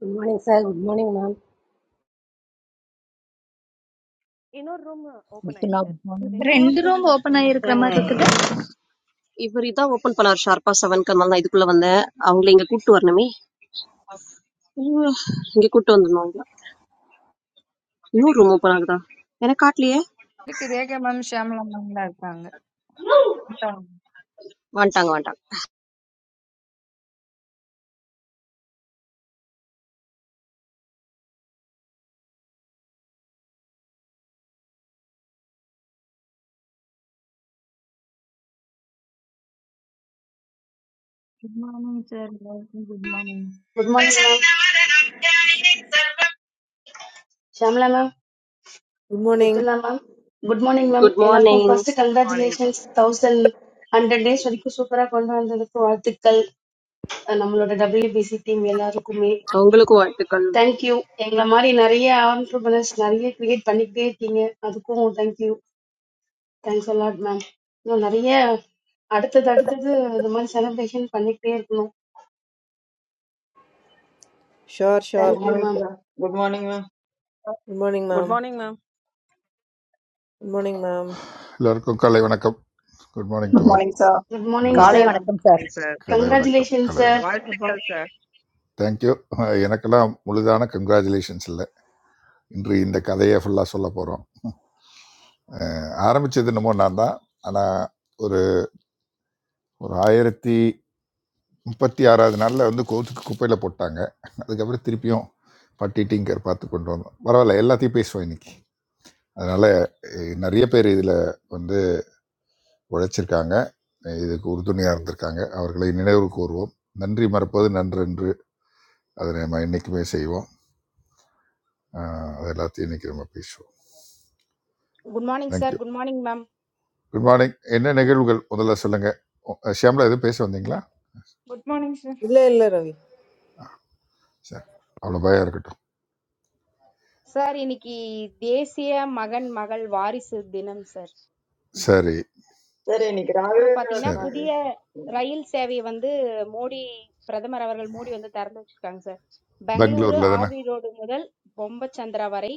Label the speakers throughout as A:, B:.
A: Good morning, sir. Good morning, ma'am.
B: Ino room open ay k?
C: விஷ்ணுநாபன் Swami.
D: Good
B: Rebecca ma
D: morning,
E: Rent
D: sir.
B: open.
E: room or open
D: Good
E: a
D: morning.
E: restaurant.
F: ஏய், இவர் இதான் open பண்ணார் ஷார்ப்பா செவன்க்கு அதனால நான் இதுக்குள்ள வந்தேன் அவங்கள இங்க கூட்டு வரணுமே உம், இங்க கூட்டு வந்துடணும் அவங்கள இன்னும் ரூம் ஓபன் ஆகுதா எனக்கு காட்டலையே வந்துட்டாங்க வந்துட்டாங்க
D: Good morning, sir. Good morning.
G: Good morning ma'am Shamla ma'am
H: Good morning,
G: Mithula ma'am good morning ma'am
F: good
G: எல்லாருக்கும்
F: மார்னிங்
G: ஃபர்ஸ்ட்
I: வணக்கம்
G: கங்க்ராச்சுலேஷன்ஸ் தௌசண்ட் ஹண்ட்ரட் டேஸ் வரைக்கும் சூப்பரா கொண்டு வந்ததுக்கு வாழ்த்துக்கள் அஹ் நம்மளோட டபிள்யூபிசி டீம் எல்லாருக்குமே
F: உங்களுக்கும் வாழ்த்துக்கள்
G: தேங்க்யூ எங்களை மாதிரி நிறைய ஆண்டர்பனர்ஸ் நிறைய கிரியேட் பண்ணிக்கிட்டே இருக்கீங்க அதுக்கும் தேங்க்யூ தேங்க்ஸ் அலாட் மேம் இன்னும் நிறைய அடுத்தது அடுத்தது இந்த மாதிரி செலிப்ரேஷன் பண்ணிக்கிட்டே இருக்கணும்
H: Shor Shor.
J: Good
G: thank you
J: morning,
G: ma'am
J: sir. Good morning, ma'am.
H: Good morning,
K: Good
H: ma'am.
K: morning, ma'am.
H: Good morning, ma'am.
L: எல்லோருக்கும் கலை வணக்கம் good morning to
M: Good
L: all
M: morning, sir.
G: Good
L: good
M: Good
G: morning
C: காலை
L: morning
M: morning,
G: sir
M: ma'am.
C: வணக்கம் sir.
I: Sir
L: கலை வணக்கம்
G: congratulation
L: கலை
G: sir
L: வணக்கம்
K: Good morning.
I: வாழ்த்துக்கள் sir
L: thank you எனக்கெல்லாம் முழுதான congratulations இல்லை இன்று இந்த கதையை ஃபுல்லாக சொல்ல போகிறோம் ஆரம்பித்தது என்னமோ நான் தான் ஆனால் ஒரு ஒரு ஆயிரத்தி முப்பத்தி ஆறாவது நாளில் வந்து கோத்துக்கு குப்பையில் போட்டாங்க அதுக்கப்புறம் திருப்பியும் பட்டி டிங்கர் பார்த்து கொண்டு வந்தோம் பரவாயில்ல எல்லாத்தையும் பேசுவோம் இன்னைக்கு அதனால் அஹ், நிறைய பேர் இதில் வந்து உழைச்சிருக்காங்க இதுக்கு உறுதுணையாக இருந்திருக்காங்க அவர்களை நினைவு கூறுவோம் நன்றி மறப்பது நன்றன்று அதை நம்ம என்றைக்குமே செய்வோம் ஆஹ் அது எல்லாத்தையும் இன்னைக்கு நம்ம பேசுவோம்
N: good morning sir
L: thank you
N: good morning ma'am
L: good morning என்ன நிகழ்வுகள் முதல்ல சொல்லுங்க உ- ஷியாம்லா எதுவும் பேச வந்தீங்களா
O: Good morning, sir.
H: Hello, hello, Ravi.
L: சரி அவ்வளோ பயம் இருக்கட்டும்
N: சார் இன்னைக்கு தேசிய மகன் மகள் வாரிசு தினம் சார்
L: சரி
J: Sir, you're in
N: அப்புறம்
J: Kragvenindra's
N: பாத்தீங்கன்னா
L: சரி
J: army.
N: புதிய
J: Sir,
N: ரயில் சேவையை வந்து மோடி பிரதமர் அவர்கள் மோடி வந்து திறந்து வச்சிருக்காங்க சார் பெங்களூரு
L: பெங்களூர்ல தானே
N: ஆர்வி ரோடு முதல் பொம்பச்சந்திரா வரை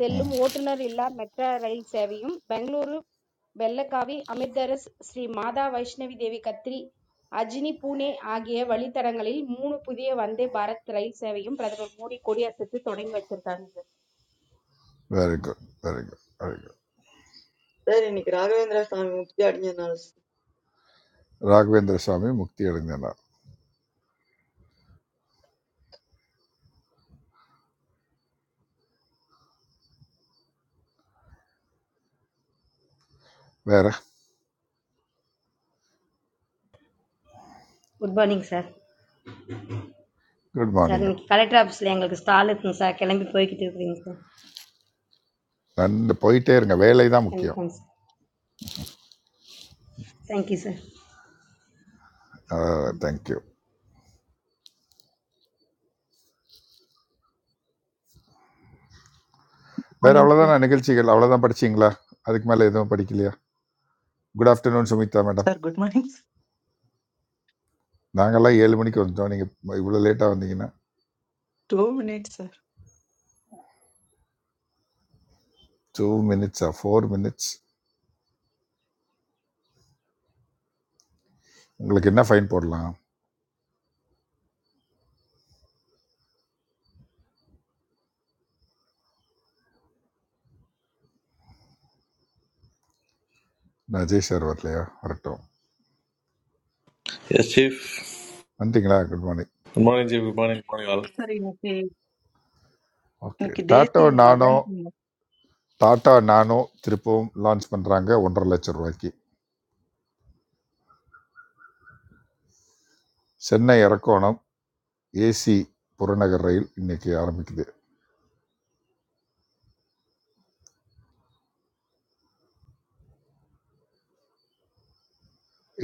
N: செல்லும் ஓட்டுநர் இல்லா மெட்ரா ரயில் சேவையும் பெங்களூரு வெள்ளக்காவி அமிர்தரஸ் ஸ்ரீ மாதா வைஷ்ணவி தேவி கத்ரி அஜினி பூனே ஆகிய வழித்தடங்களில் மூணு புதிய வந்தே பாரத் ரயில் சேவையும் பிரதமர் மோடி கொடியசைத்து தொடங்கி வச்சிருக்காங்க sir
L: very good very good very good
J: you're in Kragvenindra's army. What's your name, sir?
L: Raghavendra Swami முக்தி அடைந்த நாள் வேற
P: Good morning, sir.
L: Good
P: Sir,
L: morning
P: in collector office, we are going to start something. Sir, we are going to go to your
L: நன்று போயிட்டே இருங்க வேலை தான் முக்கியம்
P: office. Thank you, sir.
L: Thank you வேற
Q: மார்னிங் சார்
L: அவ்வளோதான் நிகழ்ச்சிகள் அவ்வளோதான் படிச்சீங்களா அதுக்கு மேலே எதுவும் படிக்கலையா good afternoon Sumitha madam
Q: sir good morning
L: நாங்கெல்லாம் ஏழு மணிக்கு வந்துட்டோம் நீங்கள் இவ்வளோ லேட்டாக வந்தீங்கன்னா
Q: டூ மினிட்ஸ் சார்
L: டூ மினிட்ஸா ஃபோர் மினிட்ஸ் உங்களுக்கு என்ன ஃபைன் போடலாம் நான் அஜய் சார் வரலையா வரட்டும்
R: Yes, Chief.
L: வந்துட்டீங்களா good morning
R: Good morning, Chief. Good morning, good morning, all.
Q: Sir இன்னைக்கு
L: ஓகே
Q: இன்னைக்கு
L: டாட்டா
Q: தேசிய
L: நானோ
Q: மகன்
L: டாட்டா நானோ திருப்பவும் லான்ச் பண்ணுறாங்க ஒன்றரை லட்சம் ரூபாய்க்கு சென்னை இறக்கோணம் ஏசி புறநகர் ரயில் இன்னைக்கு ஆரம்பிக்குது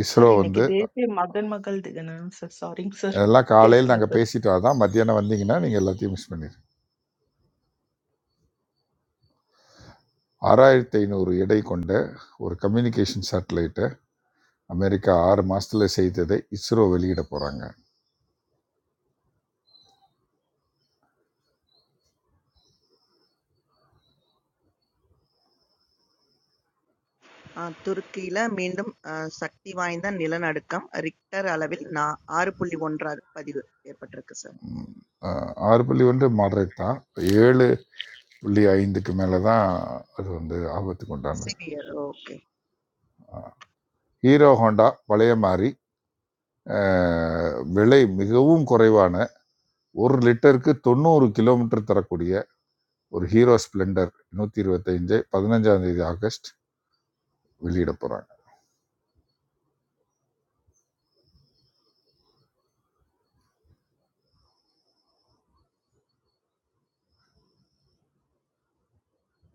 L: இஸ்ரோ
Q: சார் இன்னைக்கு
L: வந்து
Q: தேசிய மகன் மகள் தினம் சார் சாரிங்க சார்
L: இதெல்லாம் காலையில்
Q: பேசுங்க
L: நாங்கள்
Q: சார்
L: பேசிட்டு அதான் மத்தியானம் வந்தீங்கன்னா நீங்கள் எல்லாத்தையும் மிஸ் பண்ணிடுங்க ஆறாயிரத்தி ஐநூறு எடை கொண்ட ஒரு கம்யூனிகேஷன் சேட்டலைட்டை அமெரிக்கா ஆறு மாதத்தில் செய்ததை இஸ்ரோ வெளியிட போகிறாங்க
I: அஹ் துருக்கியில மீண்டும் அஹ், சக்தி வாய்ந்த நிலநடுக்கம் ரிக்டர் அளவில் நான் ஆறு புள்ளி ஒன்றாக பதிவு ஏற்பட்டிருக்கு சார்
L: ம். அ 6 புள்ளி 1 மாடரேட் தான். 7.5க்கு மேல தான் அது வந்து ஆபத்துக்கு உண்டானது.
I: சிவியர் ஓகே
L: ஹீரோ ஹோண்டா பழைய மாரி. அ விலை மிகவும் குறைவான 1 லிட்டருக்கு 90 கிலோமீட்டர் தரக்கூடிய ஒரு ஹீரோ ஸ்ப்ளெண்டர் 125 15ஆம் தேதி ஆகஸ்ட் வெளியிட போறாங்க.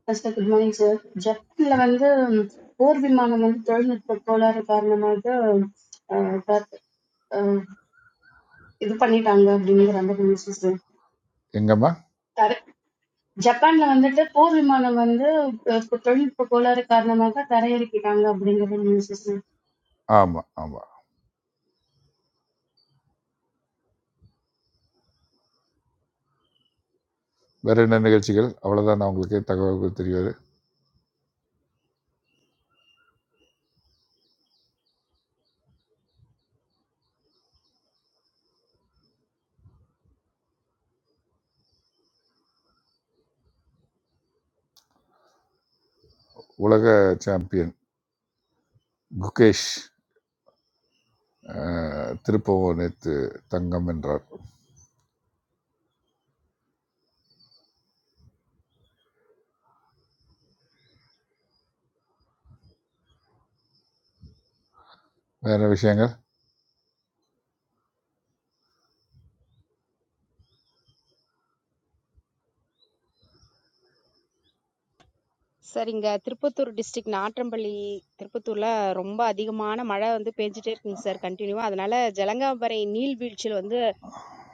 G: ஃபர்ஸ்ட் குட் மார்னிங் சார் ஜப்பான்ல வந்து போர் விமானம் வந்து தொழில்நுட்ப கோளாறு காரணமாக அஹ், பாத்- அஹ், இது பண்ணிட்டாங்க அப்படிங்கிற அந்த நியூஸ்
L: எங்கம்மா?
G: தரை ஜப்பான்ல வந்துட்டு போர் விமானம் வந்து அஹ், தொழில்நுட்ப கோளாறு காரணமாக தரையிறக்கிட்டாங்க அப்படிங்கிற நியூஸ்
L: ஆமா, ஆமா. வேற என்ன நிகழ்ச்சிகள்? அவ்வளவுதான் உங்களுக்கு தகவல்கள் தெரியாது. உலக சாம்பியன் குகேஷ் அ திருப்பவும் நேத்து தங்கம் வென்றார். வேற விஷயங்கள்?
N: சார் இங்க திருப்பத்தூர் டிஸ்ட்ரிக்ட் நாட்றம்பள்ளி திருப்பத்தூர்ல ரொம்ப அதிகமான மழை வந்து பெஞ்சிட்டே இருக்குங்க சார் கண்டினியூவா அதனால ஜலங்காம்பறை நீர்வீழ்ச்சியில் வந்து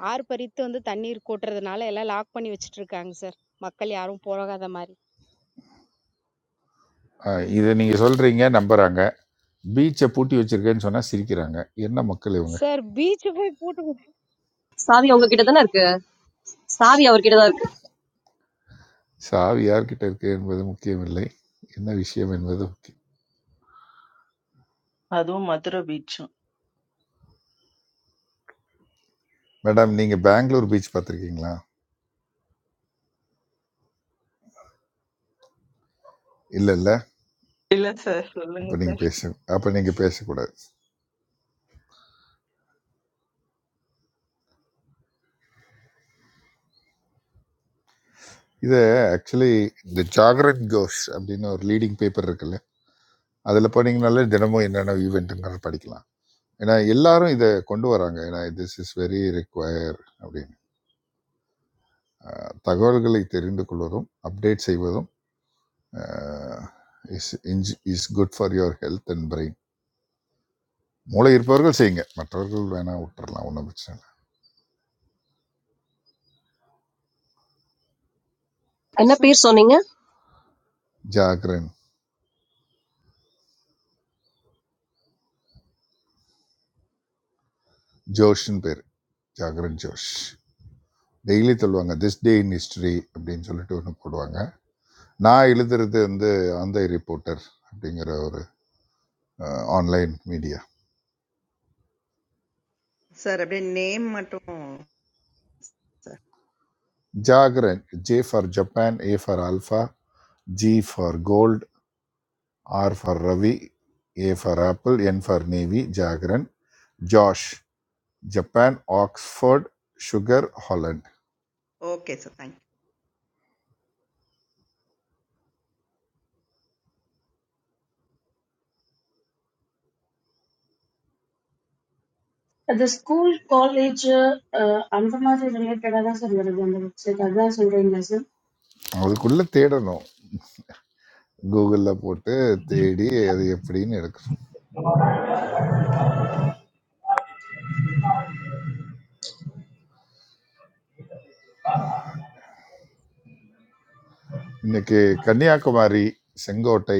N: ஆறு பறித்து வந்து தண்ணீர் கூட்டுறதுனால எல்லாம் லாக் பண்ணி வச்சிட்டு இருக்காங்க சார் மக்கள் யாரும் போகாத மாதிரி
L: ஆஹ் இதை நீங்கள் சொல்கிறீங்க நம்புகிறாங்க பீச்சை பூட்டி வச்சிருக்கேன்னு சொன்னால் சிரிக்கிறாங்க என்ன மக்கள் இவங்க
N: சார் பீச் போய் பூட்டு
F: சாவி உங்ககிட்ட தானே இருக்கு சாவி அவர்கிட்ட தான் இருக்கு
L: சாவி யார்கிட்ட இருக்கு என்பது முக்கியம் இல்லை என்ன விஷயம் என்பது முக்கியம்
Q: அதுவும் மதுரை பீச்சும்
L: மேடம் நீங்கள் பெங்களூர் பீச் பார்த்துருக்கீங்களா இல்லை இல்லை
Q: இல்ல சார் சொல்லுங்க
L: அப்போ நீங்கள்
Q: சார்
L: பேச அப்போ நீங்கள் பேசக்கூடாது இது ஆக்சுவலி இந்த ஜாகரன் கோஷ் அப்படின்னு ஒரு லீடிங் பேப்பர் இருக்குல்ல அதில் போனீங்கனாலே தினமும் என்னென்ன ஈவெண்ட்டுங்கிறத படிக்கலாம் ஏன்னா எல்லாரும் இதை கொண்டு வராங்க ஏன்னா திஸ் இஸ் வெரி require அப்படின்னு ஆஹ் தகவல்களை தெரிந்து கொள்வதும் அப்டேட் செய்வதும் uh, is inj- is good for your health and brain மூளை இருப்பவர்கள் செய்யுங்க மற்றவர்கள் வேணா விட்டுறலாம் ஒன்றும் பிரச்சனை இல்லை
F: என்ன பேர் சொன்னீங்க
L: ஜாகரன் ஜோஷ்னு பேர் ஜாகரன் ஜோஷ் டெய்லி சொல்லுவாங்க திஸ் டே இன் ஹிஸ்டரி அப்படின்னு சொல்லிட்டு ஒன்று போடுவாங்க நான் எழுதுறது வந்து ஆந்தை ரிப்போர்ட்டர் அப்படிங்கிற ஒரு ஆன்லைன் மீடியா
I: சார் அப்படியே நேம் மட்டும் sir
L: Jagran J for Japan A for alpha G for gold R for Ravi A for apple N for navy Jagran Josh Japan Oxford sugar Holland
I: okay sir thank you
G: அது ஸ்கூல் காலேஜ் அந்த மாதிரி ரிலேட்டடா தான் sir வருது அந்த website அதான் சொல்றீங்களா சார்
L: அதுக்குள்ளே தேடணும் கூகுளில் போட்டு தேடி அது எப்படின்னு எடுக்கணும் இன்னைக்கு கன்னியாகுமரி செங்கோட்டை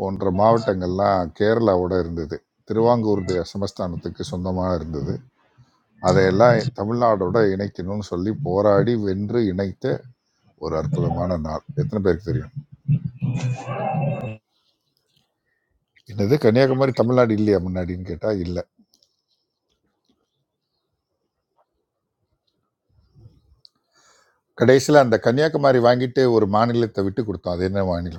L: போன்ற மாவட்டங்கள்லாம் கேரளாவோட இருந்தது திருவாங்கூர் தே- சமஸ்தானத்துக்கு சொந்தமாக இருந்தது அதையெல்லாம் தமிழ்நாடோட இணைக்கணும்னு சொல்லி போராடி வென்று இணைத்த ஒரு அற்புதமான நாள் எத்தனை பேருக்கு தெரியும் என்னது கன்னியாகுமரி தமிழ்நாடு இல்லையா முன்னாடின்னு கேட்டால் இல்லை கடைசியில் அந்த கன்னியாகுமரி வாங்கிட்டு ஒரு மாநிலத்தை விட்டு கொடுத்தோம் அது என்ன மாநிலம்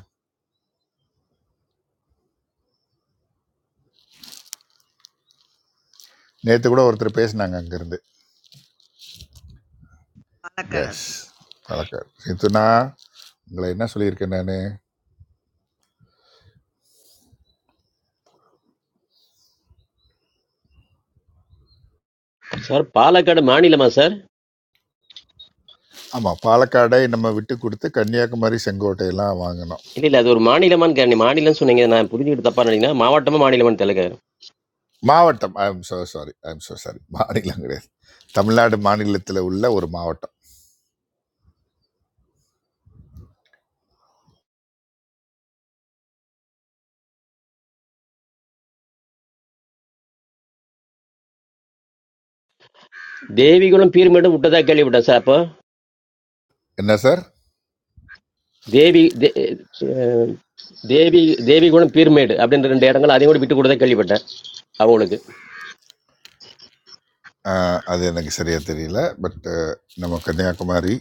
L: நேற்று கூட ஒருத்தர் பேசினாங்க அங்கேருந்து
I: பாலக்காடா
L: எஸ்
I: சார்
L: பாலக்காடு நேற்றுனா உங்களை என்ன சொல்லியிருக்கேன் நான்
S: Sir, Palakadmani lama sir.
L: ஆமாம் பாலக்காடை நம்ம விட்டு கொடுத்து கன்னியாகுமரி செங்கோட்டையெல்லாம் வாங்கினோம்
S: It is not that one mani lama only. Mani lama is something. I have heard about it. Papa, mama, two mani lama are there.
L: மாவட்டம் I am so sorry I am so sorry மாநிலம் கிடையாது தமிழ்நாடு மாநிலத்தில் உள்ள ஒரு மாவட்டம்
S: Devi gurun pyramid is built there.
L: என்ன sir
S: They have built a pyramid. That is why the people are living there. That is why.
L: ஆஹ், அது எனக்கு சரியாக தெரியல பட் நம்ம கன்னியாகுமரி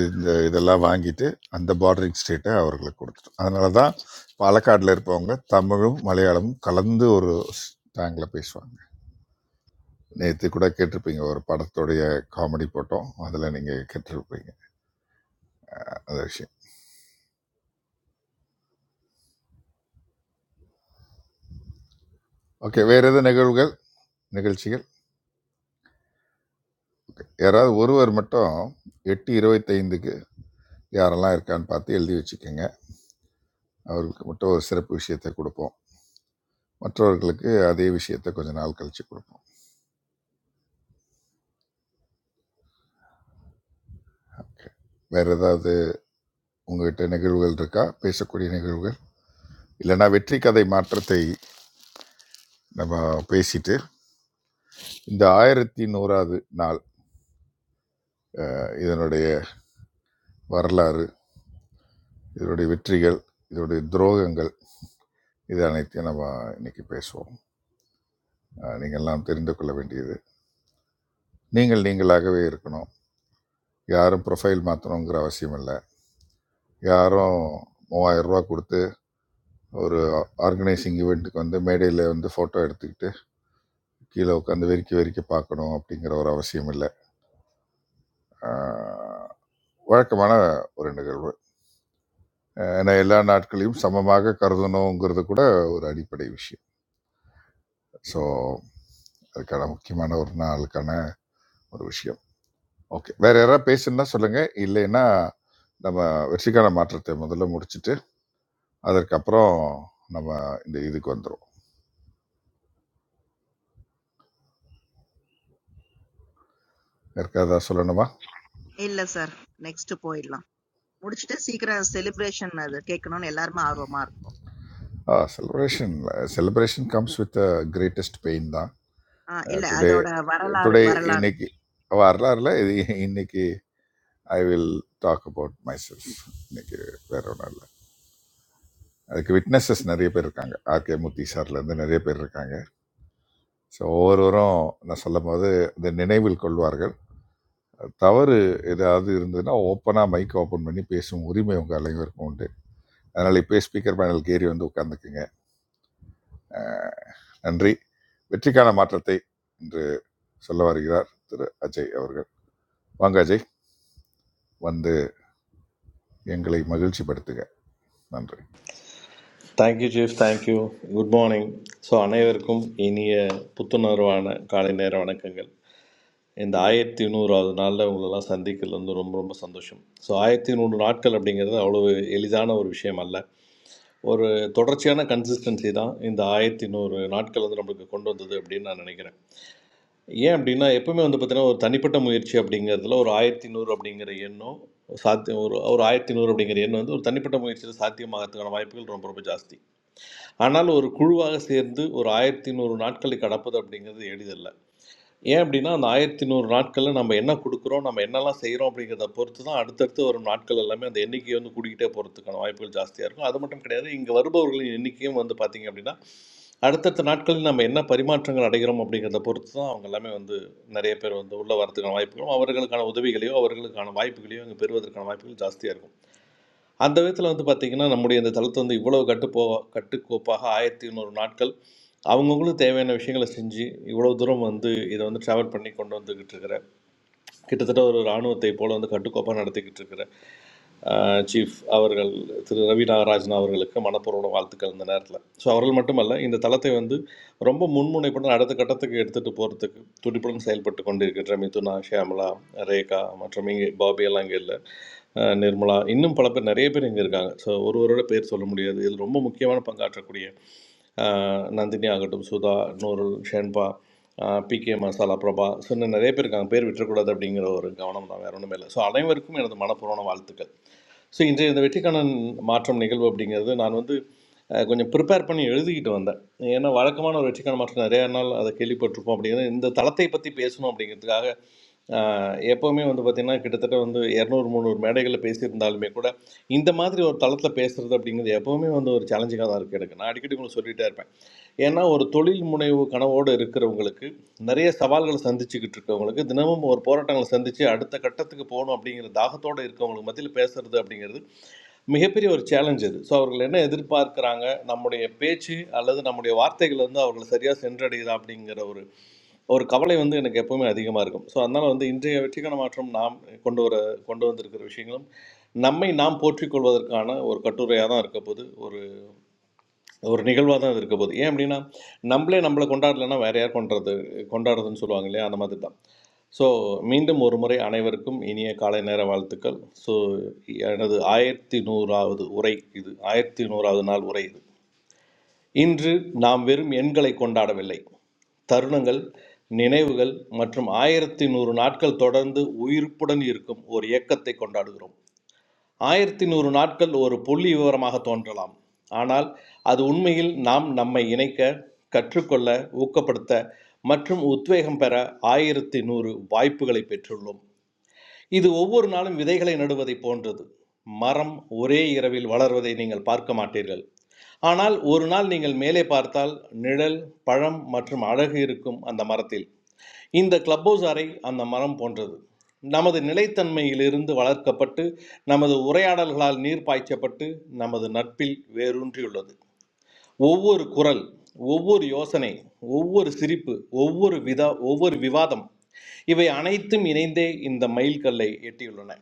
L: இந்த இதெல்லாம் வாங்கிட்டு அந்த பார்டரிங் ஸ்டேட்டை அவர்களுக்கு கொடுத்துட்டோம் அதனால தான் பாலக்காடில் இருப்பவங்க தமிழும் மலையாளமும் கலந்து ஒரு ஸ்லாங்கில் பேசுவாங்க நேற்று கூட கேட்டிருப்பீங்க ஒரு படத்துடைய காமெடி போட்டோம் அதில் நீங்கள் கேட்டிருப்பீங்க அந்த விஷயம் ஓகே வேறு எது நிகழ்வுகள் நிகழ்ச்சிகள் யாராவது ஒருவர் மட்டும் எட்டு இருபத்தைந்துக்கு யாரெல்லாம் இருக்கான்னு பார்த்து எழுதி வச்சுக்கோங்க அவர்களுக்கு மட்டும் ஒரு சிறப்பு விஷயத்தை கொடுப்போம் மற்றவர்களுக்கு அதே விஷயத்தை கொஞ்ச நாள் கழிச்சு கொடுப்போம் ஓகே வேறு ஏதாவது உங்ககிட்ட நிகழ்வுகள் இருக்கா பேசக்கூடிய நிகழ்வுகள் இல்லைன்னா வெற்றி கதை மாற்றத்தை நம்ம பேசிட்டு இந்த ஆயிரத்தி நூறாவது நாள் அஹ், இதனுடைய வரலாறு இதனுடைய வெற்றிகள் இதனுடைய துரோகங்கள் இது அனைத்தையும் நம்ம இன்னைக்கு பேசுவோம் அஹ் நீங்கள்லாம் தெரிந்து கொள்ள வேண்டியது நீங்கள் நீங்களாகவே இருக்கணும் யாரும் ப்ரொஃபைல் மாற்றணுங்கிற அவசியம் இல்லை யாரும் மூவாயிரம் ரூபா கொடுத்து ஒரு ஆர்கனைசிங் ஈவெண்ட்டுக்கு வந்து மேடையில் வந்து ஃபோட்டோ எடுத்துக்கிட்டு கீழே உட்காந்து வெறிக்கி வெறிக்கி பார்க்கணும் அப்படிங்கிற ஒரு அவசியம் இல்லை அஹ் வழக்கமான ஒரு நிகழ்வு அஹ் ஏன்னா எல்லா நாட்களையும் சமமாக கருதணுங்கிறது கூட ஒரு அடிப்படை விஷயம் ஸோ அதுக்கான முக்கியமான ஒரு நாளுக்கான ஒரு விஷயம் ஓகே வேற யாராவது பேசுனா சொல்லுங்க இல்லைன்னா நம்ம வெற்றிக்கான மாற்றத்தை முதல்ல முடிச்சிட்டு அதற்கப்புறம் நம்ம இந்த இதுக்கு வந்துடும் யாருக்காவது ஏதாவது சொல்லணுமா
I: இல்ல சார் நெக்ஸ்ட் போயிடலாம் முடிச்சுட்டு சீக்கிரம் செலிப்ரேஷன் அது கேட்கணும்னு எல்லாருமே ஆர்வமா இருக்கும்
L: celebration celebration comes with greatest pain தான்
I: ஆஹ் இல்ல
L: டுடே
I: அதோட வரலாறு
L: டுடே
I: வரலாறு
L: இன்னைக்கு வரலாறுல இது இன்னைக்கு I will talk about myself இன்னைக்கு வேற ஒன்றும் இல்லை அதுக்கு விட்னஸஸ் நிறைய பேர் இருக்காங்க ஆர்கே மூர்த்தி சார்லேருந்து நிறைய பேர் இருக்காங்க ஸோ ஒவ்வொருவரும் நான் சொல்லும் போது இந்த நினைவில் கொள்வார்கள் தவறு ஏதாவது இருந்ததுன்னா ஓப்பனா மைக் ஓப்பன் பண்ணி பேசும் உரிமை உங்க அனைவருக்கும் உண்டு அதனால இப்பயே ஸ்பீக்கர் பேனலுக்கு ஏறி வந்து உட்கார்ந்துக்குங்க அஹ், நன்றி வெற்றிக்கான மாற்றத்தை இன்று சொல்ல வருகிறார் திரு அஜய் அவர்கள் வாங்க அஜய் வந்து எங்களை மகிழ்ச்சிப்படுத்துங்க நன்றி
R: Thank you, Chief. Thank you. Good morning. So அனைவருக்கும் இனிய புத்துணர்வான காலை நேர வணக்கங்கள் இந்த ஆயிரத்தி நூறாவது நாளில் உங்களெல்லாம் சந்திக்கிறது வந்து ரொம்ப ரொம்ப சந்தோஷம் ஸோ ஆயிரத்தி நூறு நாட்கள் அப்படிங்கிறது அவ்வளவு எளிதான ஒரு விஷயம் அல்ல ஒரு தொடர்ச்சியான கன்சிஸ்டன்சி தான் இந்த ஆயிரத்தி நூறு நாட்கள் வந்து நம்மளுக்கு கொண்டு வந்தது அப்படின்னு நான் நினைக்கிறேன் ஏன் அப்படின்னா எப்பவுமே வந்து பார்த்தீங்கன்னா ஒரு தனிப்பட்ட முயற்சி அப்படிங்கிறதுல ஒரு ஆயிரத்தி நூறு அப்படிங்கிற எண்ணம் சாத்தியம் ஒரு ஒரு ஆயிரத்தி நூறு அப்படிங்கிற எண்ணம் வந்து ஒரு தனிப்பட்ட முயற்சியில் சாத்தியமாகறதுக்கான வாய்ப்புகள் ரொம்ப ரொம்ப ஜாஸ்தி ஆனால் ஒரு குழுவாக சேர்ந்து ஒரு ஆயிரத்தி நூறு நாட்களை கடப்பது அப்படிங்கிறது எளிதல்ல ஏன் அப்படின்னா அந்த ஆயிரத்தி நூறு நாட்களில் நம்ம என்ன கொடுக்குறோம் நம்ம என்னெல்லாம் செய்கிறோம் அப்படிங்கிறத பொறுத்து தான் அடுத்தடுத்து வரும் நாட்கள் எல்லாமே அந்த எண்ணிக்கை வந்து கூட்டிகிட்டே போகிறதுக்கான வாய்ப்புகள் ஜாஸ்தியாக இருக்கும் அது மட்டும் கிடையாது இங்கே வருபவர்களின் எண்ணிக்கையும் வந்து பார்த்திங்க அப்படின்னா அடுத்தடுத்த நாட்களில் நம்ம என்ன பரிமாற்றங்கள் அடைகிறோம் அப்படிங்கிறத பொறுத்து தான் அவங்க எல்லாமே வந்து நிறைய பேர் வந்து உள்ளே வரதுக்கான வாய்ப்புகளும் அவர்களுக்கான உதவிகளையோ அவர்களுக்கான வாய்ப்புகளையோ இங்கே பெறுவதற்கான வாய்ப்புகள் ஜாஸ்தியாக இருக்கும் அந்த விதத்தில் வந்து பார்த்திங்கன்னா நம்முடைய இந்த தளத்தை வந்து இவ்வளோ கட்டுப்போ கட்டுக்கோப்பாக ஆயிரத்தி இன்னொரு நாட்கள் அவங்கவுங்களுக்கு தேவையான விஷயங்களை செஞ்சு இவ்வளோ தூரம் வந்து இதை வந்து ட்ராவல் பண்ணி கொண்டு வந்துக்கிட்டு இருக்கிற கிட்டத்தட்ட ஒரு இராணுவத்தை போல வந்து கட்டுக்கோப்பாக நடத்திக்கிட்டு இருக்கிற ஆஹ், சீஃப் அவர்கள் திரு ரவி நாகராஜன் அவர்களுக்கு மனப்பூர்வ வாழ்த்துக்கள் இந்த நேரத்தில் ஸோ அவர்கள் மட்டுமல்ல இந்த தளத்தை வந்து ரொம்ப முன்முனைப்புடன் அடுத்த கட்டத்துக்கு எடுத்துகிட்டு போகிறதுக்கு துடிப்புடன் செயல்பட்டு கொண்டிருக்கிற மிதுனா ஷியாமலா ரேகா மற்றும் இங்கே பாபி எல்லாம் இங்கே இல்லை நிர்மலா இன்னும் பல பேர் நிறைய பேர் இங்கே இருக்காங்க ஸோ ஒருவரோட பேர் சொல்ல முடியாது இதில் ரொம்ப முக்கியமான பங்காற்றக்கூடிய நந்தினி ஆகட்டும் சுதா நூருல் ஷென்பா பிகே மசாலா பிரபா சொன்ன நிறைய பேர் இருக்காங்க பேர் விட்டுறக்கூடாது அப்படிங்கிற ஒரு கவனம் தான் வேற ஒன்றுமே இல்லை ஸோ அனைவருக்கும் எனது மனப்பூர்வமான வாழ்த்துக்கள் ஸோ இன்றைய இந்த வெற்றிக்கான மாற்றம் நிகழ்வு அப்படிங்கிறது நான் வந்து அஹ், கொஞ்சம் ப்ரிப்பேர் பண்ணி எழுதிக்கிட்டு வந்தேன் ஏன்னா வழக்கமான ஒரு வெற்றிக்கான மாற்றம் நிறையா நாள் அதை கேள்விப்பட்டிருப்போம் அப்படிங்கிறது இந்த தளத்தை பற்றி பேசணும் அப்படிங்கிறதுக்காக அஹ், எப்போவுமே வந்து பார்த்திங்கன்னா கிட்டத்தட்ட வந்து இரநூறு முந்நூறு மேடைகளில் பேசியிருந்தாலுமே கூட இந்த மாதிரி ஒரு தளத்தில் பேசுகிறது அப்படிங்கிறது எப்போவுமே வந்து ஒரு சேலஞ்சிங்காக தான் இருக்குது எனக்கு நான் அடிக்கடி உங்களுக்கு சொல்லிகிட்டே இருப்பேன் ஏன்னா ஒரு தொழில் முனைவு கனவோடு இருக்கிறவங்களுக்கு நிறைய சவால்களை சந்திச்சுக்கிட்டு இருக்கவங்களுக்கு தினமும் ஒரு போராட்டங்களை சந்தித்து அடுத்த கட்டத்துக்கு போகணும் அப்படிங்கிற தாகத்தோடு இருக்கவங்களுக்கு மத்தியில் பேசுறது அப்படிங்கிறது மிகப்பெரிய ஒரு சேலஞ்ச் இது ஸோ அவர்கள் என்ன எதிர்பார்க்குறாங்க நம்முடைய பேச்சு அல்லது நம்முடைய வார்த்தைகள் வந்து அவர்களை சரியாக சென்றடையுதா அப்படிங்கிற ஒரு ஒரு கவலை வந்து எனக்கு எப்பவுமே அதிகமாக இருக்கும் ஸோ அதனால் வந்து இன்றைய வெற்றிக்கான மாற்றம் நாம் கொண்டு வர கொண்டு வந்திருக்கிற விஷயங்களும் நம்மை நாம் போற்றிக் கொள்வதற்கான ஒரு கட்டுரையாக தான் இருக்க போது ஒரு ஒரு நிகழ்வாக தான் இருக்க போகுது ஏன் அப்படின்னா நம்மளே நம்மளை கொண்டாடலைன்னா வேற யார் கொண்டாடுறது கொண்டாடுறதுன்னு சொல்லுவாங்க இல்லையா அந்த மாதிரி தான் ஸோ மீண்டும் ஒரு முறை அனைவருக்கும் இனிய காலை நேர வாழ்த்துக்கள் ஸோ எனது ஆயிரத்தி நூறாவது உரை இது ஆயிரத்தி நூறாவது நாள் உரை இது இன்று நாம் வெறும் எண்களை கொண்டாடவில்லை தருணங்கள் நினைவுகள் மற்றும் ஆயிரத்தி நூறு நாட்கள் தொடர்ந்து உயிர்ப்புடன் இருக்கும் ஒரு இயக்கத்தை கொண்டாடுகிறோம் ஆயிரத்தி நூறு நாட்கள் ஒரு புள்ளி விவரமாக தோன்றலாம் ஆனால் அது உண்மையில் நாம் நம்மை இணைக்க கற்றுக்கொள்ள ஊக்கப்படுத்த மற்றும் உத்வேகம் பெற ஆயிரத்தி நூறு வாய்ப்புகளை பெற்றுள்ளோம் இது ஒவ்வொரு நாளும் விதைகளை நடுவதைப் போன்றது மரம் ஒரே இரவில் வளர்வதை நீங்கள் பார்க்க மாட்டீர்கள் ஆனால் ஒரு நாள் நீங்கள் மேலே பார்த்தால் நிழல் பழம் மற்றும் அழகு இருக்கும் அந்த மரத்தில் இந்த கிளப் ஹவுஸ் அறை அந்த மரம் போன்றது நமது நிலைத்தன்மையிலிருந்து வளர்க்கப்பட்டு நமது உரையாடல்களால் நீர் பாய்ச்சப்பட்டு நமது நட்பில் வேரூன்றியுள்ளது ஒவ்வொரு குரல் ஒவ்வொரு யோசனை ஒவ்வொரு சிரிப்பு ஒவ்வொரு விதா ஒவ்வொரு விவாதம் இவை அனைத்தும் இணைந்தே இந்த மைல்கல்லை எட்டியுள்ளன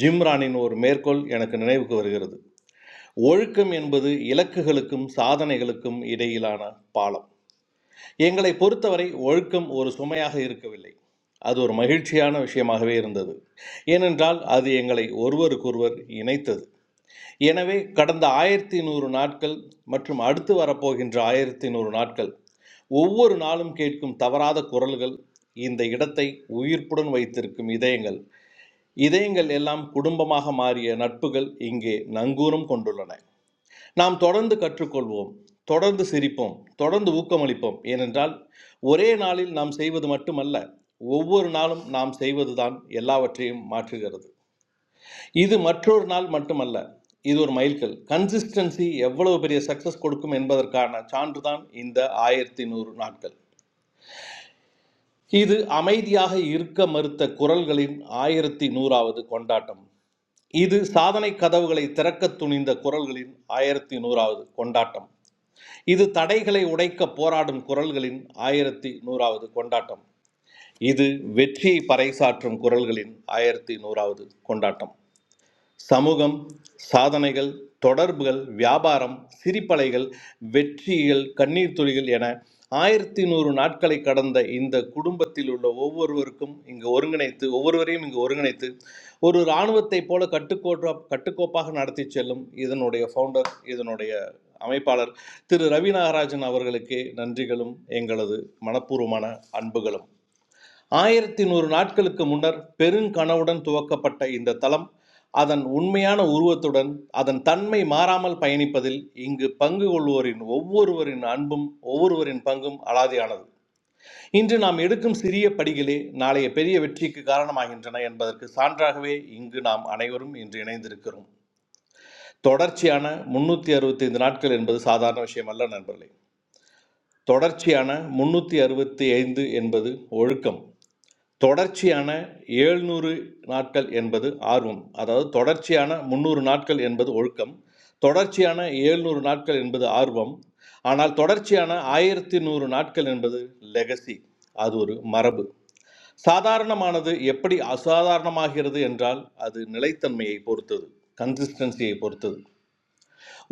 R: ஜிம்ரானின் ஒரு மேற்கோள் எனக்கு நினைவுக்கு வருகிறது ஒழுக்கம் என்பது இலக்குகளுக்கும் சாதனைகளுக்கும் இடையிலான பாலம் எங்களை பொறுத்தவரை ஒழுக்கம் ஒரு சுமையாக இருக்கவில்லை அது ஒரு மகிழ்ச்சியான விஷயமாகவே இருந்தது ஏனென்றால் அது எங்களை ஒருவருக்கொருவர் இணைத்தது எனவே கடந்த ஆயிரத்தி நூறு நாட்கள் மற்றும் அடுத்து வரப்போகின்ற ஆயிரத்தி நூறு நாட்கள் ஒவ்வொரு நாளும் கேட்கும் தவறாத குரல்கள் இந்த இடத்தை உயிர்ப்புடன் வைத்திருக்கும் இதயங்கள் இதயங்கள் எல்லாம் குடும்பமாக மாறிய நட்புகள் இங்கே நங்கூரம் கொண்டுள்ளன நாம் தொடர்ந்து கற்றுக்கொள்வோம் தொடர்ந்து சிரிப்போம் தொடர்ந்து ஊக்கமளிப்போம் ஏனென்றால் ஒரே நாளில் நாம் செய்வது மட்டுமல்ல ஒவ்வொரு நாளும் நாம் செய்வதுதான் எல்லாவற்றையும் மாற்றுகிறது இது மற்றொரு நாள் மட்டுமல்ல இது ஒரு மைல்கல் கன்சிஸ்டன்சி எவ்வளவு பெரிய சக்சஸ் கொடுக்கும் என்பதற்கான சான்றுதான் இந்த ஆயிரத்தி நூறு நாட்கள் இது அமைதியாக இருக்க மறுத்த குரல்களின் ஆயிரத்தி நூறாவது கொண்டாட்டம் இது சாதனை கதவுகளை திறக்க துணிந்த குரல்களின் ஆயிரத்தி நூறாவது கொண்டாட்டம் இது தடைகளை உடைக்க போராடும் குரல்களின் ஆயிரத்தி நூறாவது கொண்டாட்டம் இது வெற்றியை பறைசாற்றும் குரல்களின் ஆயிரத்தி நூறாவது கொண்டாட்டம் சமூகம் சாதனைகள் தொடர்புகள் வியாபாரம் சிரிப்பலைகள் வெற்றிகள் கண்ணீர் துளிகள் என ஆயிரத்தி நூறு நாட்களை கடந்த இந்த குடும்பத்தில் உள்ள ஒவ்வொருவருக்கும் இங்கு ஒருங்கிணைத்து ஒவ்வொருவரையும் இங்கு ஒருங்கிணைத்து ஒரு இராணுவத்தைப் போல கட்டுக்கோட்டா கட்டுக்கோப்பாக நடத்தி செல்லும் இதனுடைய ஃபவுண்டர் இதனுடைய அமைப்பாளர் திரு ரவி நாகராஜன் அவர்களுக்கே நன்றிகளும் எங்களது மனப்பூர்வமான அன்புகளும் ஆயிரத்தி நூறு நாட்களுக்கு முன்னர் பெருங்கனவுடன் துவக்கப்பட்ட இந்த தலம் அதன் உண்மையான உருவத்துடன் அதன் தன்மை மாறாமல் பயணிப்பதில் இங்கு பங்கு கொள்வோரின் ஒவ்வொருவரின் அன்பும் ஒவ்வொருவரின் பங்கும் அலாதியானது இன்று நாம் எடுக்கும் சிறிய படிகளே நாளைய பெரிய வெற்றிக்கு காரணமாகின்றன என்பதற்கு சான்றாகவே இங்கு நாம் அனைவரும் இன்று இணைந்திருக்கிறோம் தொடர்ச்சியான முன்னூற்றி அறுபத்தைந்து நாட்கள் என்பது சாதாரண விஷயம் அல்ல நண்பர்களே தொடர்ச்சியான முன்னூற்றி அறுபத்தி ஐந்து என்பது ஒழுக்கம் தொடர்ச்சியான ஏழ்நூறு நாட்கள் என்பது ஆர்வம் அதாவது தொடர்ச்சியான முந்நூறு நாட்கள் என்பது ஒழுக்கம் தொடர்ச்சியான ஏழ்நூறு நாட்கள் என்பது ஆர்வம் ஆனால் தொடர்ச்சியான ஆயிரத்தி நூறு நாட்கள் என்பது லெகசி அது ஒரு மரபு சாதாரணமானது எப்படி அசாதாரணமாகிறது என்றால் அது நிலைத்தன்மையை பொறுத்தது கன்சிஸ்டன்சியை பொறுத்தது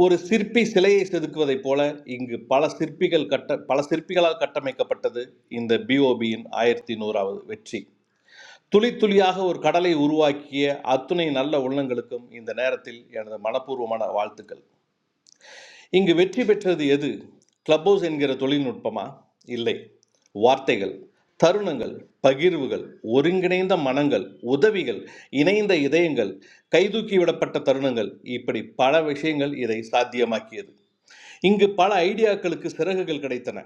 R: ஒரு சிற்பி சிலையை செதுக்குவதைப் போல இங்கு பல சிற்பிகள் கட்ட பல சிற்பிகளால் கட்டமைக்கப்பட்டது இந்த பிஓபியின் ஆயிரத்தி நூறாவது வெற்றி துளி துளியாக ஒரு கடலை உருவாக்கிய அத்துணை நல்ல உள்ளங்களுக்கும் இந்த நேரத்தில் எனது மனப்பூர்வமான வாழ்த்துக்கள் இங்கு வெற்றி பெற்றது எது கிளப் ஹவுஸ் என்கிற தொழில்நுட்பமா இல்லை வார்த்தைகள் தருணங்கள் பகிர்வுகள் ஒருங்கிணைந்த மனங்கள் உதவிகள் இணைந்த இதயங்கள் கைதூக்கி விடப்பட்ட தருணங்கள் இப்படி பல விஷயங்கள் இதை சாத்தியமாக்கியது இங்கு பல ஐடியாக்களுக்கு சிறகுகள் கிடைத்தன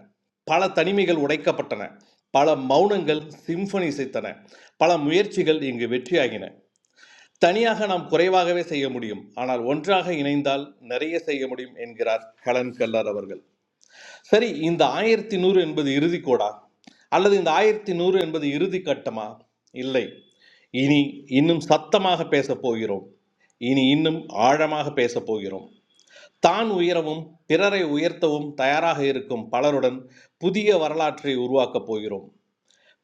R: பல தனிமைகள் உடைக்கப்பட்டன பல மௌனங்கள் சிம்பனி இசைத்தன பல முயற்சிகள் இங்கு வெற்றியாகின தனியாக நாம் குறைவாகவே செய்ய முடியும் ஆனால் ஒன்றாக இணைந்தால் நிறைய செய்ய முடியும் என்கிறார் ஹெலன் கெல்லர் அவர்கள் சரி இந்த ஆயிரத்தி நூறு என்பது இறுதி கோடா அல்லது இந்த ஆயிரத்தி நூறு என்பது இறுதி கட்டமா இல்லை இனி இன்னும் சத்தமாக பேசப் போகிறோம் இனி இன்னும் ஆழமாக பேசப் போகிறோம் தான் உயரவும் பிறரை உயர்த்தவும் தயாராக இருக்கும் பலருடன் புதிய வரலாற்றை உருவாக்கப் போகிறோம்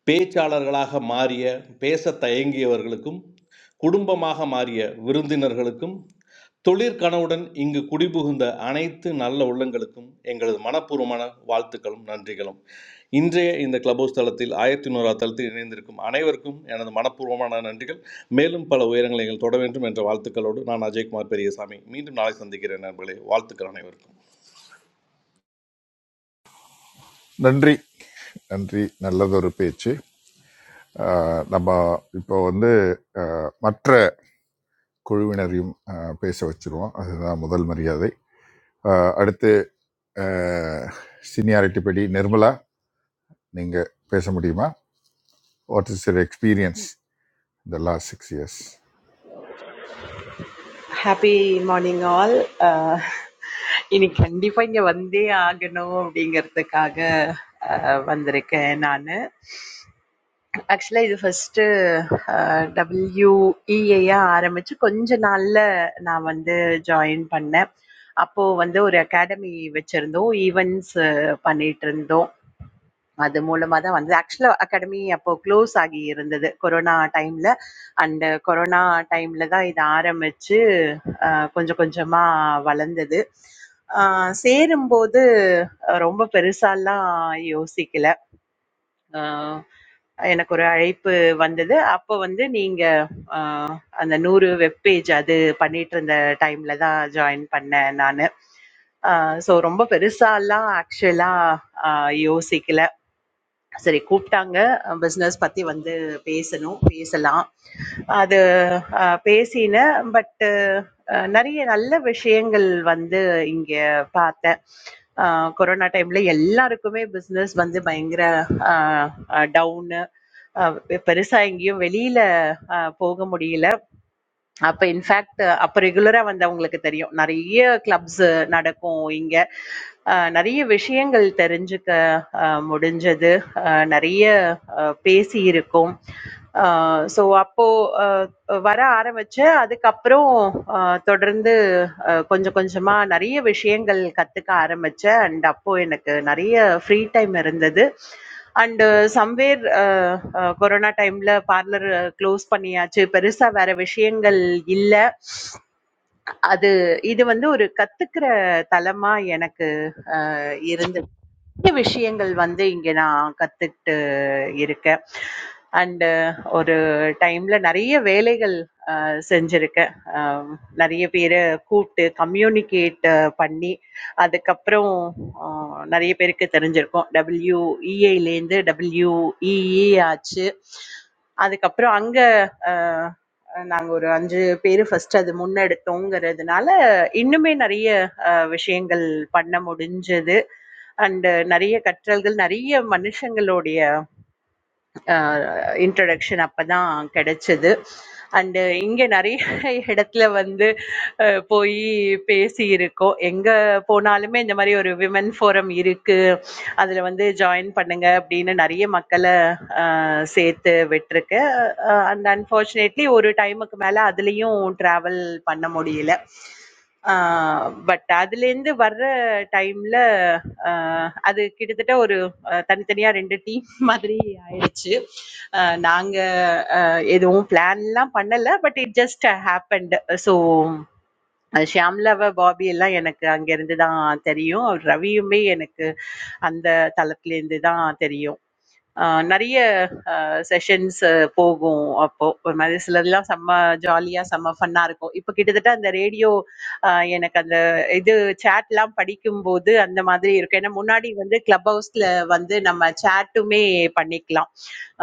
R: பேச்சாளர்களாக மாறிய பேசத் தயங்கியவர்களுக்கும் குடும்பமாக மாறிய விருந்தினர்களுக்கும் தொழிற்கனவுடன் இங்கு குடிபுகுந்த அனைத்து நல்ல உள்ளங்களுக்கும் எங்களது மனப்பூர்வமான வாழ்த்துக்களும் நன்றிகளும் இன்றைய இந்த கிளப் ஹவுஸ் தளத்தில் ஆயிரத்தி நூறா தளத்தில் இணைந்திருக்கும் அனைவருக்கும் எனது மனப்பூர்வமான நன்றிகள் மேலும் பல உயரங்களை நீங்கள் தொட வேண்டும் என்ற வாழ்த்துக்களோடு நான் அஜய்குமார் பெரியசாமி மீண்டும் நாளை சந்திக்கிறேன் நண்பர்களே வாழ்த்துக்கள் அனைவருக்கும்
L: நன்றி நன்றி நல்லதொரு பேச்சு அஹ், நம்ம இப்போ வந்து அஹ், மற்ற குழுவினரையும் அஹ், பேச வச்சிருவோம் அதுதான் முதல் மரியாதை அஹ் அடுத்து அஹ், seniority படி நிர்மலா நீங்கள் பேச முடியுமா வாட் இஸ் your எக்ஸ்பீரியன்ஸ் இந்த last six years
T: happy morning all இன்னைக்கு கண்டிப்பா இங்க வந்தே ஆகணும் அப்படிங்கிறதுக்காக அஹ், வந்திருக்கேன் நான் ஆக்சுவலா இது ஃபர்ஸ்ட் டபிள்யூஇஏயா ஆரம்பிச்சு கொஞ்ச நாள்ல நான் வந்து ஜாயின் பண்ணேன் அப்போ வந்து ஒரு அகாடமி வச்சிருந்தோம் ஈவெண்ட்ஸ் பண்ணிட்டு இருந்தோம் அது மூலமா தான் வந்தது. ஆக்சுவலா அகாடமி அப்போ க்ளோஸ் ஆகி இருந்தது. கொரோனா டைம்ல அண்ட் கொரோனா டைம்ல தான் இத ஆரம்பிச்சு அ கொஞ்சம் கொஞ்சமா வளர்ந்தது. அ சேரும்போது அ ரொம்ப பெருசாலாம் யோசிக்கல. அ எனக்கு ஒரு அழைப்பு வந்தது. அப்போ வந்து நீங்க அ அந்த 100 வெப் பேஜ் அது பண்ணிட்டு இருந்த டைம்ல தான் ஜாயின் பண்ணேன் நானு. அ ஸோ ரொம்ப பெருசாலாம் ஆக்சுவலா அ யோசிக்கல. சரி கூப்பிட்டாங்க பிஸ்னஸ் பற்றி வந்து பேசணும் பேசலாம் அது அஹ், பேசினேன் பட்டு நிறைய நல்ல விஷயங்கள் வந்து இங்கே பார்த்தேன் அஹ், கொரோனா டைமில் எல்லாருக்குமே பிஸ்னஸ் வந்து பயங்கர டவுனு பெருசாக எங்கேயும் வெளியில் போக முடியல அப்ப இன்ஃபேக்ட் அப்ப ரெகுலரா வந்தவங்களுக்கு தெரியும். நெறைய கிளப்ஸ் நடக்கும் இங்க. அ நெறைய விஷயங்கள் தெரிஞ்சுக்க அ முடிஞ்சது. அ நெறைய அ பேசியிருக்கோம். அ ஸோ அப்போ அ வர ஆரம்பிச்சு, அதுக்கப்புறம் அ தொடர்ந்து அ கொஞ்சம் கொஞ்சமா நெறைய விஷயங்கள் கத்துக்க ஆரம்பிச்சேன். அண்ட் அப்போ எனக்கு நெறைய ஃப்ரீ டைம் இருந்தது. அண்ட் சம்வேர் கொரோனா டைம்ல பார்லர் க்ளோஸ் பண்ணியாச்சு பெருசா வேற விஷயங்கள் இல்ல அது இது வந்து ஒரு கத்துக்கிற தலமா எனக்கு அ இருந்தது. நிறைய விஷயங்கள் வந்து இங்க நான் கத்துக்கிட்டு இருக்கேன். அண்டு ஒரு டைம்ல நெறைய வேலைகள் அ செஞ்சிருக்கேன். அ நெறைய பேர கூப்ட்டு கம்யூனிகேட் பண்ணி, அதுக்கப்புறம் அ நெறைய பேருக்கு தெரிஞ்சிருக்கும். WEA லேருந்து WEE ஆச்சு. அதுக்கப்புறம் அங்க அ நாங்க ஒரு 5 பேரு ஃபர்ஸ்ட் அது முன்னெடுத்தோங்கிறதுனால, இன்னுமே நெறைய அ விஷயங்கள் பண்ண முடிஞ்சது. அண்ட் நெறைய கற்றல்கள், நெறைய மனுஷங்களுடைய அ இன்ட்ரொடக்ஷன் அப்பதான் கிடைச்சது. அண்டு இங்க நெறைய இடத்துல வந்து அ போயி பேசியிருக்கோம். எங்க போனாலுமே இந்த மாதிரி ஒரு விமன் ஃபோரம் இருக்கு அதில் வந்து ஜாயின் பண்ணுங்க அப்படின்னு நிறைய மக்களை அஹ், சேர்த்து விட்டுருக்கு அண்ட் அன்ஃபார்ச்சுனேட்லி ஒரு டைமுக்கு மேலே அதுலேயும் ட்ராவல் பண்ண முடியல பட் அதுலேருந்து வர்ற டைமில் அது கிட்டத்தட்ட ஒரு அஹ், தனித்தனியா ரெண்டு டீம் மாதிரி ஆயிடுச்சு அஹ், நாங்க அஹ், எதுவும் பிளான்லாம் பண்ணல but it just happened so அது ஷியாம்லவ பாபி எல்லாம் எனக்கு அங்க இருந்து தான் தெரியும். ரவியுமே எனக்கு அந்த தளத்திலேருந்து தான் தெரியும். ஆ நெறைய அ செஷன்ஸ் போகும் அப்போ. ஒரு மாதிரி சிலதெல்லாம் செம்ம ஜாலியா, செம்ம ஃபன்னா இருக்கும். இப்ப கிட்டத்தட்ட அந்த ரேடியோ அ எனக்கு அந்த இது சேட்லாம் படிக்கும்போது அந்த மாதிரி இருக்கும். ஏன்னா முன்னாடி வந்து கிளப் ஹவுஸ்ல வந்து நம்ம சேட்டுமே பண்ணிக்கலாம்.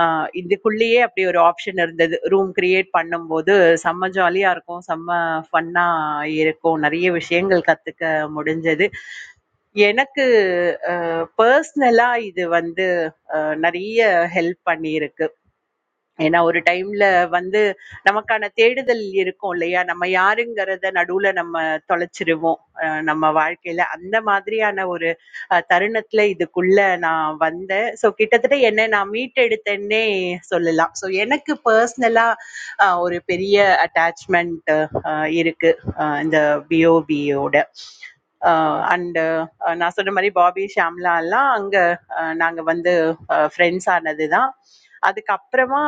T: அ இதுக்குள்ளேயே அப்படி ஒரு ஆப்ஷன் இருந்தது. ரூம் கிரியேட் பண்ணும்போது செம்ம ஜாலியா இருக்கும். செம்ம ஃபன்னா இருக்கும். நெறைய விஷயங்கள் கத்துக்க முடிஞ்சது. எனக்கு அ பர்ஸ்னலா இது வந்து அ நெறைய ஹெல்ப் பண்ணியிருக்கு. ஏன்னா ஒரு டைம்ல வந்து நமக்கான தேடுதல் இருக்கும் இல்லையா நம்ம யாருங்கிறத நடுவுல நம்ம தொலைச்சிருவோம் அஹ் நம்ம வாழ்க்கையில அந்த மாதிரியான ஒரு அஹ், தருணத்துல இதுக்குள்ள நான் வந்தேன் ஸோ கிட்டத்தட்ட என்ன நான் மீட்டெடுத்தேன்னே சொல்லலாம் ஸோ எனக்கு பர்சனலா ஒரு பெரிய அட்டாச்மெண்ட் இருக்கு அஹ், இந்த பிஓபியோட அண்டு நான் சொன்ன மாதிரி பாபி ஷாம்லா எல்லாம் அங்க அஹ், நாங்க வந்து ஃப்ரெண்ட்ஸ் ஆனது தான் அதுக்கப்புறமா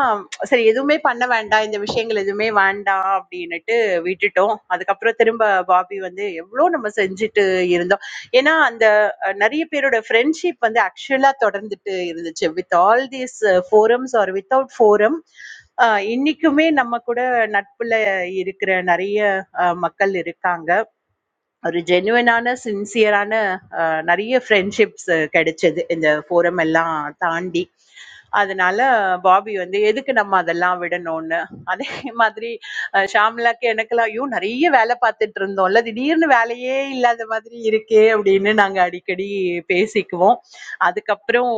T: சரி எதுவுமே பண்ண வேண்டாம் இந்த விஷயங்கள் எதுவுமே வேண்டாம் அப்படின்னுட்டு விட்டுட்டோம் அதுக்கப்புறம் திரும்ப பாபி வந்து எவ்வளோ நம்ம செஞ்சுட்டு இருந்தோம் ஏன்னா அந்த அஹ், நிறைய பேரோட ஃப்ரெண்ட்ஷிப் வந்து ஆக்சுவலாக தொடர்ந்துட்டு இருந்துச்சு with all these forums or without forum இன்னைக்குமே நம்ம கூட நட்புல இருக்கிற நிறைய அஹ், மக்கள் இருக்காங்க ஒரு ஜெனுவனான சின்சியரான நிறைய ஃப்ரெண்ட்ஷிப்ஸ் கிடைச்சது இந்த ஃபோரம் எல்லாம் தாண்டி அதனால பாபி வந்து எதுக்கு நம்ம அதெல்லாம் விடணும்னு அதே மாதிரி அஹ் ஷாம்லாக்கு எனக்கெல்லாம் ஐயோ நிறைய வேலை பார்த்துட்டு இருந்தோம்ல திடீர்னு வேலையே இல்லாத மாதிரி இருக்கே அப்படின்னு நாங்க அடிக்கடி பேசிக்குவோம் அதுக்கப்புறம்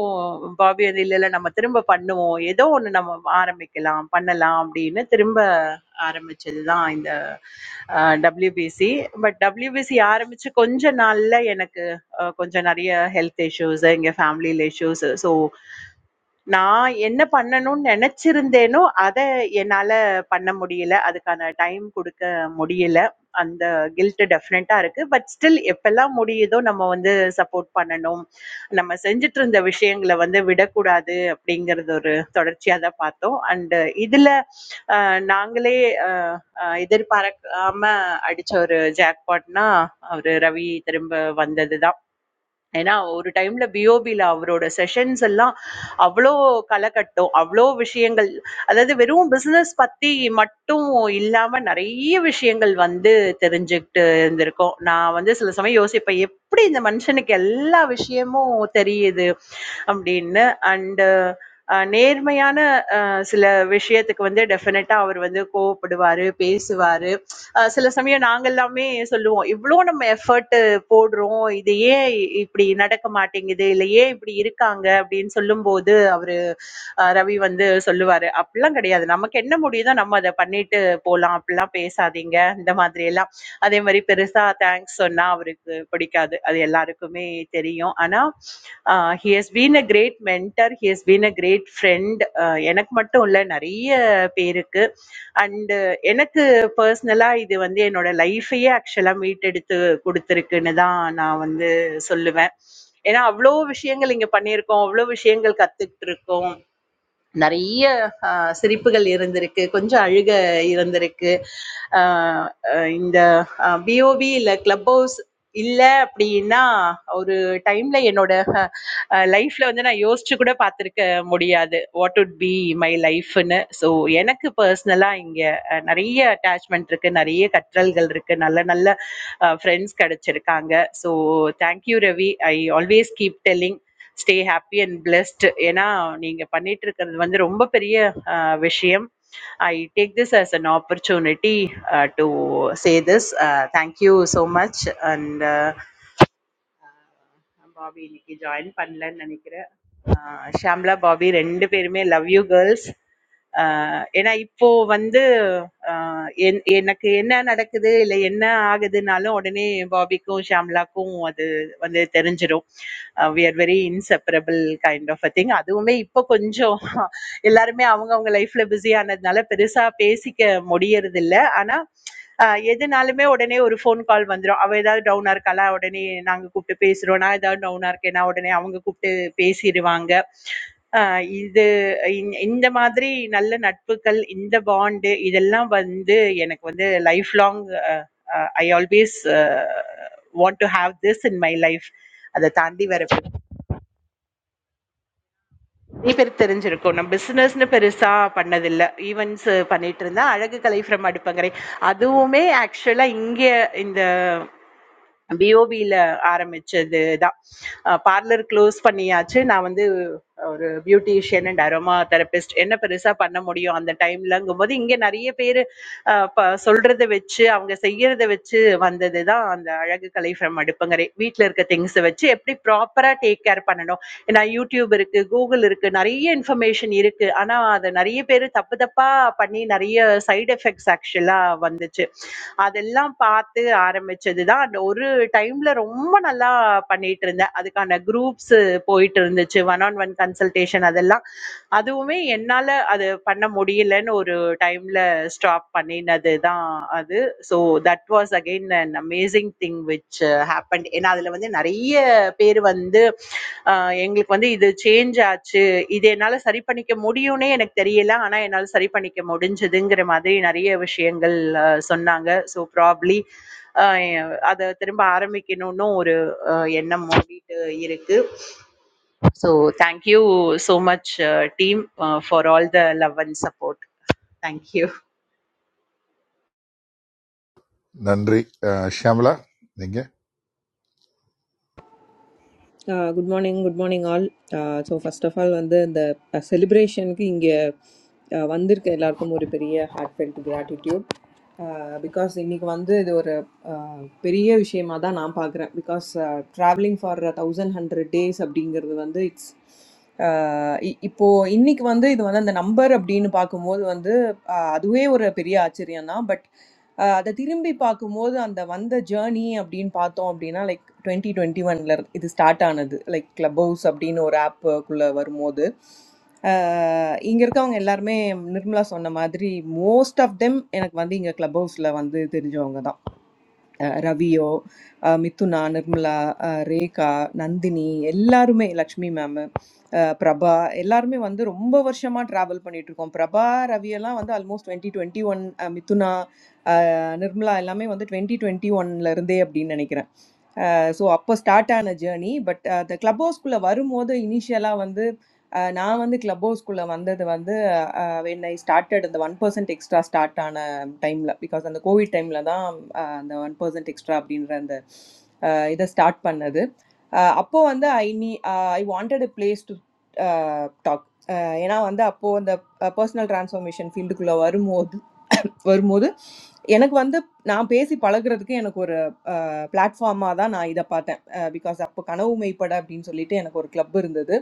T: பாபி வந்து இல்ல இல்ல நம்ம திரும்ப பண்ணுவோம் ஏதோ ஒண்ணு நம்ம ஆரம்பிக்கலாம் பண்ணலாம் அப்படின்னு திரும்ப ஆரம்பிச்சதுதான் இந்த டபிள்யூபிசி பட் டபிள்யூபிசி ஆரம்பிச்சு கொஞ்ச நாள்ல எனக்கு அஹ், கொஞ்சம் நிறைய ஹெல்த் இஷ்யூஸ் எங்க ஃபேமிலியில இஷ்யூஸ் ஸோ நான் என்ன பண்ணணும்னு நெனச்சிருந்தேனோ, அத என்னால பண்ண முடியல. அதுக்கான டைம் குடுக்க முடியல. அந்த கில்ட் டெஃபினட்டா இருக்கு. பட் ஸ்டில் எப்பல்லாம் முடியுதோ நம்ம வந்து சப்போர்ட் பண்ணணும். நம்ம செஞ்சுட்டு இருந்த விஷயங்கள வந்து விடக்கூடாது அப்படிங்கிறது ஒரு தொடர்ச்சியா தான் பார்த்தோம். அண்ட் இதுல அ நாங்களே அ அ எதிர்பார்க்காம அடிச்ச ஒரு ஜாக்பாட்னா, அவரு ரவி திரும்ப வந்தது தான். ஏன்னா, ஒரு டைம்ல பிஓபில அவரோட செஷன்ஸ் எல்லாம் அவ்ளோ களகட்டும். அவ்ளோ விஷயங்கள். அதாவது வெறும் பிசினஸ் பத்தி மட்டும் இல்லாம நெறைய விஷயங்கள் வந்து தெரிஞ்சுகிட்டு இருந்திருக்கோம். நான் வந்து சில சமயம் யோசிப்பேன், "எப்படி இந்த மனுஷனுக்கு எல்லா விஷயமும் தெரியுது?" அப்படின்னு. அண்ட் அ நேர்மையான அ சில விஷயத்துக்கு வந்து டெஃபினட்டா அவர் வந்து கோவப்படுவாரு, பேசுவாரு. அ சில சமயம் நாங்க எல்லாமே சொல்லுவோம், "இவ்ளோ நம்ம எஃபர்ட் போடுறோம் இது ஏன் இப்படி நடக்க மாட்டேங்குது இல்ல ஏன் இப்படி இருக்காங்க அப்படின்னு சொல்லும்போது அவரு அஹ் ரவி வந்து சொல்லுவாரு அப்படிலாம் கிடையாது நமக்கு என்ன முடியுதோ நம்ம அதை பண்ணிட்டு போலாம் அப்படிலாம் பேசாதீங்க இந்த மாதிரி எல்லாம் அதே மாதிரி பெருசா தேங்க்ஸ் சொன்னா அவருக்கு பிடிக்காது அது எல்லாருக்குமே தெரியும் ஆனா he has been a great mentor he has been a great friend எனக்கு மட்டும் இல்ல நிறைய பேருக்கு அண்டு எனக்கு பர்சனலா இது வந்து என்னோட லைஃபையே ஆக்சுவலா மீட்டெடுத்து குடுத்திருக்குன்னு தான் நான் வந்து சொல்லுவேன். ஏன்னா அவ்வளோ விஷயங்கள் இங்க பண்ணியிருக்கோம். அவ்வளோ விஷயங்கள் கத்துக்கிட்டு இருக்கோம். நிறைய ஆஹ், சிரிப்புகள் இருந்திருக்கு கொஞ்சம் அழுக இருந்திருக்கு ஆஹ், ஆஹ், இந்த பிஓபி இல்ல கிளப் ஹவுஸ் இல்ல அப்படின்னா ஒரு டைம்ல என்னோட லைஃப்ல வந்து நான் யோசிச்சு கூட பார்த்திருக்க முடியாது வாட் உட் பி மை லைஃப்னு ஸோ எனக்கு பர்சனலா இங்க அஹ், நிறைய அட்டாச்மெண்ட் இருக்கு நிறைய கற்றல்கள் இருக்கு நல்ல நல்ல ஃப்ரெண்ட்ஸ் கிடைச்சிருக்காங்க so thank you Ravi I always keep telling stay happy and blessed ஏன்னா நீங்க பண்ணிட்டு இருக்கிறது வந்து ரொம்ப பெரிய அஹ், விஷயம் I take this as an opportunity to say this thank you so much and Bobby இன்னைக்கு ஜாயின் பண்ணலன்னு நினைக்கிறேன் ஆஹ் ஷாம்லா பாபி ரெண்டு பேருமே லவ் யூ கேர்ள்ஸ் ஏன்னா இப்போ வந்து ஆஹ் என்- எனக்கு என்ன நடக்குது இல்லை என்ன ஆகுதுனாலும் உடனே பாபிக்கும் ஷாம்லாக்கும் அது வந்து தெரிஞ்சிடும் we are very inseparable kind of a thing அதுவுமே இப்போ கொஞ்சம் எல்லாருமே அவங்கவுங்க லைஃப்ல பிஸி ஆனதுனால பெருசா பேசிக்க முடியறது இல்ல ஆனா அஹ் எதுனாலுமே உடனே ஒரு phone call வந்துரும் அவ ஏதாவது down ஆ இருக்காளா உடனே நாங்க கூப்பிட்டு பேசுறோம் நான் ஏதாவது down ஆ இருக்கேன்னா உடனே அவங்க கூப்பிட்டு பேசிடுவாங்க அஹ் இது இந்~ இந்த மாதிரி நல்ல நட்புகள் இந்த bond இதெல்லாம் வந்து எனக்கு வந்து life long ah, ah, I always ah, want to have this in my life அதை தாண்டி வேற நிறைய பேர் தெரிஞ்சிருக்கும் நான் பிசினஸ்னு பெருசா பண்ணதில்லை ஈவெண்ட்ஸ் பண்ணிட்டு இருந்தேன் அழகு கலை ஃப்ரம் அடுப்பங்கரை அதுவுமே ஆக்சுவலா இங்க பிஓபியில் ஆரம்பிச்சது தான் பார்லர் க்ளோஸ் பண்ணியாச்சு நான் வந்து ஒரு பியூட்டிஷியன் அண்ட் அரோமா தெரபிஸ்ட் என்ன பெருசாக பண்ண முடியும் அந்த டைம்லங்கும் போது இங்கே நிறைய பேர் சொல்கிறத வச்சு அவங்க செய்கிறத வச்சு வந்தது தான் அந்த அழகு கலை ஃப்ரம் அடுப்புங்கரை வீட்டில் இருக்க திங்ஸை வச்சு எப்படி ப்ராப்பராக டேக் கேர் பண்ணணும் ஏன்னா யூடியூப் இருக்குது கூகுள் இருக்குது நிறைய இன்ஃபர்மேஷன் இருக்குது ஆனால் அதை நிறைய பேர் தப்பு தப்பாக பண்ணி நிறைய சைடு எஃபெக்ட்ஸ் ஆக்சுவலாக வந்துச்சு அதெல்லாம் பாத்து ஆரம்பிச்சதுதான் அந்த ஒரு டைம்ல ரொம்ப நல்லா பண்ணிட்டு இருந்தேன் அதுக்கான groups போயிட்டு இருந்துச்சு one on one consultation அதெல்லாம் அதுவுமே என்னால அது பண்ண முடியலன்னு ஒரு timeல stop பண்ணினதுதான் அது so that was again an amazing thing which uh, happened ஏன்னா அதுல வந்து நிறைய பேர் வந்து ஆஹ் எங்களுக்கு வந்து இது சேஞ்ச் ஆச்சு இது என்னால சரி பண்ணிக்க முடியும்னே எனக்கு தெரியல. ஆனா, என்னால சரி பண்ணிக்க முடிஞ்சதுங்கிற மாதிரி நெறைய விஷயங்கள் அ சொன்னாங்க. ஸோ ப்ராபப்ளி அ அத திரும்ப ஆரம்பிக்கணும்ன்னும் ஒரு அ எண்ணம் ஓடிட்டு இருக்கு. So thank you so much team for all the love and support. Thank you.
L: நன்றி அஹ், ஷியாமளா நீங்கள்
H: Ah, good morning, good morning, all. Ah, so first of all, and the the celebration, because, ah, when they're coming, all come over here. Heartfelt gratitude. Ah, because when you come, this one, ah, big thing, that I'm proud because traveling for a thousand hundred days, up to dinner, when they it's, ah, if if you when you come, this one, the number of dinner, I'm proud, but. அ அத திரும்பி பார்க்கும்போது, அந்த வந்த journey அப்படின்னு பார்த்தோம் அப்படின்னா, like 2021ல இது start ஆனது. லைக் கிளப் ஹவுஸ் அப்படின்னு ஒரு ஆப்புக்குள்ள வரும்போது, அ இங்க இருக்கவங்க எல்லாருமே நிர்மலா சொன்ன மாதிரி, மோஸ்ட் ஆஃப் தெம் எனக்கு வந்து இங்க கிளப் ஹவுஸ்ல வந்து தெரிஞ்சவங்க தான். அ ரவியோ, அ மிதுனா, நிர்மலா, அ ரேகா, நந்தினி எல்லாருமே, லக்ஷ்மி மேமு, அ பிரபா எல்லாருமே வந்து ரொம்ப வருஷமா ட்ராவல் பண்ணிட்டு இருக்கோம். பிரபா, ரவியெல்லாம் வந்து ஆல்மோஸ்ட் 2021 அ Mithuna Normal. All of me. When the 2021 laran day, I did. I'm thinking. So, I start an a journey. But the clubhouse school a very much the initial a. When I started, the one percent extra start an a time because the COVID time lada. The one percent extra did. This start another. I wanted a place to talk. I wanted a place to talk. I wanted a place to talk. I wanted a place to talk. வரும்போது எனக்கு வந்து நான் பேசி பழகுறதுக்கு எனக்கு ஒரு பிளாட்ஃபார்மாக தான் நான் இதை பார்த்தேன் பிகாஸ் அப்போ கனவு மெய்ப்பட அப்படின்னு சொல்லிட்டு எனக்கு ஒரு கிளப் இருந்தது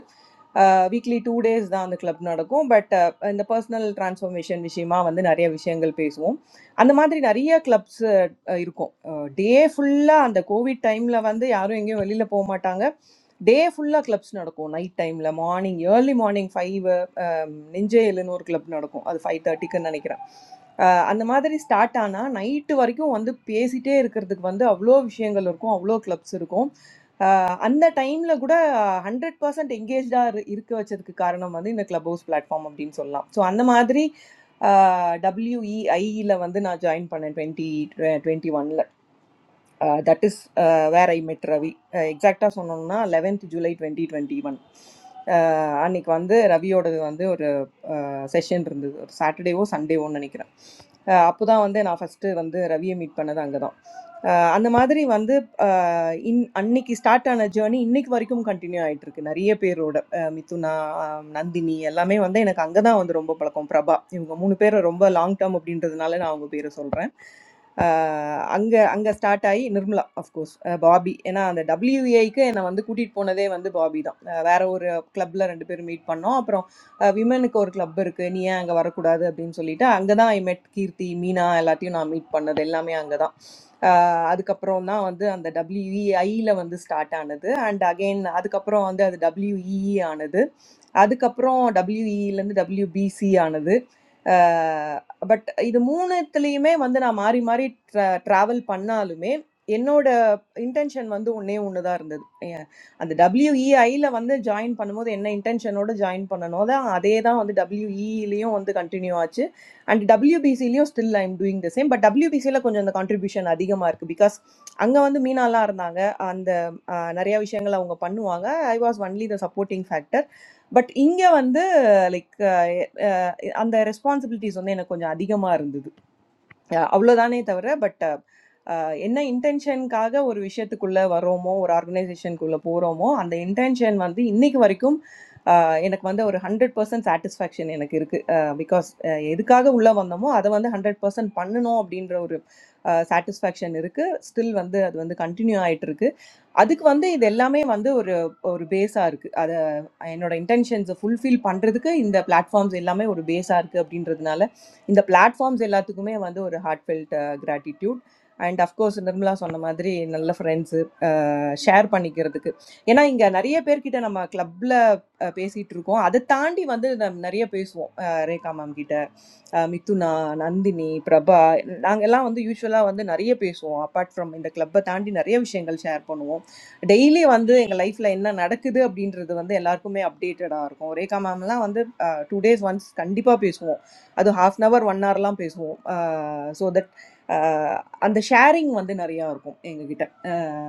H: வீக்லி டூ டேஸ் தான் அந்த கிளப் நடக்கும் பட் இந்த பர்சனல் டிரான்ஸ்ஃபர்மேஷன் விஷயமா வந்து நிறைய விஷயங்கள் பேசுவோம் அந்த மாதிரி நிறைய கிளப்ஸ் இருக்கும் டே ஃபுல்லாக அந்த கோவிட் டைமில் வந்து யாரும் எங்கேயும் வெளியில் போக மாட்டாங்க டே ஃபுல்லாக கிளப்ஸ் நடக்கும் நைட் டைமில் மார்னிங் ஏர்லி மார்னிங் ஃபைவ் நெஞ்சே எல்லுன்னு ஒரு கிளப் நடக்கும் அது ஃபைவ் தேர்ட்டிக்குன்னு நினைக்கிறேன் அஹ் அந்த மாதிரி ஸ்டார்ட் ஆனால் நைட்டு வரைக்கும் வந்து பேசிட்டே இருக்கிறதுக்கு வந்து அவ்வளோ விஷயங்கள் இருக்கும் அவ்வளோ கிளப்ஸ் இருக்கும் அஹ் அந்த டைமில் கூட ஹண்ட்ரட் பர்சன்ட் எங்கேஜாக இருக்க வச்சதுக்கு காரணம் வந்து இந்த கிளப் ஹவுஸ் பிளாட்ஃபார்ம் அப்படின்னு சொல்லலாம் ஸோ அந்த மாதிரி டபிள்யூஇஐயில் வந்து நான் ஜாயின் பண்ணேன் டுவெண்ட்டி டுவெண்ட்டி ஒனில் that is where I met Ravi எக்ஸாக்டாக சொன்னோம்னா eleventh July twenty twenty one ah அன்னைக்கு வந்து ரவியோடது வந்து ஒரு செஷன் இருந்தது ஒரு சாட்டர்டேவோ சண்டேவோன்னு நினைக்கிறேன் அப்போ தான் வந்து நான் ஃபஸ்ட்டு வந்து ரவியை மீட் பண்ணது அங்கே தான் அந்த மாதிரி வந்து அஹ், இன் அன்னைக்கு ஸ்டார்ட் ஆன ஜேர்னி இன்னைக்கு வரைக்கும் கண்டினியூ ஆயிட்டு இருக்கு நிறைய பேரோட அஹ், மிதுனா அஹ், நந்தினி எல்லாமே வந்து எனக்கு அங்கே தான் வந்து ரொம்ப பழக்கம் பிரபா இவங்க மூணு பேர் ரொம்ப லாங் டேர்ம் அப்படின்றதுனால நான் அவங்க பேரை சொல்கிறேன் Anga Anga start ay normal of course Bobby. Ena and the WWE ikay ena mande kutit ponade mande Bobby da. Varo or club la rande permit panna. Apro women ko or clubber ko niya Anga varo kuza de binisolita. Angda na ay met kirti, Mina, alatyon amit panna. Dellama ay Angda. Ad kaprano na mande and the WWE ay la mande start anada. And again ad kaprano and the WWE ay anada. Ad kaprano WWE lenda WBC ay anada. But இது 3த்துலயுமே வந்து நான் மாறி, மாறி draw travel பண்ணாலுமே, என்னோட intention வந்து ஒண்ணே ஒண்ணு தான் இருந்தது. எ அந்த WEIல வந்து ஜாயின் பண்ணும்போது என்ன இன்டென்ஷனோட ஜாயின் பண்ணனோ தான், அதே தான் வந்து WEலயும் வந்து கன்டின்யூ ஆச்சு. அண்ட் WBCலயும் still I am doing the same. But WBCல கொஞ்சம் அந்த கான்ட்ரிபியூஷன் அதிகமா இருக்கு. பிகாஸ் அங்க வந்து மீனாலாம் இருந்தாங்க. அந்த அ நெறைய விஷயங்கள் அவங்க பண்ணுவாங்க. I was only the supporting factor. But இங்க வந்து like and the responsibilities only na konyadi kamarundu. Yeah, avlodane itavurra, but इन्ना intention कागा वो विषय त कुल्ला वरोमो वो organisation कुल्ला पोरोमो आँधे intention वंदी इन्ही क वरिकुम इन्ना वंदे वो रहंड per cent satisfaction इन्ना किरक because इध कागा उल्ला वंदमो आधा वंदे hundred per cent पन्ने नो अपडीन रहौरे satisfaction इरके still वंदे आधा वंदे continue आये त्रके அதுக்கு வந்து இது எல்லாமே வந்து ஒரு ஒரு பேஸா இருக்கு அத என்னோட இன்டென்ஷன்ஸை ஃபுல்ஃபில் பண்றதுக்கு இந்த பிளாட்ஃபார்ம்ஸ் எல்லாமே ஒரு பேஸா இருக்கு அப்படின்றதுனால இந்த பிளாட்ஃபார்ம்ஸ் எல்லாத்துக்குமே வந்து ஒரு heartfelt gratitude and of course Nirmala சொன்ன மாதிரி நல்ல ஃப்ரெண்ட்ஸு ஷேர் பண்ணிக்கிறதுக்கு ஏன்னா இங்கே நிறைய பேர்கிட்ட நம்ம கிளப்பில் பேசிகிட்டு இருக்கோம் அதை தாண்டி வந்து நம்ம நிறைய பேசுவோம் ரேகா மேம் கிட்ட Mitu na, Nandini, Prabha. We all are usual are doing a lot of things. Apart from in the club, we are doing a lot of things. Daily, we are doing our life line. We are doing a lot of things. We are updated. We are doing two days once. We are doing half an hour once. So that we are sharing a lot.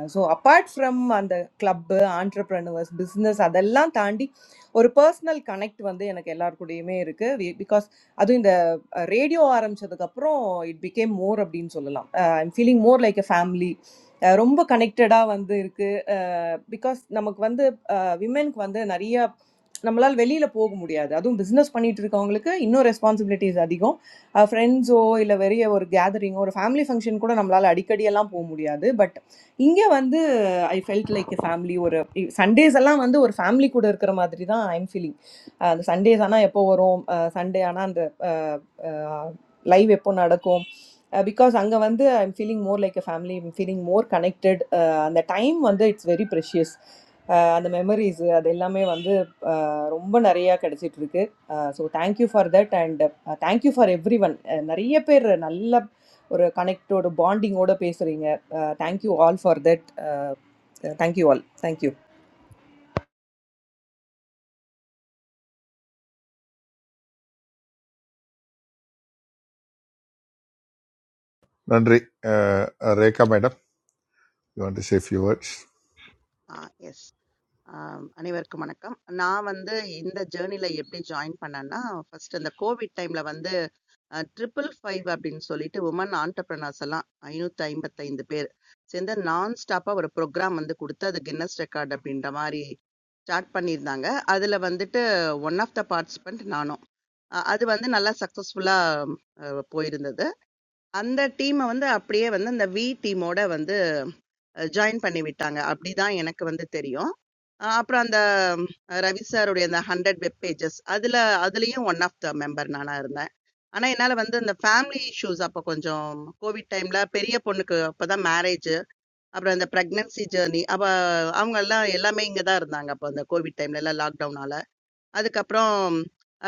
H: So apart from the club, entrepreneurs, business, all that, andi, one personal connect. Vandey, I na kellar kudey me iruke because. Ado in the radio aram chaduka pro, it became more. I'm feeling more like a family. Rumb connecteda vandey iruke because. Namak vandey women vandey nariya. Namalal valley la po go muriya. Ado business panitir koongleke inno responsibilities adigon. Friendso ila veriya or gathering or family function kora namalaladi kadiyal lam po muriya. But Inge a vandu, I felt like a family. Or Sundays, all a vandu or family. Coz er karam adri da. I'm feeling. Ah, Sundays. A na yepo a rom. Ah, Sunday a na a live yepo naarikom. Ah, because anga vandu I'm feeling more like a family. I'm feeling more connected. Ah, the time vandu it's very precious. Ah, the memories. Ah, deila me vandu a romban ariya kadi sitrike. Ah, so thank you for that and thank you for everyone. Ariya per a nalla a or a connected or bonding order pay siringa. Ah, thank you all for that. Thank you all. Thank you.
L: நன்றி அஹ், Rekha madam you want to say few words
I: ஆ yes ஆம், அனைவருக்கும் வணக்கம். நான் வந்து இந்த ஜர்னில எப்படி ஜாயின் பண்ணேன்னா, ஃபர்ஸ்ட் அந்த கோவிட் டைம்ல வந்து அ 555 அப்படின்னு சொல்லிட்டு உமன் ஆன்டர்பிரினர்ஸ் எல்லாம் 555 பேர் சேர்ந்து நான் ஸ்டாப்பா ஒரு ப்ரோகிராம் வந்து குடுத்து, அது கின்னஸ் ரெக்கார்ட் அப்படின்ற மாரி ஸ்டார்ட் பண்ணியிருந்தாங்க. அதுல வந்துட்டு ஒன் ஆஃப் த பார்ட்டிசிபென்ட் நானும். அ அது வந்து நல்லா சக்சஸ்ஃபுல்லா அ போயிருந்தது. அந்த டீம வந்து அப்படியே வந்து அந்த வி டீமோட வந்து ஜாயின் பண்ணி விட்டாங்க. அப்படிதான் எனக்கு வந்து தெரியும். அ அப்புறம் அந்த ம், ரவி சாருடைய அந்த 100 வெப் பேஜஸ் அதுல அதுலயும் ஒன் ஆஃப் த மெம்பர் நானா இருந்தேன். ஆனா என்னால வந்து இந்த ஃபேமிலி இஷ்யூஸ் அப்ப கொஞ்சம் கோவிட் டைம்ல பெரிய பொண்ணுக்கு அப்பதான் மேரேஜ். அப்புறம் இந்த பிரெக்னன்சி ஜர்னி அவ அவங்க எல்லாம் எல்லாமே இங்க தான் இருந்தாங்க. அப்ப அந்த கோவிட் டைம்ல எல்லாம் லாக்டவுனால. அதுக்கப்புறம்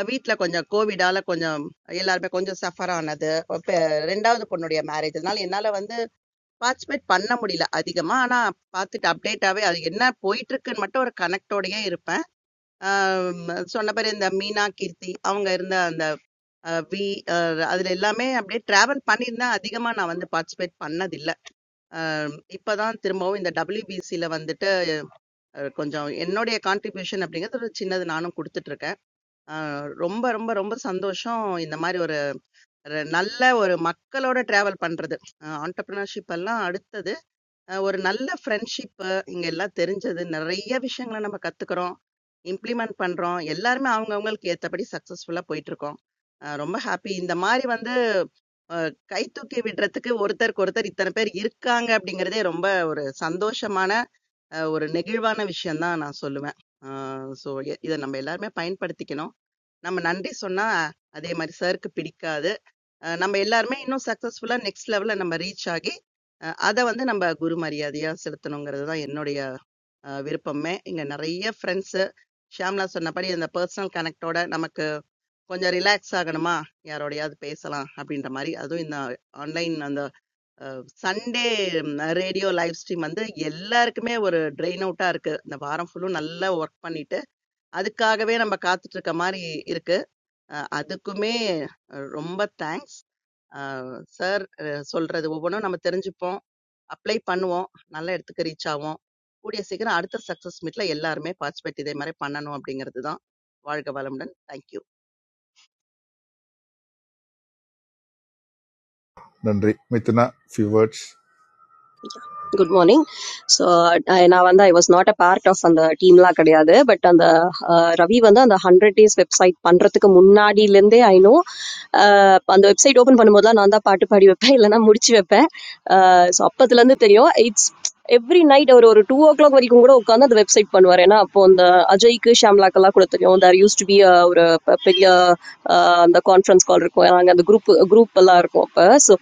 I: அ வீட்ல கொஞ்சம் கோவிடால கொஞ்சம் எல்லாருமே கொஞ்சம் சஃபர் ஆனது. அப்ப 2வது பொண்ணுடைய மேரேஜ். அதனால என்னால வந்து பார்ட்டிசிபேட் பண்ண முடியல அதிகமா ஆனா பார்த்துட்டு அப்டேட்டாவே அது என்ன போயிட்டு இருக்குன்னு மட்டும் ஒரு கனெக்டோடயே இருப்பேன் ஆம், சொன்ன பேர் இந்த மீனா கீர்த்தி அவங்க இருந்த அந்த அஹ், வி அஹ், அதுல எல்லாமே அப்படியே டிராவல் பண்ணியிருந்தேன் அதிகமா நான் வந்து பார்ட்டிசிபேட் பண்ணதில்லை இப்பதான் திரும்பவும் இந்த WBC ல வந்துட்டு அஹ், கொஞ்சம் என்னுடைய கான்ட்ரிபியூஷன் அப்படிங்கிறது ஒரு சின்னது நானும் கொடுத்துட்டு இருக்கேன் அஹ், ரொம்ப ரொம்ப ரொம்ப சந்தோஷம் இந்த மாதிரி ஒரு ஒரு நல்ல ஒரு மக்களோட டிராவல் பண்றது ஆண்டர்பிரினர்ஷிப் எல்லாம் அடுத்தது அ ஒரு நல்ல ஃப்ரெண்ட்ஷிப்பு, இங்க எல்லாம் தெரிஞ்சது. நெறைய விஷயங்கள நம்ம கத்துக்கிறோம். இம்ப்ளிமெண்ட் பண்றோம். எல்லாருமே அவங்க அவங்களுக்கு ஏத்தபடி சக்சஸ்ஃபுல்லா போயிட்டுருக்கோம். அ ரொம்ப ஹாப்பி. இந்த மாரி வந்து அ கை தூக்கி விடுறதுக்கு ஒருத்தருக்கு ஒருத்தர் இத்தன பேர் இருக்காங்க அப்படிங்கிறதே ரொம்ப ஒரு சந்தோஷமான, அ ஒரு நெகிழ்வான விஷயம் தான் நான் சொல்லுவேன். அ ஸோ இத நம்ம எல்லாருமே பயன்படுத்திக்கணும். நம்ம நன்றி சொன்னா அதே மாரி சாருக்கு பிடிக்காது. அஹ் நம்ம எல்லாருமே இன்னும் சக்ஸஸ்ஃபுல்லா நெக்ஸ்ட் லெவல்ல நம்ம ரீச் ஆகி அதை வந்து நம்ம குரு மரியாதையா செலுத்தணுங்கிறது தான் என்னுடைய அஹ், விருப்பமே இங்க நிறைய ஃப்ரெண்ட்ஸ் ஷியாம்லா சொன்னபடி அந்த பர்சனல் கனெக்டோட நமக்கு கொஞ்சம் ரிலாக்ஸ் ஆகணுமா யாரோடையாவது பேசலாம் அப்படின்ற மாதிரி அதுவும் இந்த ஆன்லைன் அந்த சண்டே ரேடியோ லைவ் ஸ்ட்ரீம் வந்து எல்லாருக்குமே ஒரு ட்ரெயின் அவுட்டா இருக்கு இந்த வாரம் ஃபுல்லும் நல்லா ஒர்க் பண்ணிட்டு அதுக்காகவே நம்ம காத்துட்டு இருக்க மாதிரி இருக்கு அஹ், அதுக்குமே அஹ், ரொம்ப தேங்க்ஸ் சார் சொல்றது ஒவ்வொன்றும் நம்ம தெரிஞ்சுப்போம் அப்ளை பண்ணுவோம் நல்ல இடத்துக்கு ரீச் ஆவோம் கூடிய சீக்கிரம் அடுத்த சக்சஸ் மீட்ல எல்லாருமே பார்ட்டிசிபேட் இதே மாதிரி பண்ணணும் அப்படிங்கிறது தான் வாழ்க வளமுடன் தேங்க்யூ
L: நன்றி Mithuna few words
F: good morning so நான் வந்து I was not a part of அந்த டீம்லாம் கிடையாது பட் அந்த அஹ், ரவி வந்து அந்த ஹண்ட்ரட் டேஸ் வெப்சைட் பண்றதுக்கு முன்னாடிலேருந்தே ஐ நோ அந்த வெப்சைட் ஓபன் பண்ணும்போதுலாம் நான் தான் பாட்டு பாடி வைப்பேன் இல்லைன்னா முடிச்சு வைப்பேன் ஸோ அப்போத்துலேருந்து தெரியும் இட்ஸ் எவ்ரி நைட் அவர் ஒரு டூ ஓ கிளாக் வரைக்கும் கூட உட்காந்து அந்த வெப்சைட் பண்ணுவார் ஏன்னா அப்போ அந்த அஜய்க்கு ஷாம்லாக்கெல்லாம் கூட தெரியும் தேர் யூஸ் டு பி ஒரு பெ- பெரிய ஆஹ், அந்த கான்ஃபரன்ஸ் கால் இருக்கும் நாங்கள் அந்த குரூப் குரூப் எல்லாம் இருக்கும் அப்போ ஸோ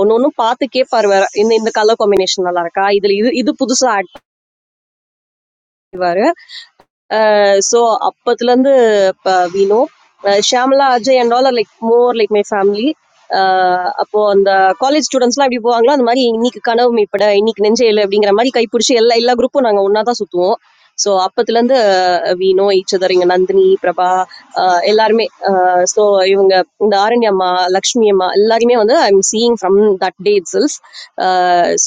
F: ஒன்று ஒன்றும் பார்த்து கேட்பார் வேற இந்த இந்த கலர் காம்பினேஷன் நல்லா இருக்கா இதில் இது இது புதுசாக ஆட் ஸோ அப்போத்துலேருந்து இப்போ we uh, Shyamala, Ajay and all are like more like my family ah அப்போ அந்த காலேஜ் ஸ்டூடெண்ட்ஸ்லாம் எப்படி போவாங்களோ அந்த மாதிரி இன்னைக்கு கனவு மீட்பட இன்னைக்கு நெஞ்சையில் அப்படிங்கிற மாதிரி கைப்பிடிச்சு எல்லா எல்லா குரூப்பும் நாங்கள் ஒன்றா தான் சுற்றுவோம் ஸோ அப்பத்துலேருந்து வி நோ ஈச் அதர் இங்கே நந்தினி பிரபா ஆஹ் எல்லாருமே ஸோ இவங்க இந்த ஆரண்ய அம்மா லக்ஷ்மி அம்மா எல்லாரையுமே வந்து I am seeing from that day it sells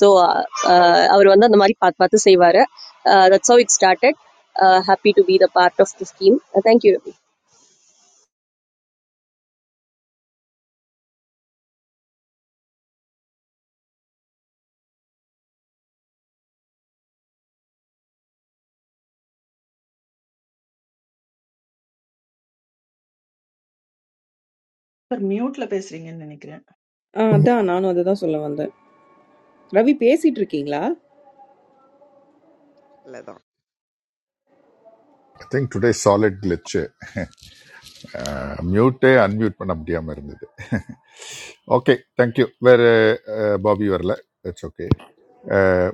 F: so அவர் வந்து அந்த மாதிரி பார்த்து பார்த்து செய்வார் that's how it started uh, happy to be the part of the scheme. Uh, thank you.
Q: Sir மியூட்ல பேசுறீங்கன்னு நினைக்கிறேன்
H: Ah, that, Anna, no, that I said. Ravi, please sit. Okay, yes.
I: இவ்வளோதான்
L: ஐ திங்க் டுடே சாலிட் கிளிச்சு மியூட்டே unmute பண்ண முடியாமல் இருந்தது okay thank you வேறு பாபி வரல இட்ஸ் ஓகே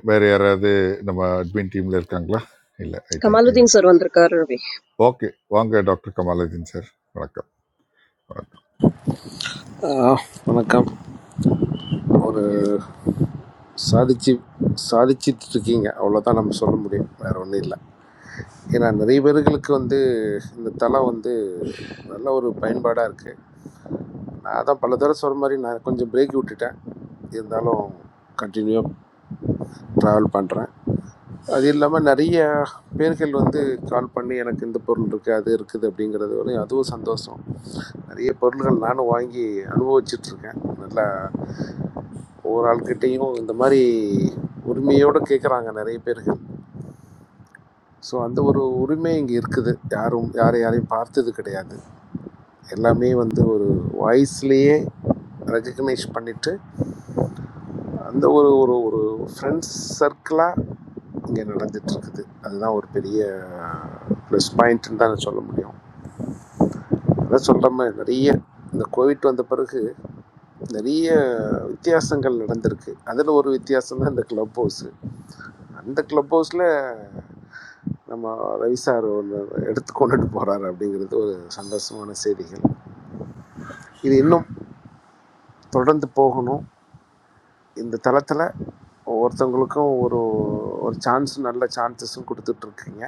L: வேறு யாராவது நம்ம அட்மின் டீமில் இருக்காங்களா இல்லை ஐ திங்க்
F: கமாலுதீன் சார் வந்திருக்காரு ரவி
L: ஓகே வாங்க டாக்டர் கமாலுதீன் சார் வணக்கம் வணக்கம்
U: ஆஹ், வணக்கம் ஒரு சாதிச்சு சாதிச்சிட்டு இருக்கீங்க அவ்வளோதான் நம்ம சொல்ல முடியும் வேற ஒன்றும் இல்லை ஏன்னா நிறைய பேர்களுக்கு வந்து இந்த தலை வந்து நல்ல ஒரு பயன்பாடாக இருக்குது நான் தான் பல தடவை சொல்கிற மாதிரி நான் கொஞ்சம் பிரேக் விட்டுட்டேன் இருந்தாலும் கண்டினியூவாக ட்ராவல் பண்ணுறேன் அது இல்லாமல் நிறைய பேர்கள் வந்து கால் பண்ணி எனக்கு இந்த பொருள் இருக்குது அது இருக்குது அப்படிங்கிறது வரையும் அதுவும் சந்தோஷம் நிறைய பொருள்கள் நானும் வாங்கி அனுபவிச்சிட்ருக்கேன் நல்லா ஒவ்வொரு ஆள்கிட்டையும் இந்த மாதிரி உரிமையோடு கேட்குறாங்க நிறைய பேர்கள் ஸோ அந்த ஒரு உரிமை இங்கே இருக்குது யாரும் யாரை யாரையும் பார்த்தது கிடையாது எல்லாமே வந்து ஒரு வாய்ஸ்லேயே ரெகக்னைஸ் பண்ணிவிட்டு அந்த ஒரு ஒரு ஒரு ஃப்ரெண்ட்ஸ் சர்க்கிளாக இங்கே நடந்துகிட்ருக்குது அதுதான் ஒரு பெரிய ப்ளஸ் பாயிண்ட்டுன்னு தான் நான் சொல்ல முடியும் அதான் சொல்கிற மாதிரி நிறைய இந்த கோவிட் வந்த பிறகு நிறைய வித்தியாசங்கள் நடந்திருக்கு அதில் ஒரு வித்தியாசம் தான் இந்த க்ளப் ஹவுஸு அந்த க்ளப் ஹவுஸில் நம்ம ரவி சார் ஒன்று எடுத்து கொண்டுட்டு போகிறாரு அப்படிங்கிறது ஒரு சந்தோஷமான செய்திகள் இது இன்னும் தொடர்ந்து போகணும் இந்த தளத்தில் ஒவ்வொருத்தவங்களுக்கும் ஒரு ஒரு சான்ஸ் நல்ல சான்சஸும் கொடுத்துட்ருக்கீங்க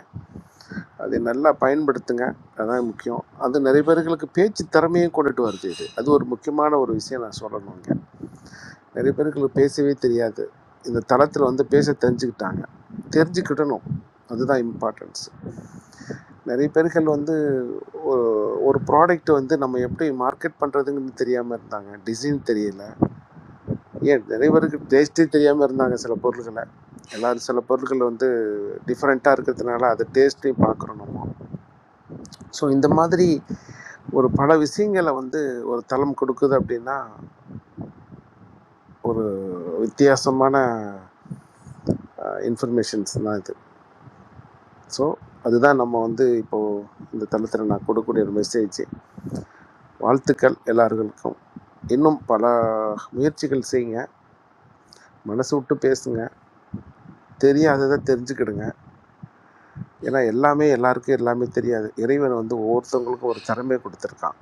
U: அதை நல்லா பயன்படுத்துங்க அதான் முக்கியம் அது நிறைய பேர்களுக்கு பேச்சு திறமையும் கொண்டுட்டு வருது இது அது ஒரு முக்கியமான ஒரு விஷயம் நான் சொல்லணுங்க நிறைய பேர்களுக்கு பேசவே தெரியாது இந்த தளத்தில் வந்து பேச தெரிஞ்சுக்கிட்டாங்க தெரிஞ்சுக்கிடணும் அதுதான் இம்பார்ட்டன்ஸ் நிறைய பேர்கள் வந்து ஒ- ஒரு ப்ராடக்ட் வந்து நம்ம எப்படி மார்க்கெட் பண்ணுறதுங்கன்னு தெரியாமல் இருந்தாங்க டிசைன் தெரியல ஏன் நிறைய பேருக்கு டேஸ்ட்டே தெரியாமல் இருந்தாங்க சில பொருள்களை எல்லாரும் சில பொருட்கள் வந்து டிஃப்ரெண்ட்டாக இருக்கிறதுனால அது டேஸ்ட்டையும் பார்க்குறோம் நம்ம ஸோ இந்த மாதிரி ஒரு பல விஷயங்களை வந்து ஒரு தளம் கொடுக்குது அப்படின்னா ஒரு வித்தியாசமான இன்ஃபர்மேஷன்ஸ் தான் இது ஸோ அதுதான் நம்ம வந்து இப்போது இந்த தளத்தில் நான் கொடுக்கக்கூடிய ஒரு மெசேஜ் வாழ்த்துக்கள் எல்லாருக்கும் இன்னும் பல முயற்சிகள் செய்யுங்க மனசு விட்டு பேசுங்க தெரியாததை தெரிஞ்சுக்கிடுங்க ஏன்னா எல்லாமே எல்லாருக்கும் எல்லாமே தெரியாது இறைவன் வந்து ஒவ்வொருத்தவங்களுக்கும் ஒரு திறமையை கொடுத்துருக்கான்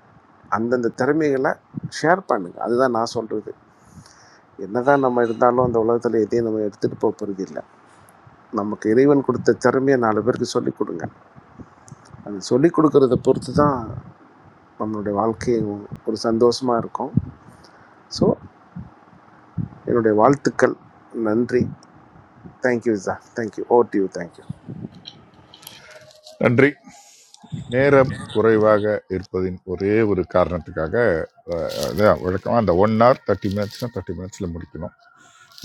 U: அந்தந்த திறமைகளை ஷேர் பண்ணுங்க அதுதான் நான் சொல்கிறது என்னதான் நம்ம இருந்தாலும் அந்த உலகத்தில் எதையும் நம்ம எடுத்துகிட்டு போக போகிறது இல்லை நமக்கு இறைவன் கொடுத்த திறமையை நாலு பேருக்கு சொல்லிக் கொடுங்க அது சொல்லிக் கொடுக்கறத பொறுத்து தான் நம்மளுடைய வாழ்க்கை ஒரு சந்தோஷமாக இருக்கும் ஸோ என்னுடைய வாழ்த்துக்கள் நன்றி தேங்க்யூ சார் தேங்க்யூ ஓ டியூ தேங்க்யூ
L: நன்றி நேரம் குறைவாக இருப்பதின் ஒரே ஒரு காரணத்துக்காக அதான் வழக்கமாக அந்த ஒன் hour தேர்ட்டி மினிட்ஸ்னால் தேர்ட்டி மினிட்ஸில் முடிக்கணும்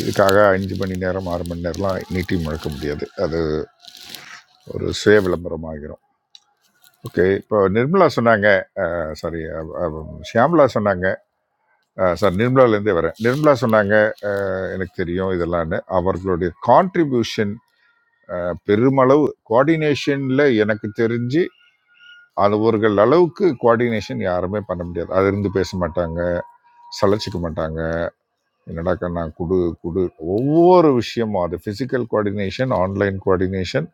L: இதுக்காக அஞ்சு மணி நேரம் ஆறு மணி நேரம்லாம் நீட்டி முழக்க முடியாது அது ஒரு சுய விளம்பரம் ஆகிரும் ஓகே இப்போ நிர்மலா சொன்னாங்க சாரி ஷியாம்லா சொன்னாங்க சார் நிர்மலாலேருந்தே வரேன் நிர்மலா சொன்னாங்க அஹ், எனக்கு தெரியும் இதெல்லாம்னு அவர்களுடைய கான்ட்ரிபியூஷன் பெருமளவு கோஆர்டினேஷன்ல எனக்கு தெரிஞ்சு அவர்கள் அளவுக்கு கோஆர்டினேஷன் யாருமே பண்ண முடியாது அதிர்ந்து பேச மாட்டாங்க சலைச்சிக்க மாட்டாங்க என்னடா கண்ணா குடு குடு ஒவ்வொரு விஷயமும் அது physical coordination online coordination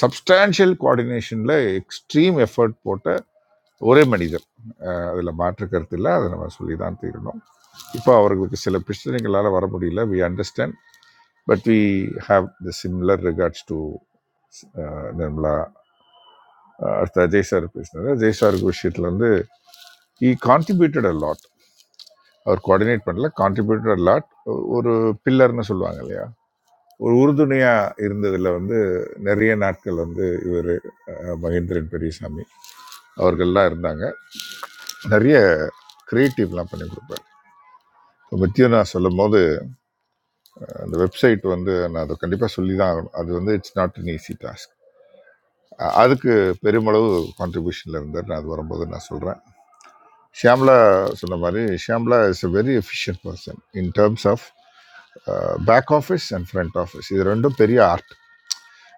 L: substantial கோஆர்டினேஷன்ல எக்ஸ்ட்ரீம் எஃபர்ட் போட்ட ஒரே மனிதர் அஹ் அதுல மாற்று கருத்து இல்லை அதை நம்ம சொல்லி தான் தீரணும் இப்போ அவர்களுக்கு சில பிரச்சனைகளால் வர முடியல we understand but we have the similar regards to Nirmala அடுத்த அஜய் சார் பேசினார் அஜய் சாருக்கு விஷயத்தில் வந்து ஈ கான்ட்ரிபியூட்டட் அ லாட் அவர் கோஆர்டினேட் பண்ணல கான்ட்ரிபியூட்டட் அ லாட் ஒரு பில்லர்னு சொல்லுவாங்க இல்லையா ஒரு உறுதுணையாக இருந்ததில் வந்து நிறைய நாட்கள் வந்து இவர் மகேந்திரன் பெரியசாமி அவர்கள்லாம் இருந்தாங்க நிறைய கிரியேட்டிவ்லாம் பண்ணி கொடுப்பார் மத்தியம் நான் சொல்லும் போது அந்த வெப்சைட் வந்து நான் அதை கண்டிப்பாக சொல்லி தான் ஆகணும் அது வந்து it's not an easy task அதுக்கு பெருமளவு கான்ட்ரிபியூஷனில் இருந்தார் நான் அது வரும்போது நான் சொல்கிறேன் ஷியாம்லா சொன்ன மாதிரி Shyamala is a very efficient person in terms of back office and front office இது ரெண்டும் பெரிய ஆர்ட்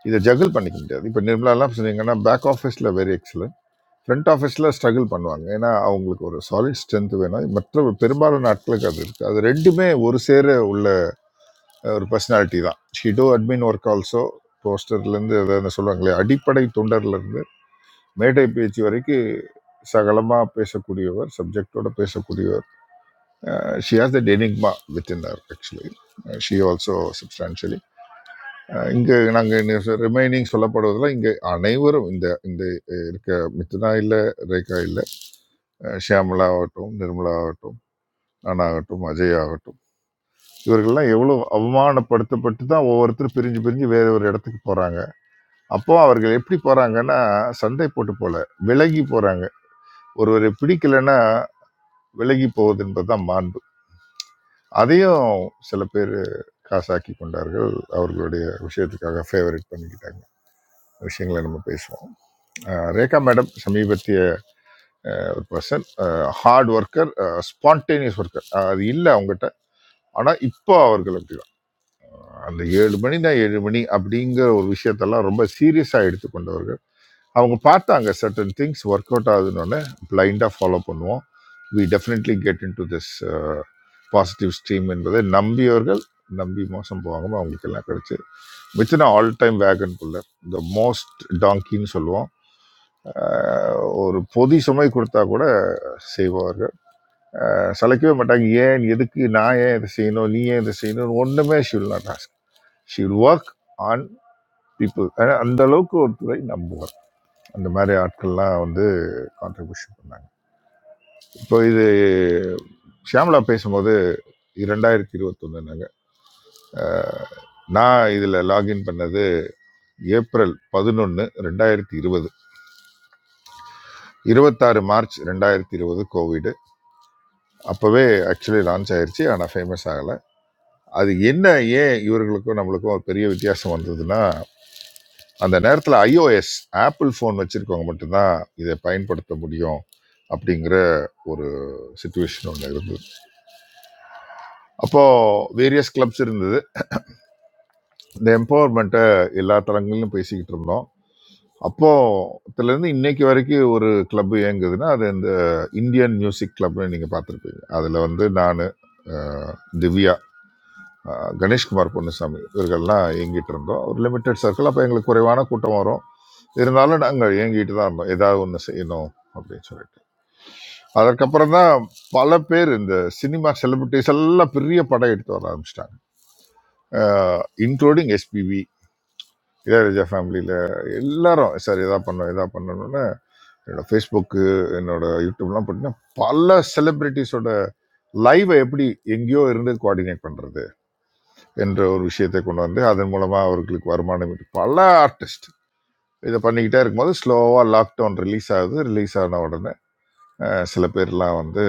L: இதை ஜகிள் பண்ணிக்க முடியாது இப்போ நிர்மலாலாம் சொன்னீங்கன்னா பேக் ஆஃபீஸில் வெரி எக்ஸலன்ட் ஃப்ரண்ட் ஆஃபீஸில் ஸ்ட்ரகிள் பண்ணுவாங்க ஏன்னா அவங்களுக்கு ஒரு சாலிட் ஸ்ட்ரென்த் வேணும் மற்ற பெரும்பாலான நாட்களுக்கு அது இருக்குது அது ரெண்டுமே ஒரு சேர உள்ள அஹ், ஒரு பர்சனாலிட்டி தான் she do admin work also போஸ்டர்லேருந்து அதாவது சொல்லுவாங்களே அடிப்படை தொண்டர்லேருந்து மேடை பேச்சு வரைக்கும் சகலமாக பேசக்கூடியவர் சப்ஜெக்டோட பேசக்கூடியவர் Uh, she has that enigma within her actually Uh, she also substantially uh, இங்கு நாங்கள் ரிமைனிங் சொல்லப்படுவதில் இங்கு அனைவரும் இந்த இந்த அஹ், இருக்க மித்னா இல்லை ரேகா இல்லை ஷியாமலா ஆகட்டும் நிர்மலா ஆகட்டும் நான் ஆகட்டும் அஜய் ஆகட்டும் இவர்கள்லாம் எவ்வளோ அவமானப்படுத்தப்பட்டு தான் ஒவ்வொருத்தரும் பிரிஞ்சு பிரிஞ்சு வேற ஒரு இடத்துக்கு போறாங்க அப்போ அவர்கள் எப்படி போறாங்கன்னா சண்டை போட்டு போல விலகி போறாங்க ஒருவரை பிடிக்கலைன்னா விலகி போவது என்பதுதான் மாண்பு அதையும் சில பேர் காசாக்கி கொண்டார்கள் அவர்களுடைய விஷயத்துக்காக ஃபேவரட் பண்ணிக்கிட்டாங்க விஷயங்களை நம்ம பேசுவோம் அஹ் ரேகா மேடம் சமீபத்திய ஒரு person hard worker spontaneous worker அது இல்லை அவங்ககிட்ட ஆனால் இப்போ அவர்கள் அப்படிதான் அந்த ஏழு மணி தான் ஏழு மணி அப்படிங்கிற ஒரு விஷயத்தெல்லாம் ரொம்ப சீரியஸாக எடுத்துக்கொண்டவர்கள் அவங்க பார்த்தாங்க சர்டன் திங்ஸ் ஒர்க் அவுட் ஆகுதுன்னு பிளைண்டாக ஃபாலோ பண்ணுவோம் we definitely get in to this positive stream என்பதை நம்பியவர்கள் நம்பி மோசம் போகாமல் அவங்களுக்கெல்லாம் கிடைச்சது மிச்சின ஆல் டைம் வேகனுக்குள்ள இந்த மோஸ்ட் டாங்கின்னு சொல்லுவோம் அஹ் ஒரு பொதி சுமை கொடுத்தா கூட செய்வார்கள் அஹ் சளைக்கவே மாட்டாங்க ஏன் எதுக்கு நான் ஏன் இதை செய்யணும் நீ ஏன் இதை செய்யணும் ஒன்றுமே shall not ask shall work on people அந்த அளவுக்கு ஒரு துறை நம்புவார் அந்த மாதிரி ஆட்கள்லாம் வந்து கான்ட்ரிபியூஷன் பண்ணாங்க இப்போ இது ஷியாமலா பேசும்போது இரண்டாயிரத்தி இருபத்தொன்னுனாங்க நான் இதில் லாகின் பண்ணது ஏப்ரல் பதினொன்று ரெண்டாயிரத்தி இருபது இருபத்தாறு மார்ச் ரெண்டாயிரத்தி இருபது கோவிடு அப்போவே ஆக்சுவலி லான்ச் ஆயிருச்சு ஆனால் ஃபேமஸ் ஆகலை அது என்ன ஏன் இவர்களுக்கும் நம்மளுக்கும் ஒரு பெரிய வித்தியாசம் வந்ததுன்னா அந்த நேரத்தில் ஐஓஎஸ் ஆப்பிள் ஃபோன் வச்சுருக்கவங்க மட்டும்தான் இதை பயன்படுத்த முடியும் அப்படிங்கிற ஒரு சுச்சுவேஷன் ஒன்று இருந்தது அப்போது வேரியஸ் கிளப்ஸ் இருந்தது இந்த எம்பவர்மெண்ட்டை எல்லா தளங்களிலும் பேசிக்கிட்டு இருந்தோம் அப்போ அதுலேருந்து இன்னைக்கு வரைக்கும் ஒரு கிளப் இயங்குதுன்னா அது இந்த இந்தியன் மியூசிக் கிளப்னு நீங்கள் பார்த்துருப்பீங்க அதில் வந்து நான் திவ்யா அஹ், கணேஷ்குமார் பொன்னுசாமி இவர்கள்லாம் இயங்கிட்டு இருந்தோம் ஒரு லிமிட்டெட் சர்க்கிள் அப்போ எங்களுக்கு குறைவான கூட்டம் வரும் இருந்தாலும் நாங்கள் இயங்கிட்டு தான் இருந்தோம் ஏதாவது ஒன்று செய்யணும் அப்படின்னு சொல்லிட்டு அதற்கப்புறம் தான் பல பேர் இந்த சினிமா செலிபிரிட்டிஸ் எல்லாம் பெரிய படம் எடுத்து வர ஆரம்பிச்சிட்டாங்க இன்க்ளூடிங் எஸ்பிவி இளையராஜா ஃபேமிலியில் எல்லாரும் சார் இதா பண்ணோம் இதா பண்ணணும்னு என்னோட ஃபேஸ்புக்கு என்னோட யூடியூப்லாம் பார்த்தீங்கன்னா பல செலிபிரிட்டிஸோட லைவை எப்படி எங்கேயோ இருந்து கோஆர்டினேட் பண்ணுறது என்ற ஒரு விஷயத்தை கொண்டு வந்து அதன் மூலமாக அவர்களுக்கு வருமானம் ஈட்டு- பல ஆர்டிஸ்ட் இதை பண்ணிக்கிட்டே இருக்கும்போது ஸ்லோவாக லாக்டவுன் ரிலீஸ் ஆகுது ரிலீஸ் ஆன உடனே அஹ், சில பேர்லாம் வந்து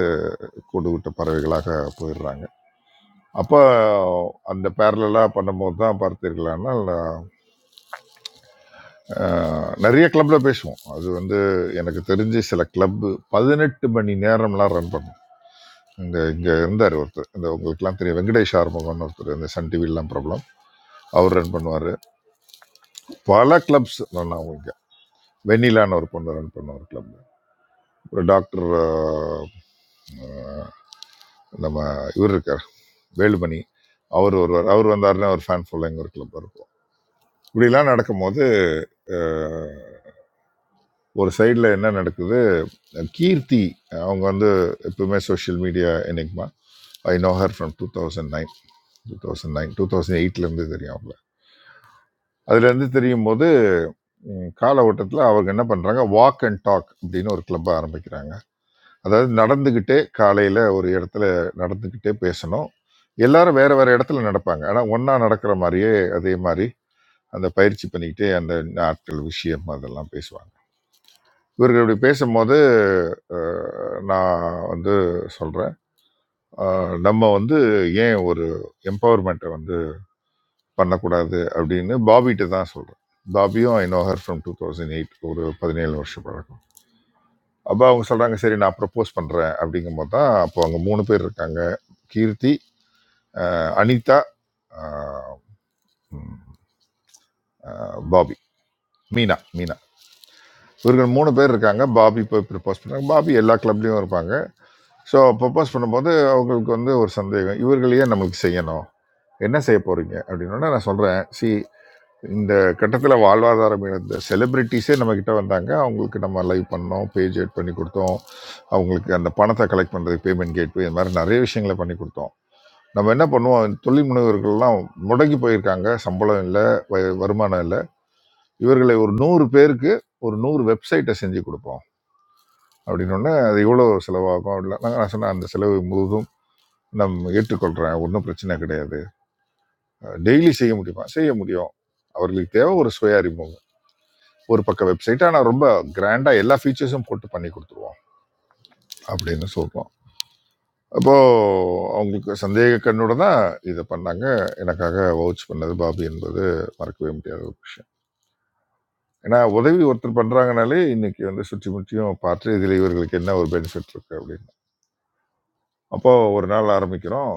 L: கூடுவிட்ட பறவைகளாக போயிடுறாங்க அப்போ அந்த பேரலாக பண்ணும்போது தான் பார்த்தீர்களானால் அஹ், நிறைய கிளப்பில் பேசுவோம் அது வந்து எனக்கு தெரிஞ்சு சில கிளப்பு பதினெட்டு மணி நேரம்லாம் ரன் பண்ணும் இங்கே இங்கே இருந்தார் ஒருத்தர் இந்த உங்களுக்குலாம் தெரியும் வெங்கடேஷ் ஆர்முகம்னு ஒருத்தர் இந்த சன் டிவிலாம் ப்ராப்ளம் அவர் ரன் பண்ணுவார் பல கிளப்ஸ் ரன் ஆகும் இங்கே வெண்ணிலான்னு ஒரு பொண்ணு ரன் பண்ணுவார் கிளப் ஒரு டாக்டர் நம்ம இவர் இருக்கார் வேலுமணி அவர் ஒருவர் அவர் வந்தாருன்னா ஒரு ஃபேன் ஃபாலோயிங் ஒரு கிளப் இருக்கும் இப்படிலாம் நடக்கும்போது அஹ், ஒரு சைடில் என்ன நடக்குது கீர்த்தி அவங்க வந்து எப்பவுமே சோஷியல் மீடியா என்னைக்குமா I know her from two thousand nine two thousand nine two thousand எயிட்லேருந்து தெரியும் அவங்கள அதுலேருந்து தெரியும் போது ம், கால ஓட்டத்தில் அவங்க என்ன பண்ணுறாங்க வாக் அண்ட் டாக் அப்படின்னு ஒரு கிளப்பை ஆரம்பிக்கிறாங்க அதாவது நடந்துக்கிட்டே காலையில் ஒரு இடத்துல நடந்துக்கிட்டே பேசணும் எல்லாரும் வேற வேற இடத்துல நடப்பாங்க ஆனால் ஒன்றா நடக்கிற மாதிரியே அதே மாதிரி அந்த பயிற்சி பண்ணிக்கிட்டே அந்த நாட்கள் விஷயம் அதெல்லாம் பேசுவாங்க இவர்கள் இப்படி பேசும்போது அஹ், நான் வந்து சொல்கிறேன் நம்ம வந்து ஏன் ஒரு எம்பவர்மெண்ட்டை வந்து பண்ணக்கூடாது அப்படின்னு பாபிகிட்ட தான் சொல்கிறேன் பாபியும் I know her from two thousand eight ஒரு பதினேழு வருஷம் பழக்கம் அப்போ அவங்க சொல்கிறாங்க சரி நான் ப்ரப்போஸ் பண்ணுறேன் அப்படிங்கும் போது தான் அப்போ அவங்க மூணு பேர் இருக்காங்க கீர்த்தி அஹ், அனிதா அஹ், ம், அஹ், பாபி மீனா மீனா இவர்கள் மூணு பேர் இருக்காங்க பாபி போய் ப்ரப்போஸ் பண்ணுறாங்க பாபி எல்லா கிளப்லேயும் இருப்பாங்க ஸோ ப்ரப்போஸ் பண்ணும்போது அவங்களுக்கு வந்து ஒரு சந்தேகம் இவர்களையே நமக்கு செய்யணும் என்ன செய்ய போகிறீங்க அப்படின்னா நான் சொல்கிறேன் சி இந்த கட்டத்தில் வாழ்வாதாரம் இழந்த செலிபிரிட்டிஸே நம்மக்கிட்ட வந்தாங்க அவங்களுக்கு நம்ம லைவ் பண்ணோம் பேஜ் எட் பண்ணி கொடுத்தோம் அவங்களுக்கு அந்த பணத்தை கலெக்ட் பண்ணுறதுக்கு பேமெண்ட் கேட்வே இது மாதிரி நிறைய விஷயங்களை பண்ணி கொடுத்தோம் நம்ம என்ன பண்ணுவோம் தொழில் முனைவர்கள்லாம் முடங்கி போயிருக்காங்க சம்பளம் இல்லை வ- வருமானம் இல்லை இவர்களை ஒரு நூறு பேருக்கு ஒரு நூறு வெப்சைட்டை செஞ்சு கொடுப்போம் அப்படின்னு உடனே அது எவ்வளோ செலவாகும் அப்படிலாம் நான் நான் சொன்னேன் அந்த செலவு முழுதும் நம் ஏற்றுக்கொள்கிறேன் ஒன்றும் பிரச்சனை கிடையாது டெய்லி செய்ய முடியுமா செய்ய முடியும் அவர்களுக்கு தேவை ஒரு சுய அறிமுகம் ஒரு பக்கம் வெப்சைட் ஆனால் ரொம்ப கிராண்டாக எல்லா ஃபீச்சர்ஸும் போட்டு பண்ணி கொடுத்துருவோம் அப்படின்னு சொல்கிறோம் அப்போது அவங்களுக்கு சந்தேக கண்ணோட தான் இதை பண்ணாங்க எனக்காக வவுச் பண்ணது பாபி என்பது மறக்கவே முடியாத ஒரு விஷயம் ஏன்னா உதவி ஒருத்தர் பண்ணுறாங்கனாலே இன்னைக்கு வந்து சுற்றி முற்றியும் பார்த்து இதில் இவர்களுக்கு என்ன ஒரு பெனிஃபிட் இருக்குது அப்படின்னு அப்போ ஒரு நாள் ஆரம்பிக்கிறோம்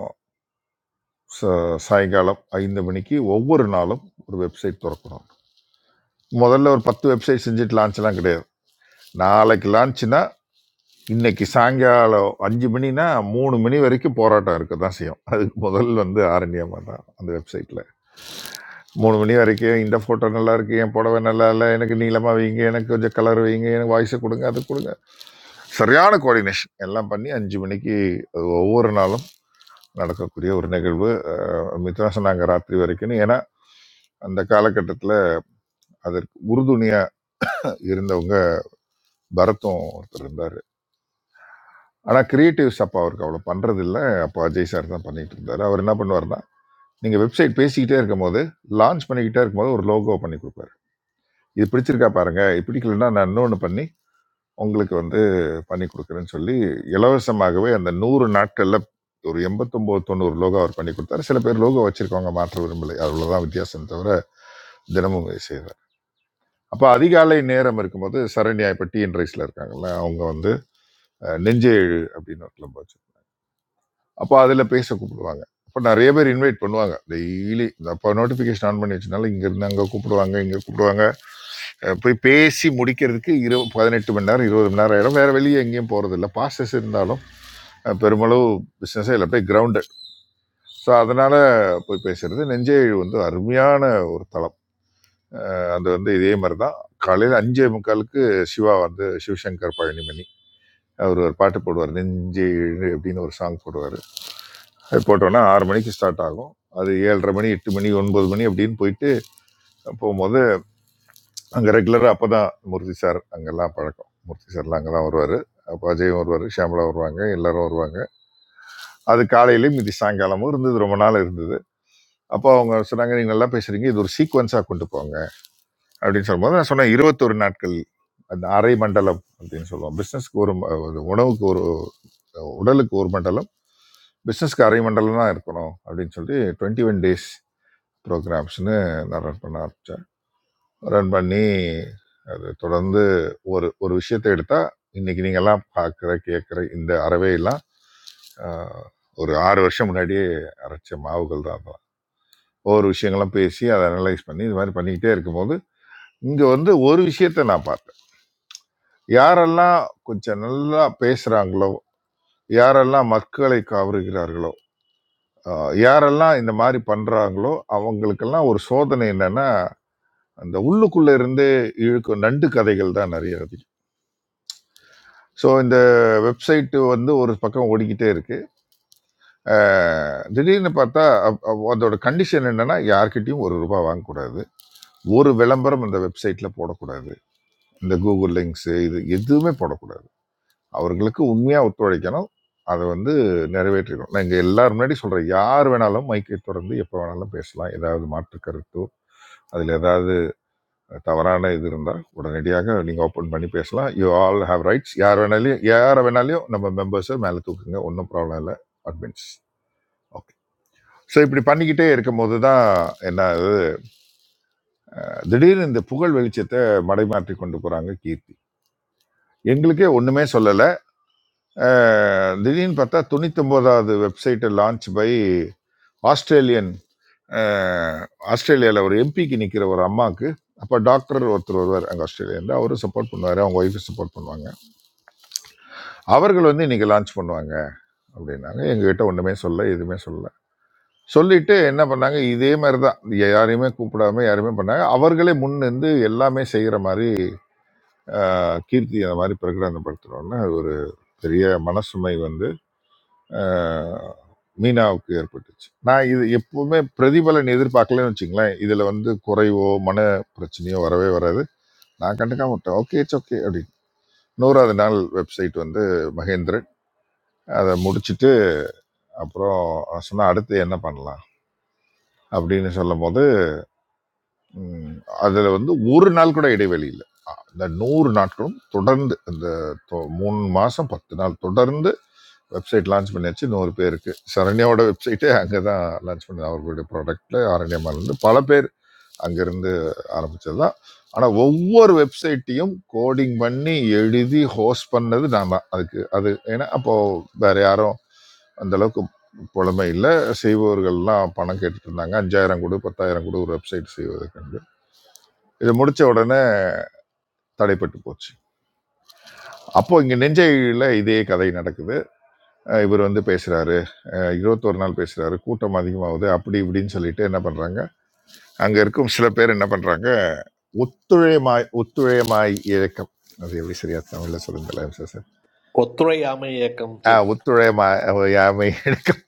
L: ச- சாயங்காலம் ஐந்து மணிக்கு ஒவ்வொரு நாளும் ஒரு வெப்சைட் திறக்கணும் முதல்ல ஒரு பத்து வெப்சைட் செஞ்சுட்டு லான்ச்லாம் கிடையாது நாளைக்கு லான்ச்னா இன்னைக்கு சாயங்காலம் அஞ்சு மணினா மூணு மணி வரைக்கும் போராட்டம் இருக்க தான் செய்யும் அதுக்கு முதல் வந்து ஆரண்யமாக தான் அந்த வெப்சைட்டில் மூணு மணி வரைக்கும் இந்த ஃபோட்டோ நல்லா இருக்கு என் புடவை நல்லா இல்லை எனக்கு நீளமாக வைங்க எனக்கு கொஞ்சம் கலர் வைங்க எனக்கு வாய்ஸை கொடுங்க அது கொடுங்க சரியான கோஆர்டினேஷன் எல்லாம் பண்ணி அஞ்சு மணிக்கு அது ஒவ்வொரு நாளும் நடக்கக்கூடிய ஒரு நிகழ்வு அஹ், மித்ரா சொன்னாங்க ராத்திரி வரைக்கும் ஏன்னா அந்த காலகட்டத்தில் அதற்கு உறுதுணையா இருந்தவங்க பரத்தும் ஒருத்தர் இருந்தார் ஆனால் கிரியேட்டிவ்ஸ் அப்போ அவருக்கு அவ்வளோ பண்றது இல்ல அப்போ அஜய் சார் தான் பண்ணிட்டு இருந்தார் அவர் என்ன பண்ணுவார்னா நீங்கள் வெப்சைட் பேசிக்கிட்டே இருக்கும்போது லான்ச் பண்ணிக்கிட்டே இருக்கும்போது ஒரு லோகோ பண்ணி கொடுப்பாரு இது பிடிச்சிருக்கா பாருங்க இது பிடிக்கலன்னா நான் இன்னொன்று பண்ணி உங்களுக்கு வந்து பண்ணி கொடுக்குறேன்னு சொல்லி இலவசமாகவே அந்த நூறு நாட்களில் ஒரு எண்பத்தொம்போது தொண்ணூறு லோகோ அவர் பண்ணி கொடுத்தாரு சில பேர் லோகோ வச்சிருக்கவங்க மாற்ற விரும்பலை அவ்வளோதான் வித்தியாசம் தவிர தினமும் இதை செய்றார் அப்போ அதிகாலை நேரம் இருக்கும்போது சரண்யா இப்போ டிஎன் ரைஸில் இருக்காங்கல்ல அவங்க வந்து அஹ், நெஞ்சே எழு அப்படின்னு ஒரு கிளப் வச்சு அப்போ அதில் பேச கூப்பிடுவாங்க அப்போ நிறைய பேர் இன்வைட் பண்ணுவாங்க டெய்லி அப்போ நோட்டிஃபிகேஷன் ஆன் பண்ணி வச்சனால இங்கேருந்து அங்கே கூப்பிடுவாங்க இங்கே கூப்பிடுவாங்க அஹ் போய் பேசி முடிக்கிறதுக்கு இரு பதினெட்டு மணி நேரம் இருபது மணி நேரம் ஆயிடும் வேற வெளியே எங்கேயும் போறது இல்லை பாஸ்டர்ஸ் இருந்தாலும் அஹ் பெருமளவு பிஸ்னஸே இல்லை போய் கிரவுண்டட் ஸோ அதனால் போய் பேசுகிறது நெஞ்சேழி வந்து அருமையான ஒரு தளம் அது வந்து இதே மாதிரி தான் காலையில் அஞ்சே முக்காலுக்கு சிவா வந்து சிவசங்கர் பழனிமணி அவர் ஒரு பாட்டு போடுவார் நெஞ்சேழு அப்படின்னு ஒரு சாங் போடுவார் அது போட்டோன்னா ஆறு மணிக்கு ஸ்டார்ட் ஆகும் அது ஏழரை மணி எட்டு மணி ஒன்பது மணி அப்படின்னு போயிட்டு போகும்போது அங்கே ரெகுலராக அப்போ தான் மூர்த்தி சார் அங்கெல்லாம் பழக்கம் மூர்த்தி சார்லாம் அங்கே தான் வருவார் அப்போ அஜயும் வருவார் ஷியாமலா வருவாங்க எல்லாரும் வருவாங்க அது காலையிலையும் இது சாயங்காலமும் இருந்தது ரொம்ப நாள் இருந்தது அப்போ அவங்க சொன்னாங்க நீங்க நல்லா பேசுறீங்க இது ஒரு சீக்வன்ஸா கொண்டு போங்க அப்படின்னு சொல்லும்போது நான் சொன்னேன் இருபத்தொரு நாட்கள் அந்த அரை மண்டலம் அப்படின்னு சொல்லுவோம் பிசினஸ்க்கு ஒரு ம- ஒரு உணவுக்கு ஒரு உடலுக்கு ஒரு மண்டலம் பிசினஸ்க்கு அரை மண்டலம் தான் இருக்கணும் அப்படின்னு சொல்லி டுவெண்ட்டி ஒன் டேஸ் ப்ரோக்ராம்ஸ்னு நான் ரன் பண்ண ஆரம்பித்தேன் ரன் பண்ணி அது தொடர்ந்து ஒரு ஒரு விஷயத்தை எடுத்தால் இன்னைக்கு நீங்கள்லாம் பார்க்குற கேட்குற இந்த அறவையெல்லாம் ஆஹ், ஒரு ஆறு வருஷம் முன்னாடியே அரைச்ச மாவுகள் தான் அதெல்லாம். ஒவ்வொரு விஷயங்கள்லாம் பேசி அதை அனலைஸ் பண்ணி இது மாதிரி பண்ணிக்கிட்டே இருக்கும்போது இங்க வந்து ஒரு விஷயத்தை நான் பார்த்தேன் யாரெல்லாம் கொஞ்சம் நல்லா பேசுறாங்களோ யாரெல்லாம் மக்களை கவருகிறார்களோ ஆஹ், யாரெல்லாம் இந்த மாதிரி பண்றாங்களோ அவங்களுக்கெல்லாம் ஒரு சோதனை என்னன்னா அந்த உள்ளுக்குள்ள இருந்து இழுக்கும் நண்டு கதைகள் தான் நிறைய அதிகம் ஸோ இந்த வெப்சைட் வந்து ஒரு பக்கம் ஓடிக்கிட்டே இருக்கு ஆஹ், திடீர்னு பார்த்தா அப்- அப்- அதோட கண்டிஷன் என்னன்னா யார்கிட்டயும் ஒரு ரூபாய் வாங்கக்கூடாது ஒரு விளம்பரம் இந்த வெப்சைட்ல போடக்கூடாது இந்த கூகுள் லிங்க்ஸ் இது எதுவுமே போடக்கூடாது அவர்களுக்கு உண்மையாக ஒத்துழைக்கணும் அதை வந்து நிறைவேற்றிக்கணும் நான் இங்கே எல்லாரும் முன்னாடி சொல்கிறேன் யார் வேணாலும் மைக்கை திறந்து எப்போ வேணாலும் பேசலாம் ஏதாவது மாற்று கருத்தோ அதில் ஏதாவது தவறான இது இருந்தால் உடனடியாக நீங்கள் ஓப்பன் பண்ணி பேசலாம் யூ ஆல் ஹேவ் ரைட்ஸ் யார் வேணாலையும் யாரை வேணாலையும் நம்ம மெம்பர்ஸை மேலே தூக்குங்க ஒன்றும் ப்ராப்ளம் இல்லை அட்மின்ஸ் ஓகே ஸோ இப்படி பண்ணிக்கிட்டே இருக்கும்போது தான் என்ன ஆகுது, திடீர்னு இந்த புகழ் வெளிச்சத்தை மடைமாற்றி கொண்டு போகிறாங்க கீர்த்தி எங்களுக்கே ஒன்றுமே சொல்லலை திடீர்னு பார்த்தா தொண்ணூத்தொம்போதாவது வெப்சைட்டை லான்ச் பை ஆஸ்திரேலியன் அஹ், ஆஸ்திரேலியால ஒரு எம்பிக்கு நிக்கிற ஒரு அம்மாக்கு அப்போ டாக்டர் ஒருத்தர் வருவார் அங்கே ஆஸ்திரேலியாவில் அவரும் சப்போர்ட் பண்ணுவார் அவங்க ஒய்ஃபு சப்போர்ட் பண்ணுவாங்க அவர்கள் வந்து இன்னைக்கு லான்ச் பண்ணுவாங்க அப்படின்னாங்க எங்ககிட்ட ஒன்றுமே சொல்ல எதுவுமே சொல்ல சொல்லிட்டு என்ன பண்ணாங்க இதே மாதிரி தான் யாரையுமே கூப்பிடாம யாருமே பண்ணாங்க அவர்களே முன்னிருந்து எல்லாமே செய்கிற மாதிரி அஹ், கீர்த்தி அந்த மாதிரி பிரகடனப்படுத்துகிறோன்னு ஒரு பெரிய மனசுமை வந்து அஹ், மீனாவுக்கு ஏற்பட்டுச்சு நான் இது எப்பவுமே பிரதிபலன் எதிர்பார்க்கலன்னு வச்சுங்களேன் இதில் வந்து குறைவோ மன பிரச்சனையோ வரவே வராது நான் கண்டுக்காம விட்டேன் ஓகே இட்ஸ் ஓகே அப்படின்னு நூறாவது நாள் வெப்சைட் வந்து மகேந்திரன் அதை முடிச்சுட்டு அப்புறம் சொன்னா அடுத்து என்ன பண்ணலாம் அப்படின்னு சொல்லும் போது அதில் வந்து ஒரு நாள் கூட இடைவெளி இல்லை இந்த நூறு நாட்களும் தொடர்ந்து இந்த தொ- மூணு மாசம் பத்து நாள் தொடர்ந்து வெப்சைட் லான்ச் பண்ணியாச்சு நூறு பேருக்கு சரண்யாவோட வெப்சைட்டே அங்கே தான் லான்ச் பண்ண அவர்களுடைய ப்ராடக்டில் ஆரண்யமாலேருந்து பல பேர் அங்கேருந்து ஆரம்பித்தது தான் ஆனால் ஒவ்வொரு வெப்சைட்டையும் கோடிங் பண்ணி எழுதி ஹோஸ்ட் பண்ணது நான் தான் அதுக்கு அது ஏன்னா அப்போது வேறு யாரும் அந்த அளவுக்கு புலமை இல்லை செய்பவர்கள்லாம் பணம் கேட்டுட்டு இருந்தாங்க அஞ்சாயிரம் கொடு பத்தாயிரம் கொடு ஒரு வெப்சைட் செய்வதற்கு இது முடிச்ச உடனே தடைப்பட்டு போச்சு அப்போ இங்க நெஞ்சையில இதே கதை நடக்குது இவர் வந்து பேசுகிறாரு இருபத்தொரு நாள் பேசுகிறாரு கூட்டம் அதிகமாகுது அப்படி இப்படின்னு சொல்லிட்டு என்ன பண்ணுறாங்க அங்கே இருக்கும் சில பேர் என்ன பண்ணுறாங்க ஒத்துழைமாய் ஒத்துழைமாய் இழக்கம் அது எப்படி சரியா தமிழில் சொல்லுங்கள் ஐம் சோ சார்
R: ஒத்துழையாமை இயக்கம்
L: ஆ
R: சீஃப்.
L: ஒத்துழைமாய் யாமை இழக்கம்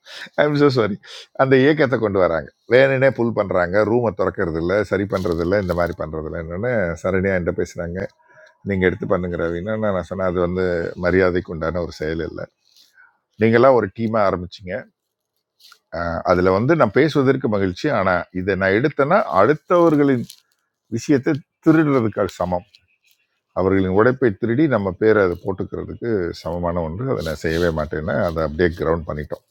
L: ஐம் so சாரி அந்த இயக்கத்தை கொண்டு வராங்க வேணுனே புல் பண்ணுறாங்க ரூமை திறக்கிறது இல்ல சரி பண்ணுறது இல்ல இந்த மாதிரி பண்ணுறது இல்லை என்னென்னு சரணியாக என்கிட்ட பேசுகிறாங்க நீங்கள் எடுத்து பண்ணுங்கிற அப்படின்னா நான் சொன்னேன் அது வந்து மரியாதைக்கு உண்டான ஒரு செயல் இல்லை நீங்களாம் ஒரு டீமாக ஆரம்பிச்சிங்க அஹ் அதுல வந்து நான் பேசுவதற்கு மகிழ்ச்சி ஆனா இதை நான் எடுத்தேன்னா அடுத்தவர்களின் விஷயத்தை திருடுறதுக்கு அது சமம் அவர்களின் உடைப்பை திருடி நம்ம பேரை அதை போட்டுக்கிறதுக்கு சமமான ஒன்று அதை நான் செய்யவே மாட்டேன்னு அதை அப்படியே கிரவுண்ட் பண்ணிட்டோம்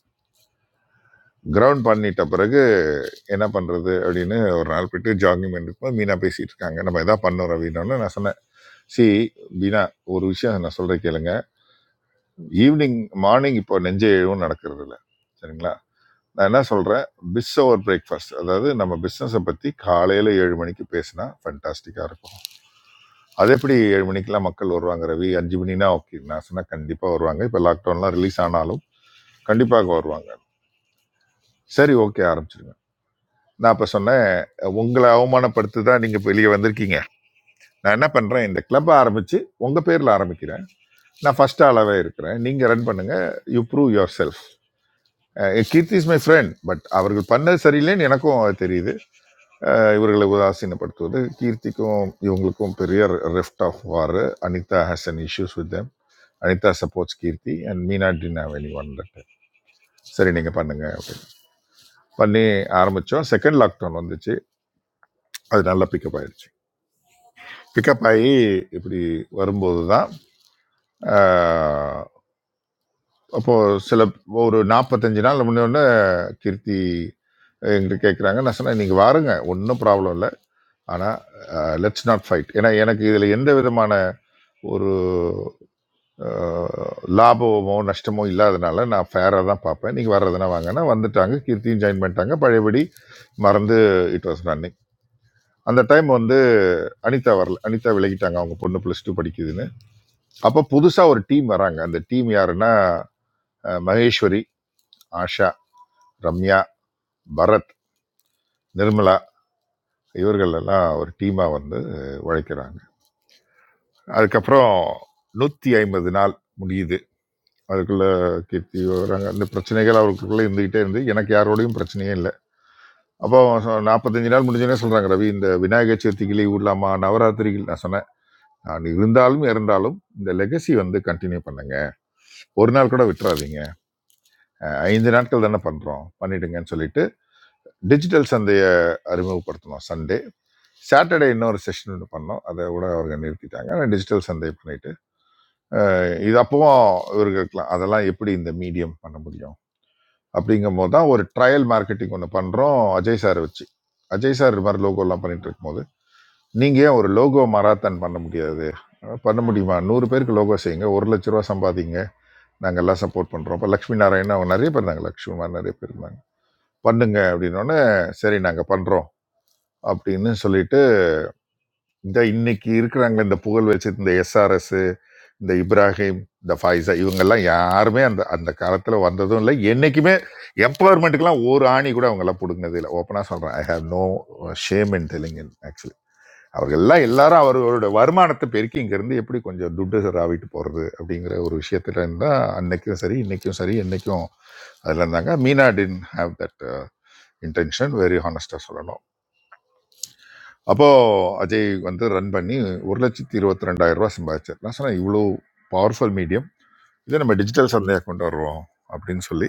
L: கிரவுண்ட் பண்ணிட்ட பிறகு என்ன பண்றது அப்படின்னு ஒரு நாள் போயிட்டு ஜாகிங் பண்ணிருப்போம் மீனா பேசிட்டு இருக்காங்க நம்ம எதா பண்ணோம் அப்படின்னோடனே நான் சொன்னேன் சி மீனா ஒரு விஷயம் நான் சொல்றேன் கேளுங்க ஈவினிங் மார்னிங் இப்போ நெஞ்சை எழுவும் நடக்கிறது இல்லை சரிங்களா நான் என்ன சொல்கிறேன் பிஸ் ஓவர் பிரேக்ஃபாஸ்ட் அதாவது நம்ம பிஸ்னஸை பற்றி காலையில் ஏழு மணிக்கு பேசினா ஃபண்டாஸ்டிக்காக இருக்கும் அது எப்படி ஏழு மணிக்கெலாம் மக்கள் வருவாங்க ரவி அஞ்சு மணினா ஓகே நான் சொன்னால் கண்டிப்பாக வருவாங்க இப்போ லாக்டவுன்லாம் ரிலீஸ் ஆனாலும் கண்டிப்பாக வருவாங்க சரி ஓகே ஆரம்பிச்சிருங்க நான் இப்போ சொன்னேன் உங்களை அவமானப்படுத்தி தான் நீங்கள் இப்போ வெளியே வந்திருக்கீங்க நான் என்ன பண்ணுறேன் இந்த கிளப்பை ஆரம்பித்து உங்கள் பேரில் ஆரம்பிக்கிறேன் நான் ஃபர்ஸ்ட் ஆளாகவே இருக்கிறேன் நீங்கள் ரன் பண்ணுங்கள் you prove yourself Keerthi is my friend but அவர்கள் பண்ணது சரியில்லைன்னு எனக்கும் அது தெரியுது அஹ், இவர்களை உதாசீனப்படுத்துவது கீர்த்திக்கும் இவங்களுக்கும் பெரிய rift of war Anita has an issues with them Anita supports Keerthi and Meena didn't have any one that. சரி நீங்கள் பண்ணுங்க அப்படின்னு பண்ணி ஆரம்பித்தோம் செகண்ட் லாக்டவுன் வந்துச்சு அது நல்லா பிக்கப் ஆயிடுச்சு பிக்கப் ஆகி இப்படி வரும்போது தான் அப்போ சில ஒரு 45 நாள் முன்னோடனே கீர்த்தி என்கிட்ட கேட்குறாங்க நான் சொன்னேன் நீங்கள் வாருங்க ஒன்றும் ப்ராப்ளம் இல்லை ஆனால் லெட்ஸ் நாட் ஃபைட் ஏன்னா எனக்கு இதில் எந்த விதமான ஒரு அஹ், லாபமோ நஷ்டமோ இல்லாதனால நான் ஃபேராக தான் பார்ப்பேன் நீங்கள் வர்றதுனா வாங்கன்னா வந்துட்டாங்க கீர்த்தியும் ஜாயின் பண்ணிட்டாங்க பழையபடி மறந்து இட் வாஸ் ரன்னிங் அந்த டைம் வந்து அனிதா வரல அனிதா விலகிட்டாங்க அவங்க பொண்ணு ப்ளஸ் டூ படிக்குதுன்னு அப்போ புதுசாக ஒரு டீம் வராங்க அந்த டீம் யாருன்னா அஹ், மகேஸ்வரி ஆஷா ரம்யா பரத் நிர்மலா இவர்கள் எல்லாம் ஒரு டீமாக வந்து உழைக்கிறாங்க அதுக்கப்புறம் நூற்றி ஐம்பது நாள் முடியுது அதுக்குள்ள கீர்த்தி வராங்க அந்த பிரச்சனைகள் அவருக்குள்ளே இருந்துகிட்டே இருந்து எனக்கு யாரோடையும் பிரச்சனையே இல்லை அப்போ நாற்பத்தஞ்சு நாள் முடிஞ்சோடனே சொல்கிறாங்க ரவி இந்த விநாயகர் சதுர்த்திக்கு லீவ் விடலாமா நவராத்திரிகள் நான் சொன்னேன் நான் இருந்தாலும் இருந்தாலும் இந்த லெகசி வந்து கண்டினியூ பண்ணுங்க ஒரு நாள் கூட விட்டுறாதீங்க அஹ் ஐந்து நாட்கள் தானே பண்ணுறோம் பண்ணிடுங்கன்னு சொல்லிட்டு டிஜிட்டல் சந்தையை அறிமுகப்படுத்தணும் சண்டே சாட்டர்டே இன்னொரு செஷன் ஒன்று பண்ணோம் அதை கூட அவங்க நிறுத்திட்டாங்க ஆனால் டிஜிட்டல் சந்தை பண்ணிட்டு இது அப்பவும் இவர்களுக்குலாம் அதெல்லாம் எப்படி இந்த மீடியம் பண்ண முடியும் அப்படிங்கும் போது தான் ஒரு ட்ரையல் மார்க்கெட்டிங் ஒன்று பண்ணுறோம் அஜய் சார் வச்சு அஜய் சார் இது மாதிரி லோகோலாம் பண்ணிட்டு இருக்கும்போது நீங்கள் ஏன் ஒரு லோகோ மராத்தான் பண்ண முடியாது பண்ண முடியுமா நூறு பேருக்கு லோகோ செய்யுங்க ஒரு லட்ச ரூபா சம்பாதிங்க நாங்கள் எல்லாம் சப்போர்ட் பண்ணுறோம் இப்போ லக்ஷ்மி நாராயணன் அவங்க நிறைய பேர் இருந்தாங்க லக்ஷ்மி மாதிரி நிறைய பேர் இருந்தாங்க பண்ணுங்க அப்படின்னோடனே சரி நாங்கள் பண்ணுறோம் அப்படின்னு சொல்லிட்டு இந்த இன்னைக்கு இருக்கிறாங்க இந்த புகழ் வச்சு இந்த எஸ்ஆர்எஸ் இந்த இப்ராஹிம் இந்த ஃபைசா இவங்கெல்லாம் யாருமே அந்த அந்த காலத்தில் வந்ததும் இல்லை என்றைக்குமே எம்பவர்மெண்ட்டுக்கெல்லாம் ஒரு ஆணி கூட அவங்கெல்லாம் பிடுங்கினது இல்லை ஓப்பனாக சொல்கிறேன் I have no shame in telling in actually அவர்கள்லாம் எல்லாரும் அவர்களோட வருமானத்தை பெருக்கி இங்கேருந்து எப்படி கொஞ்சம் துட்டு ராவிட்டு போகிறது அப்படிங்கிற ஒரு விஷயத்துல இருந்தால் அன்னைக்கும் சரி இன்னைக்கும் சரி என்றைக்கும் அதில் இருந்தாங்க Meena didn't have that intention very ஹானஸ்டாக சொல்லணும் அப்போது அஜய் வந்து ரன் பண்ணி ஒரு லட்சத்தி இருபத்தி ரெண்டாயிரம் ரூபாய் சம்பாதிச்சார் நான் சொன்னேன் இவ்வளோ பவர்ஃபுல் மீடியம் இதை நம்ம டிஜிட்டல் சந்தையாக கொண்டு வருவோம் அப்படின்னு சொல்லி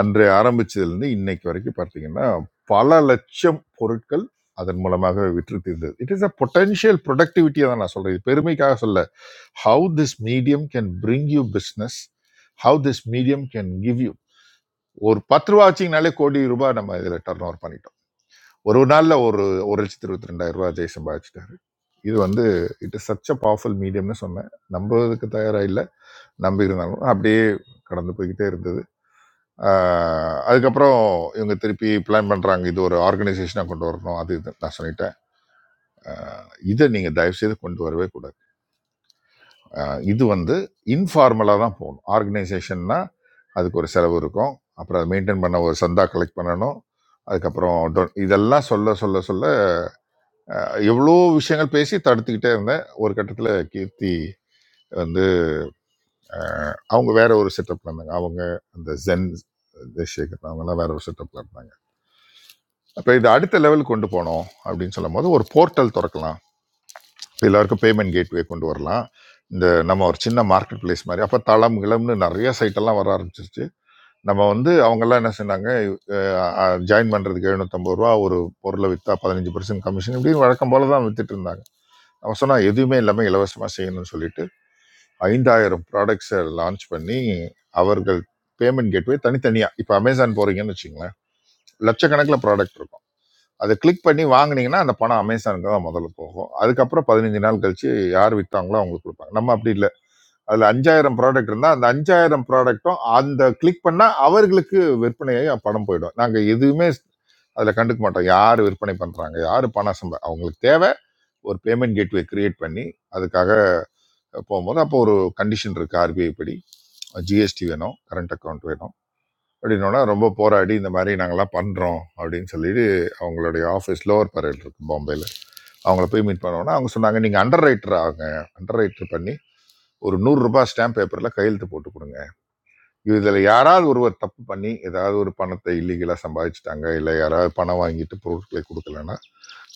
L: அன்று ஆரம்பிச்சதுலேருந்து இன்னைக்கு வரைக்கும் பார்த்தீங்கன்னா பல லட்சம் பொருட்கள் அதன் மூலமாக விற்று தீர்ந்தது இட் இஸ் அ பொட்டன்ஷியல் ப்ரொடக்டிவிட்டியை தான் நான் சொல்கிறேன் இது பெருமைக்காக சொல்ல how this medium can bring you business how this medium can give you ஒரு பத்து ரூபா வச்சிங்கனாலே கோடி ரூபாய் நம்ம இதில் டர்ன் ஓவர் பண்ணிட்டோம். ஒரு ஒரு நாள்ல ஒரு ஒரு லட்சத்தி இருபத்தி ரெண்டாயிரம் ரூபாய் ஜெய் சம்பாதிச்சிட்டாரு இது வந்து it is such a powerful மீடியம்னு சொன்னேன் நம்புறதுக்கு தயாரா இல்லை நம்பி இருந்தாலும் அப்படியே கடந்து போய்கிட்டே இருந்தது ஆஹ் அதுக்கப்புறம் இவங்க திருப்பி பிளான் பண்றாங்க இது ஒரு ஆர்கனைசேஷனா கொண்டு வரணும் அது இது நான் சொல்லிட்டேன் ஆஹ் இதை நீங்க தயவு செய்து கொண்டு வரவே கூடாது ஆஹ் இது வந்து இன்ஃபார்மலா தான் போகணும் ஆர்கனைசேஷன்னா அதுக்கு ஒரு செலவு இருக்கும் அப்புறம் அதை மெயின்டைன் பண்ண ஒரு சந்தா கலெக்ட் பண்ணணும் அதுக்கப்புறம் don- இதெல்லாம் சொல்ல சொல்ல சொல்ல அஹ் எவ்வளோ விஷயங்கள் பேசி தடுத்துக்கிட்டே இருந்தேன் ஒரு கட்டத்தில் கீர்த்தி வந்து அஹ், அவங்க வேற ஒரு செட்டப்ல இருந்தாங்க அவங்க அந்த ஜென் தேசேகர் அவங்கெல்லாம் வேற ஒரு செட்டப்ல இருந்தாங்க அப்போ இது அடுத்த லெவல் கொண்டு போனோம் அப்படின்னு சொல்லும் போது ஒரு போர்ட்டல் திறக்கலாம் எல்லாருக்கும் பேமெண்ட் கேட்வே கொண்டு வரலாம் இந்த நம்ம ஒரு சின்ன மார்க்கெட் பிளேஸ் மாதிரி அப்போ தளம் கிளம்னு நிறைய சைட்டெல்லாம் வர ஆரம்பிச்சிருச்சு நம்ம வந்து அவங்கெல்லாம் என்ன சொன்னாங்க ஜாயின் பண்ணுறதுக்கு எழுநூத்தம்பது ரூபா ஒரு பொருளை விற்றா பதினஞ்சு பர்சன்ட் கமிஷன் இப்படின்னு வழக்கம் போல தான் வித்துட்டு இருந்தாங்க அவன் சொன்னால் எதுவுமே இல்லாமல் இலவசமாக செய்யணும்னு சொல்லிட்டு ஐந்தாயிரம் ப்ராடக்ட்ஸை லான்ச் பண்ணி அவர்கள் பேமெண்ட் கேட்வே தனித்தனியாக இப்போ அமேசான் போகிறீங்கன்னு வச்சுங்களேன் லட்சக்கணக்கில் ப்ராடக்ட் இருக்கும் அதை கிளிக் பண்ணி வாங்குனீங்கன்னா அந்த பணம் அமேசானுக்கு தான் முதல்ல போகும் அதுக்கப்புறம் பதினஞ்சு நாள் கழிச்சு யார் விற்றாங்களோ அவங்களுக்கு கொடுப்பாங்க நம்ம அப்படி இல்லை அதில் அஞ்சாயிரம் ப்ராடக்ட் இருந்தால் அந்த அஞ்சாயிரம் ப்ராடக்ட்டும் அந்த கிளிக் பண்ணால் அவர்களுக்கு விற்பனையாகி பணம் போயிடும் நாங்கள் எதுவுமே அதில் கண்டுக்க மாட்டோம் யார் விற்பனை பண்ணுறாங்க யார் பணம் சம்பா அவங்களுக்கு தேவை ஒரு பேமெண்ட் கேட்வே கிரியேட் பண்ணி அதுக்காக போகும்போது அப்போ ஒரு கண்டிஷன் இருக்குது ஆர்பிஐ படி ஜிஎஸ்டி வேணும் கரண்ட் அக்கௌண்ட் வேணும் அப்படின்னோன்னா ரொம்ப போராடி இந்த மாதிரி நாங்கள்லாம் பண்ணுறோம் அப்படின்னு சொல்லிட்டு அவங்களுடைய ஆஃபீஸ் லோவர் பரேல் இருக்குது பாம்பேயில் அவங்கள போய் மீட் பண்ணோன்னா அவங்க சொன்னாங்க நீங்கள் அண்டர் ரைட்டர் ஆகுங்க அண்டர் ரைட்டர் பண்ணி ஒரு நூறுரூபா ஸ்டாம்ப் பேப்பரில் கையெழுத்து போட்டு கொடுங்க இதில் யாராவது ஒருவர் தப்பு பண்ணி ஏதாவது ஒரு பணத்தை இல்லீகலாக சம்பாதிச்சிட்டாங்க இல்லை யாராவது பணம் வாங்கிட்டு பொருட்களை கொடுக்கலன்னா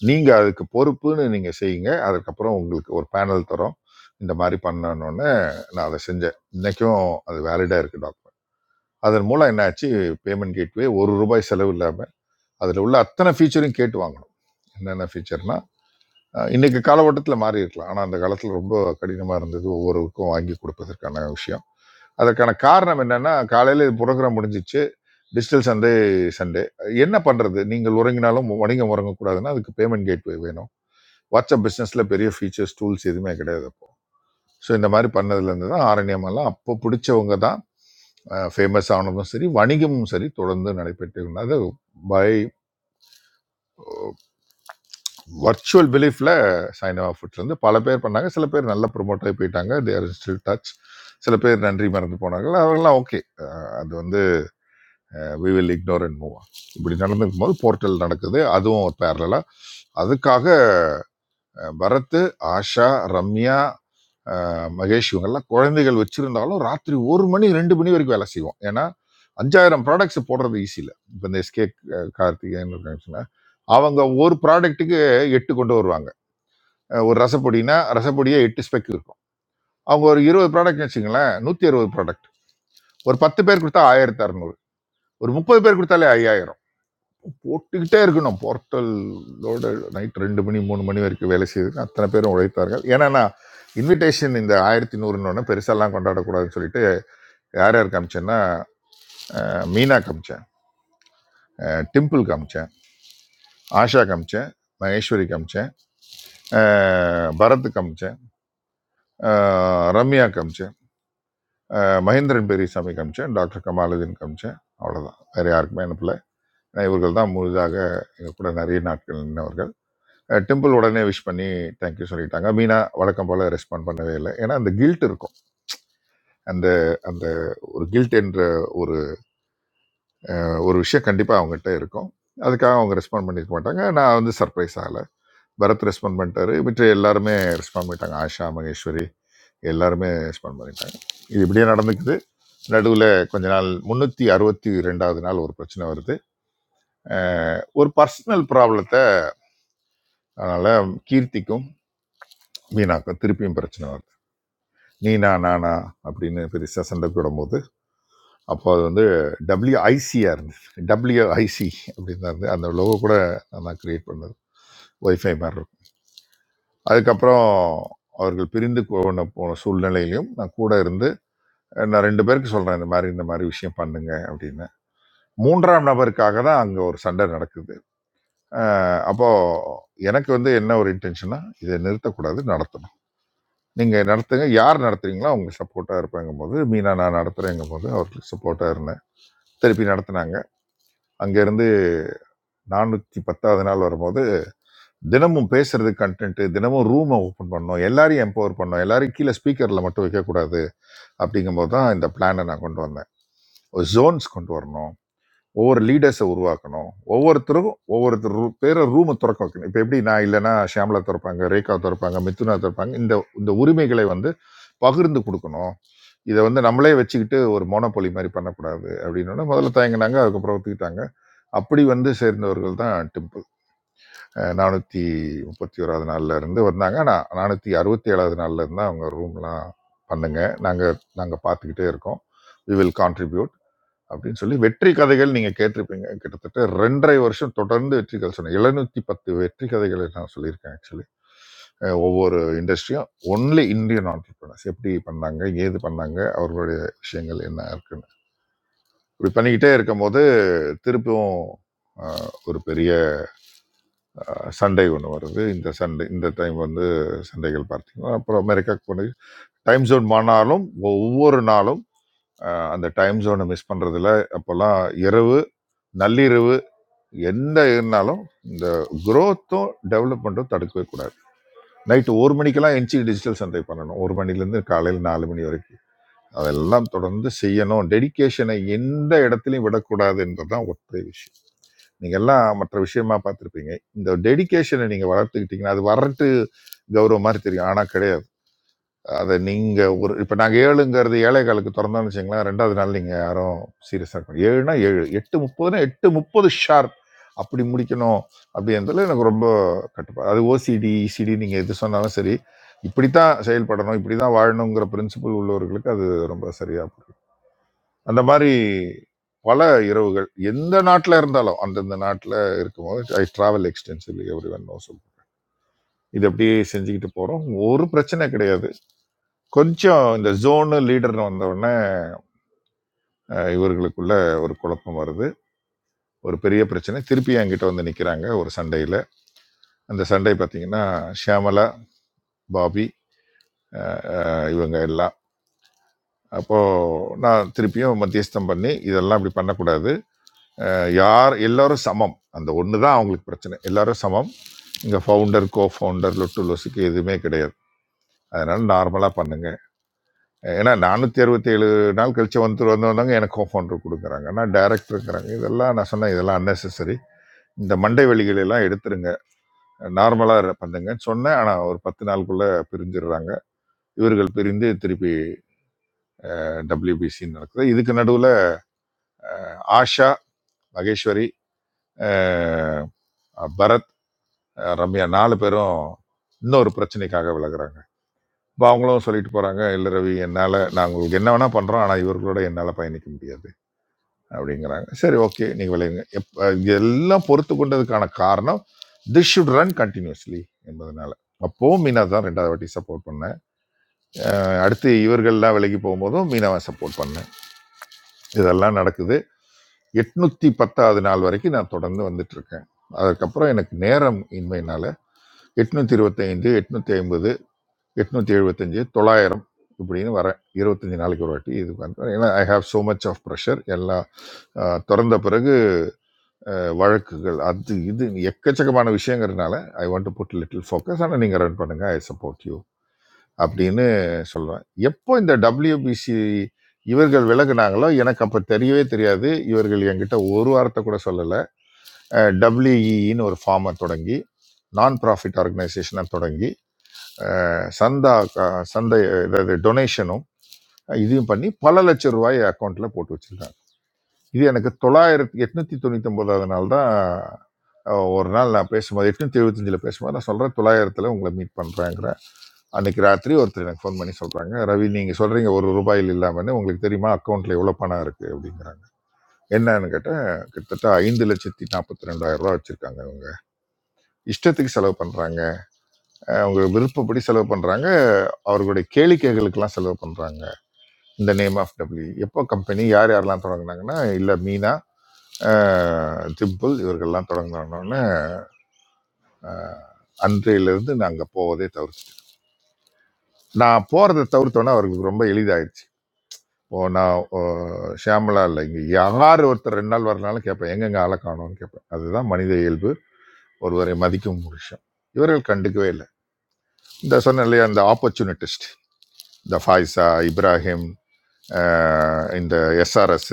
L: நீங்க அதுக்கு பொறுப்புன்னு நீங்க செய்யுங்க அதுக்கப்புறம் உங்களுக்கு ஒரு பேனல் தரோம் இந்த மாதிரி பண்ணணும்னு நான் அதை செஞ்சேன் இன்னைக்கும் அது வேலிடா இருக்கு டாக்குமெண்ட் அதன் மூலம் என்னாச்சு பேமெண்ட் கேட்வே ஒரு ரூபாய் செலவு இல்லாமல் அதில் உள்ள அத்தனை ஃபீச்சரையும் கேட்டு வாங்கணும் என்னென்ன ஃபீச்சர்னா அஹ், இன்னைக்கு காலகட்டத்தில் மாறி இருக்கலாம் ஆனால் அந்த காலத்தில் ரொம்ப கடினமாக இருந்தது ஒவ்வொருவருக்கும் வாங்கி கொடுப்பதற்கான விஷயம் அதற்கான காரணம் என்னன்னா காலையில் புரோகிராம் முடிஞ்சிச்சு டிஜிட்டல் சண்டே சண்டே என்ன பண்ணுறது நீங்கள் உறங்கினாலும் வணிகம் உறங்கக்கூடாதுன்னா அதுக்கு பேமெண்ட் கேட்வே வேணும் வாட்ஸ்அப் பிஸ்னஸில் பெரிய ஃபீச்சர்ஸ் டூல்ஸ் எதுவுமே கிடையாது அப்போ ஸோ இந்த மாதிரி பண்ணதுலேருந்து தான் ஆரண்யம் எல்லாம் அப்போ பிடிச்சவங்க தான் ஃபேமஸ் ஆனதும் சரி வணிகமும் சரி தொடர்ந்து நடைபெற்று அது பை வர்ச்சுவல் பிலீஃபில் சைனவா ஃபுட்ஸ்லேருந்து பல பேர் பண்ணாங்க சில பேர் நல்ல ப்ரொமோட் ஆகி போயிட்டாங்க தே ஆர் ஸ்டில் டச் சில பேர் நன்றி மறந்து போனார்கள் அவர்கள்லாம் ஓகே அது வந்து we will ignore and move இப்படி நடந்துக்கும் போது போர்ட்டல் நடக்குது அதுவும் ஒரு பேரலாக அதுக்காக அஹ், பரத் ஆஷா ரம்யா அஹ் மகேஷ் இவங்கெல்லாம் குழந்தைகள் வச்சிருந்தாலும் ராத்திரி ஒரு மணி ரெண்டு மணி வரைக்கும் வேலை செய்வோம் ஏன்னா அஞ்சாயிரம் ப்ராடக்ட்ஸ் போடுறது ஈஸி இல்லை இப்போ இந்த எஸ்கே கார்த்திகேயன் இருக்காங்க அவங்க ஒரு ப்ராடக்ட்டுக்கு எட்டு கொண்டு வருவாங்க அஹ் ஒரு ரசப்பொடினா ரசப்பொடியே எட்டு ஸ்பெக் இருக்கும் அவங்க ஒரு இருபது ப்ராடக்ட் வச்சுங்களேன் நூற்றி அறுபது ப்ராடக்ட் ஒரு பத்து பேர் கொடுத்தா ஆயிரத்தி அறநூறு ஒரு முப்பது பேர் கொடுத்தாலே ஐயாயிரம் போட்டுக்கிட்டே இருக்கணும் போர்ட்டலோட நைட் ரெண்டு மணி மூணு மணி வரைக்கும் வேலை செய்து அத்தனை பேரும் உழைத்தார்கள் ஏன்னா இன்விடேஷன் இந்த ஆயிரத்தி நூறுன்னு பெருசாலாம் கொண்டாடக்கூடாதுன்னு சொல்லிட்டு யார் யார் காமிச்சேன்னா அஹ், மீனா காமிச்சேன் அஹ், டிம்பிள் காமிச்சேன் ஆஷா காமிச்சேன் மகேஸ்வரி காமிச்சேன் அஹ், பரத் காமிச்சேன் அஹ், ரம்யா காமிச்சேன் அஹ், மகேந்திரன் பெரியசாமி காமிச்சேன் டாக்டர் கமாலுதீன் காமிச்சேன் அவ்வளோதான் வேற யாருக்குமே அனுப்பல ஏன்னா இவர்கள் தான் முழுதாக எங்க கூட நிறைய நாட்கள் நின்றவர்கள் அஹ், டிம்பிள் உடனே விஷ் பண்ணி தேங்க்யூ சொல்லிட்டாங்க மீனா வழக்கம் போல ரெஸ்பாண்ட் பண்ணவே இல்லை ஏன்னா அந்த கில்ட் இருக்கும் அந்த அந்த ஒரு கில்ட் என்ற ஒரு ஒரு விஷயம் கண்டிப்பாக அவங்ககிட்ட இருக்கும் அதுக்காக அவங்க ரெஸ்பாண்ட் பண்ணியிருக்க மாட்டாங்க நான் வந்து சர்ப்ரைஸ் ஆகலை பரத் ரெஸ்பாண்ட் பண்ணிட்டாரு மற்ற எல்லாருமே ரெஸ்பாண்ட் பண்ணிட்டாங்க ஆஷா மகேஸ்வரி எல்லாருமே ரெஸ்பாண்ட் பண்ணிட்டாங்க இது இப்படியே நடந்துக்குது நடுவில் கொஞ்ச நாள் முந்நூற்றி அறுபத்தி ரெண்டாவது நாள் ஒரு பிரச்சனை வருது அஹ் ஒரு பர்சனல் ப்ராப்ளத்தை அதனால் கீர்த்திக்கும் மீனாக்கும் திருப்பியும் பிரச்சனை வருது நீனா நானா அப்படின்னு பெருசாக சண்டை போடும்போது அப்போ அது வந்து டபிள்யூஐசியாக இருந்தது டபிள்யூஐசி அப்படின்னு தான் இருந்தது அந்த லோகோ கூட நான் தான் கிரியேட் பண்ணது ஒய்ஃபை மாதிரி இருக்கும் அதுக்கப்புறம் அவர்கள் பிரிந்து போன போன சூழ்நிலையிலையும் நான் கூட இருந்து நான் ரெண்டு பேருக்கு சொல்றேன் இந்த மாதிரி இந்த மாதிரி விஷயம் பண்ணுங்க அப்படின்னு மூன்றாம் நபருக்காக தான் அங்க ஒரு சண்டை நடக்குது அஹ் அப்போ எனக்கு வந்து என்ன ஒரு இன்டென்ஷனா இதை நிறுத்தக்கூடாது நடத்தணும் நீங்க நடத்துங்க யார் நடத்துறீங்களோ அவங்க சப்போர்ட்டா இருப்பாங்கும் போது மீனா நான் நடத்துறேங்கும் போது அவருக்கு சப்போர்ட்டா இருந்தேன் திருப்பி நடத்துனாங்க அங்க இருந்து நானூத்தி பத்தாவது நாள் வரும்போது தினமும் பேசுறது கண்டென்ட் தினமும் ரூமை ஓப்பன் பண்ணோம் எல்லாரையும் எம்பவர் பண்ணோம் எல்லாரையும் கீழே ஸ்பீக்கர்ல மட்டும் வைக்கக்கூடாது அப்படிங்கும்போது தான் இந்த பிளானை நான் கொண்டு வந்தேன் ஒரு ஜோன்ஸ் கொண்டு வரணும் ஒவ்வொரு லீடர்ஸை உருவாக்கணும் ஒவ்வொருத்தருக்கும் ஒவ்வொருத்தர் ரூ- பேரை ரூமை திறக்க வைக்கணும் இப்போ எப்படி நான் இல்லைன்னா ஷியாமலா திறப்பாங்க ரேகா திறப்பாங்க மிதுனா திறப்பாங்க இந்த இந்த உரிமைகளை வந்து பகிர்ந்து கொடுக்கணும் இதை வந்து நம்மளே வச்சுக்கிட்டு ஒரு மோனோபொலி மாதிரி பண்ணக்கூடாது அப்படின்னோடனே முதல்ல தயங்கினாங்க அதுக்கப்புறம் ஒத்துக்கிட்டாங்க அப்படி வந்து சேர்ந்தவர்கள் தான் டிம்பிள் அஹ் நானூற்றி முப்பத்தி ஓராவது நாள்ல இருந்து வந்தாங்க ஆனால் நானூற்றி அறுபத்தி ஏழாவது நாள்ல இருந்து அவங்க ரூம்லாம் பண்ணுங்க நாங்கள் நாங்கள் பார்த்துக்கிட்டே இருக்கோம் வி வில் கான்ட்ரிபியூட் அப்படின்னு சொல்லி வெற்றி கதைகள் நீங்க கேட்டிருப்பீங்க. கிட்டத்தட்ட 2 1/2 வருஷம் தொடர்ந்து வெற்றி கதை சொன்னேன். 710 வெற்றி கதைகளை நான் சொல்லியிருக்கேன் ஆக்சுவலி. அ ஒவ்வொரு இண்டஸ்ட்ரியும் ஒன்லி இந்தியன் ஆண்டர்பிரினர்ஸ் எப்படி பண்ணாங்க, ஏது பண்ணாங்க, அவர்களுடைய விஷயங்கள் என்ன இருக்குன்னு. இப்படி பண்ணிக்கிட்டே இருக்கும்போது திருப்பியும் அ ஒரு பெரிய அ சண்டை ஒண்ணு வருது. இந்த சண்டை இந்த டைம் வந்து சண்டைகள் பார்த்தீங்கன்னா, அப்புறம் அமெரிக்காவுக்கு போனது. டைம் ஜோன் மாறினாலும் ஒவ்வொரு நாளும் அ அந்த டைம் ஜோனை மிஸ் பண்றதில்ல. அப்போலாம் இரவு, நள்ளிரவு எந்த இருந்தாலும் இந்த growth-உம் டெவலப்மெண்ட்டும் தடுக்கவே கூடாது நைட்டு ஒரு மணிக்கெல்லாம் என்சி டிஜிட்டல் சந்தை பண்ணணும் ஒரு மணிலேருந்து காலையில் நாலு மணி வரைக்கும் அதெல்லாம் தொடர்ந்து செய்யணும் டெடிகேஷனை எந்த இடத்துலையும் விடக்கூடாது என்பதுதான் ஒற்றை விஷயம் நீங்கள் எல்லாம் மற்ற விஷயமா பார்த்துருப்பீங்க இந்த டெடிகேஷனை நீங்கள் வளர்த்துக்கிட்டீங்கன்னா அது வரட்டு கௌரவம் மாதிரி தெரியும் ஆனால் கிடையாது அதை நீங்கள் ஒரு இப்போ நாங்கள் ஏழுங்கிறது ஏழைகளுக்கு திறந்தோம்னு வச்சுங்களேன் ரெண்டாவது நாள் நீங்கள் யாரும் சீரியஸாக இருக்கணும் ஏழுனா ஏழு எட்டு முப்பதுனா எட்டு முப்பது ஷார்ப் அப்படி முடிக்கணும் அப்படின்றதுல எனக்கு ரொம்ப கட்டுப்பாடு அது ஓசிடி இசிடி நீங்கள் எது சொன்னாலும் சரி இப்படி தான் செயல்படணும் இப்படி தான் வாழணுங்கிற பிரின்சிபல் உள்ளவர்களுக்கு அது ரொம்ப சரியாக புரியும் அந்த மாதிரி பல இரவுகள் எந்த நாட்டில் இருந்தாலும் அந்தந்த நாட்டில் இருக்கும்போது I travel extensively everyone know இது அப்படியே செஞ்சுக்கிட்டு போகிறோம் ஒரு பிரச்சனை கிடையாது கொஞ்சம் இந்த ஜோனு லீடர்னு வந்த உடனே அஹ், இவர்களுக்குள்ள ஒரு குழப்பம் வருது ஒரு பெரிய பிரச்சனை திருப்பி என்கிட்ட வந்து நிக்கிறாங்க ஒரு சண்டையில அந்த சண்டை பார்த்தீங்கன்னா ஷியாமலா பாபி அஹ், இவங்க எல்லாம் அப்போ நான் திருப்பியும் மத்தியஸ்தம் பண்ணி இதெல்லாம் இப்படி பண்ணக்கூடாது அஹ், யார் எல்லாரும் சமம் அந்த ஒன்று தான் அவங்களுக்கு பிரச்சனை எல்லாரும் சமம் இங்கே ஃபவுண்டர் கோ ஃபவுண்டர் லொட்டு லொசுக்கு எதுவுமே கிடையாது அதனால நார்மலாக பண்ணுங்க ஏன்னா நானூற்றி அறுபத்தேழு நாள் கழிச்சு வந்து வந்தவங்க எனக்கு ஃபோன் கொடுக்குறாங்க நான் டேரக்டருங்கிறாங்க இதெல்லாம் நான் சொன்னேன் இதெல்லாம் அன்னெசரி இந்த மண்டை வலிகளை எல்லாம் எடுத்துருங்க நார்மலாக பண்ணுங்கன்னு சொன்னேன் ஆனால் ஒரு பத்து நாளுக்குள்ள பிரிஞ்சிடுறாங்க இவர்கள் பிரிந்து திருப்பி டபிள்யூபிசி நடக்குது இதுக்கு நடுவில் ஆஷா மகேஸ்வரி அஹ், பரத் அஹ், ரம்யா நாலு பேரும் இன்னொரு பிரச்சனைக்காக விலகுறாங்க இப்போ அவங்களும் சொல்லிட்டு போகிறாங்க இல்லை ரவி என்னால் நான் உங்களுக்கு என்ன வேணால் பண்ணுறோம் ஆனால் இவர்களோட என்னால் பயணிக்க முடியாது அப்படிங்கிறாங்க சரி ஓகே நீங்கள் விளையுங்க எப்போ இதெல்லாம் பொறுத்து கொண்டதுக்கான காரணம் திஸ் ஷுட் ரன் கண்டினியூஸ்லி என்பதனால அப்போவும் மீனா தான் ரெண்டாவது வாட்டி சப்போர்ட் பண்ணேன் அஹ் அடுத்து இவர்கள்லாம் விலகி போகும்போதும் மீனாவை சப்போர்ட் பண்ணேன் இதெல்லாம் நடக்குது எட்நூத்தி பத்தாவது நாள் வரைக்கும் நான் தொடர்ந்து வந்துட்டு இருக்கேன் அதுக்கப்புறம் எனக்கு நேரம் இன்மையினால எட்நூத்தி இருபத்தைந்து எட்நூத்தி ஐம்பது எட்நூத்தி எழுபத்தஞ்சு தொள்ளாயிரம் இப்படின்னு வரேன் இருபத்தஞ்சு நாளைக்கு ஒரு வாட்டி இது வந்து ஏன்னா I have so much of pressure எல்லாம் அஹ், திறந்த பிறகு வழக்குகள் அது இது எக்கச்சக்கமான விஷயங்கிறதுனால I want to put little focus ஆனால் நீங்கள் ரன் பண்ணுங்க ஐ சப்போர்ட் யூ அப்படின்னு சொல்லுவேன் எப்போ இந்த WBC இவர்கள் விலகுனாங்களோ எனக்கு அப்போ தெரியவே தெரியாது இவர்கள் என்கிட்ட ஒரு வார்த்தை கூட சொல்லலை டபிள்யூஇன்னு ஒரு ஃபார்மை தொடங்கி நான் ப்ராஃபிட் ஆர்கனைசேஷனாக தொடங்கி அஹ், சந்தா அஹ், சந்தை அஹ், இதாவது டொனேஷனும் இதையும் பண்ணி பல லட்சம் ரூபாய் அக்கௌண்ட்டில் போட்டு வச்சிருந்தாங்க இது எனக்கு தொள்ளாயிரத்தி எட்நூத்தி தொண்ணூத்தி ஒன்பதாவது நாள் தான் அஹ், ஒரு நாள் நான் பேசும்போது எட்நூத்தி எழுபத்தஞ்சில் பேசும்போது நான் சொல்கிறேன் தொள்ளாயிரத்தில் உங்களை மீட் பண்ணுறேங்கிறேன் அன்னைக்கு ராத்திரி ஒருத்தர் எனக்கு ஃபோன் பண்ணி சொல்கிறாங்க ரவி நீங்கள் சொல்கிறீங்க ஒரு ரூபாயில் இல்லாமல்னு உங்களுக்கு தெரியுமா அக்கௌண்ட்டில் எவ்வளோ பணம் இருக்குது அப்படிங்கிறாங்க என்னன்னு கேட்டால் கிட்டத்தட்ட ஐந்து லட்சத்தி நாற்பத்தி ரெண்டாயிரம் ரூபா வச்சுருக்காங்க அவங்க இஷ்டத்துக்கு செலவு பண்ணுறாங்க அவங்க விருப்பப்படி செலவு பண்ணுறாங்க அவர்களுடைய கேளிக்கைகளுக்கெல்லாம் செலவு பண்ணுறாங்க இந்த நேம் ஆஃப் டபிள்யூ எப்போ கம்பெனி யார் யாரெல்லாம் தொடங்குனாங்கன்னா இல்லை மீனா அஹ், திம்புல் இவர்கள்லாம் தொடங்கினோடனே அன்றையிலிருந்து நாங்கள் போவதே தவிர்த்து நான் போகிறத தவிர்த்தோன்னே அவர்களுக்கு ரொம்ப எளிதாயிடுச்சு இப்போ நான் அஹ், ஷியாமளா இல்லை இங்கே யார் ஒருத்தர் ரெண்டு நாள் வரனாலும் கேட்பேன் எங்கெங்க ஆளை காணோம்னு கேட்பேன் அதுதான் மனித இயல்பு ஒருவரை மதிக்கும் ஒரு விஷயம் இவர்கள் கண்டுக்கவே இல்லை இந்த சொன்ன இல்லையா இந்த ஆப்பர்ச்சுனிட்டிஸ்ட் இந்த ஃபாய்ஸா இப்ராஹிம் அஹ், இந்த எஸ்ஆர்எஸ்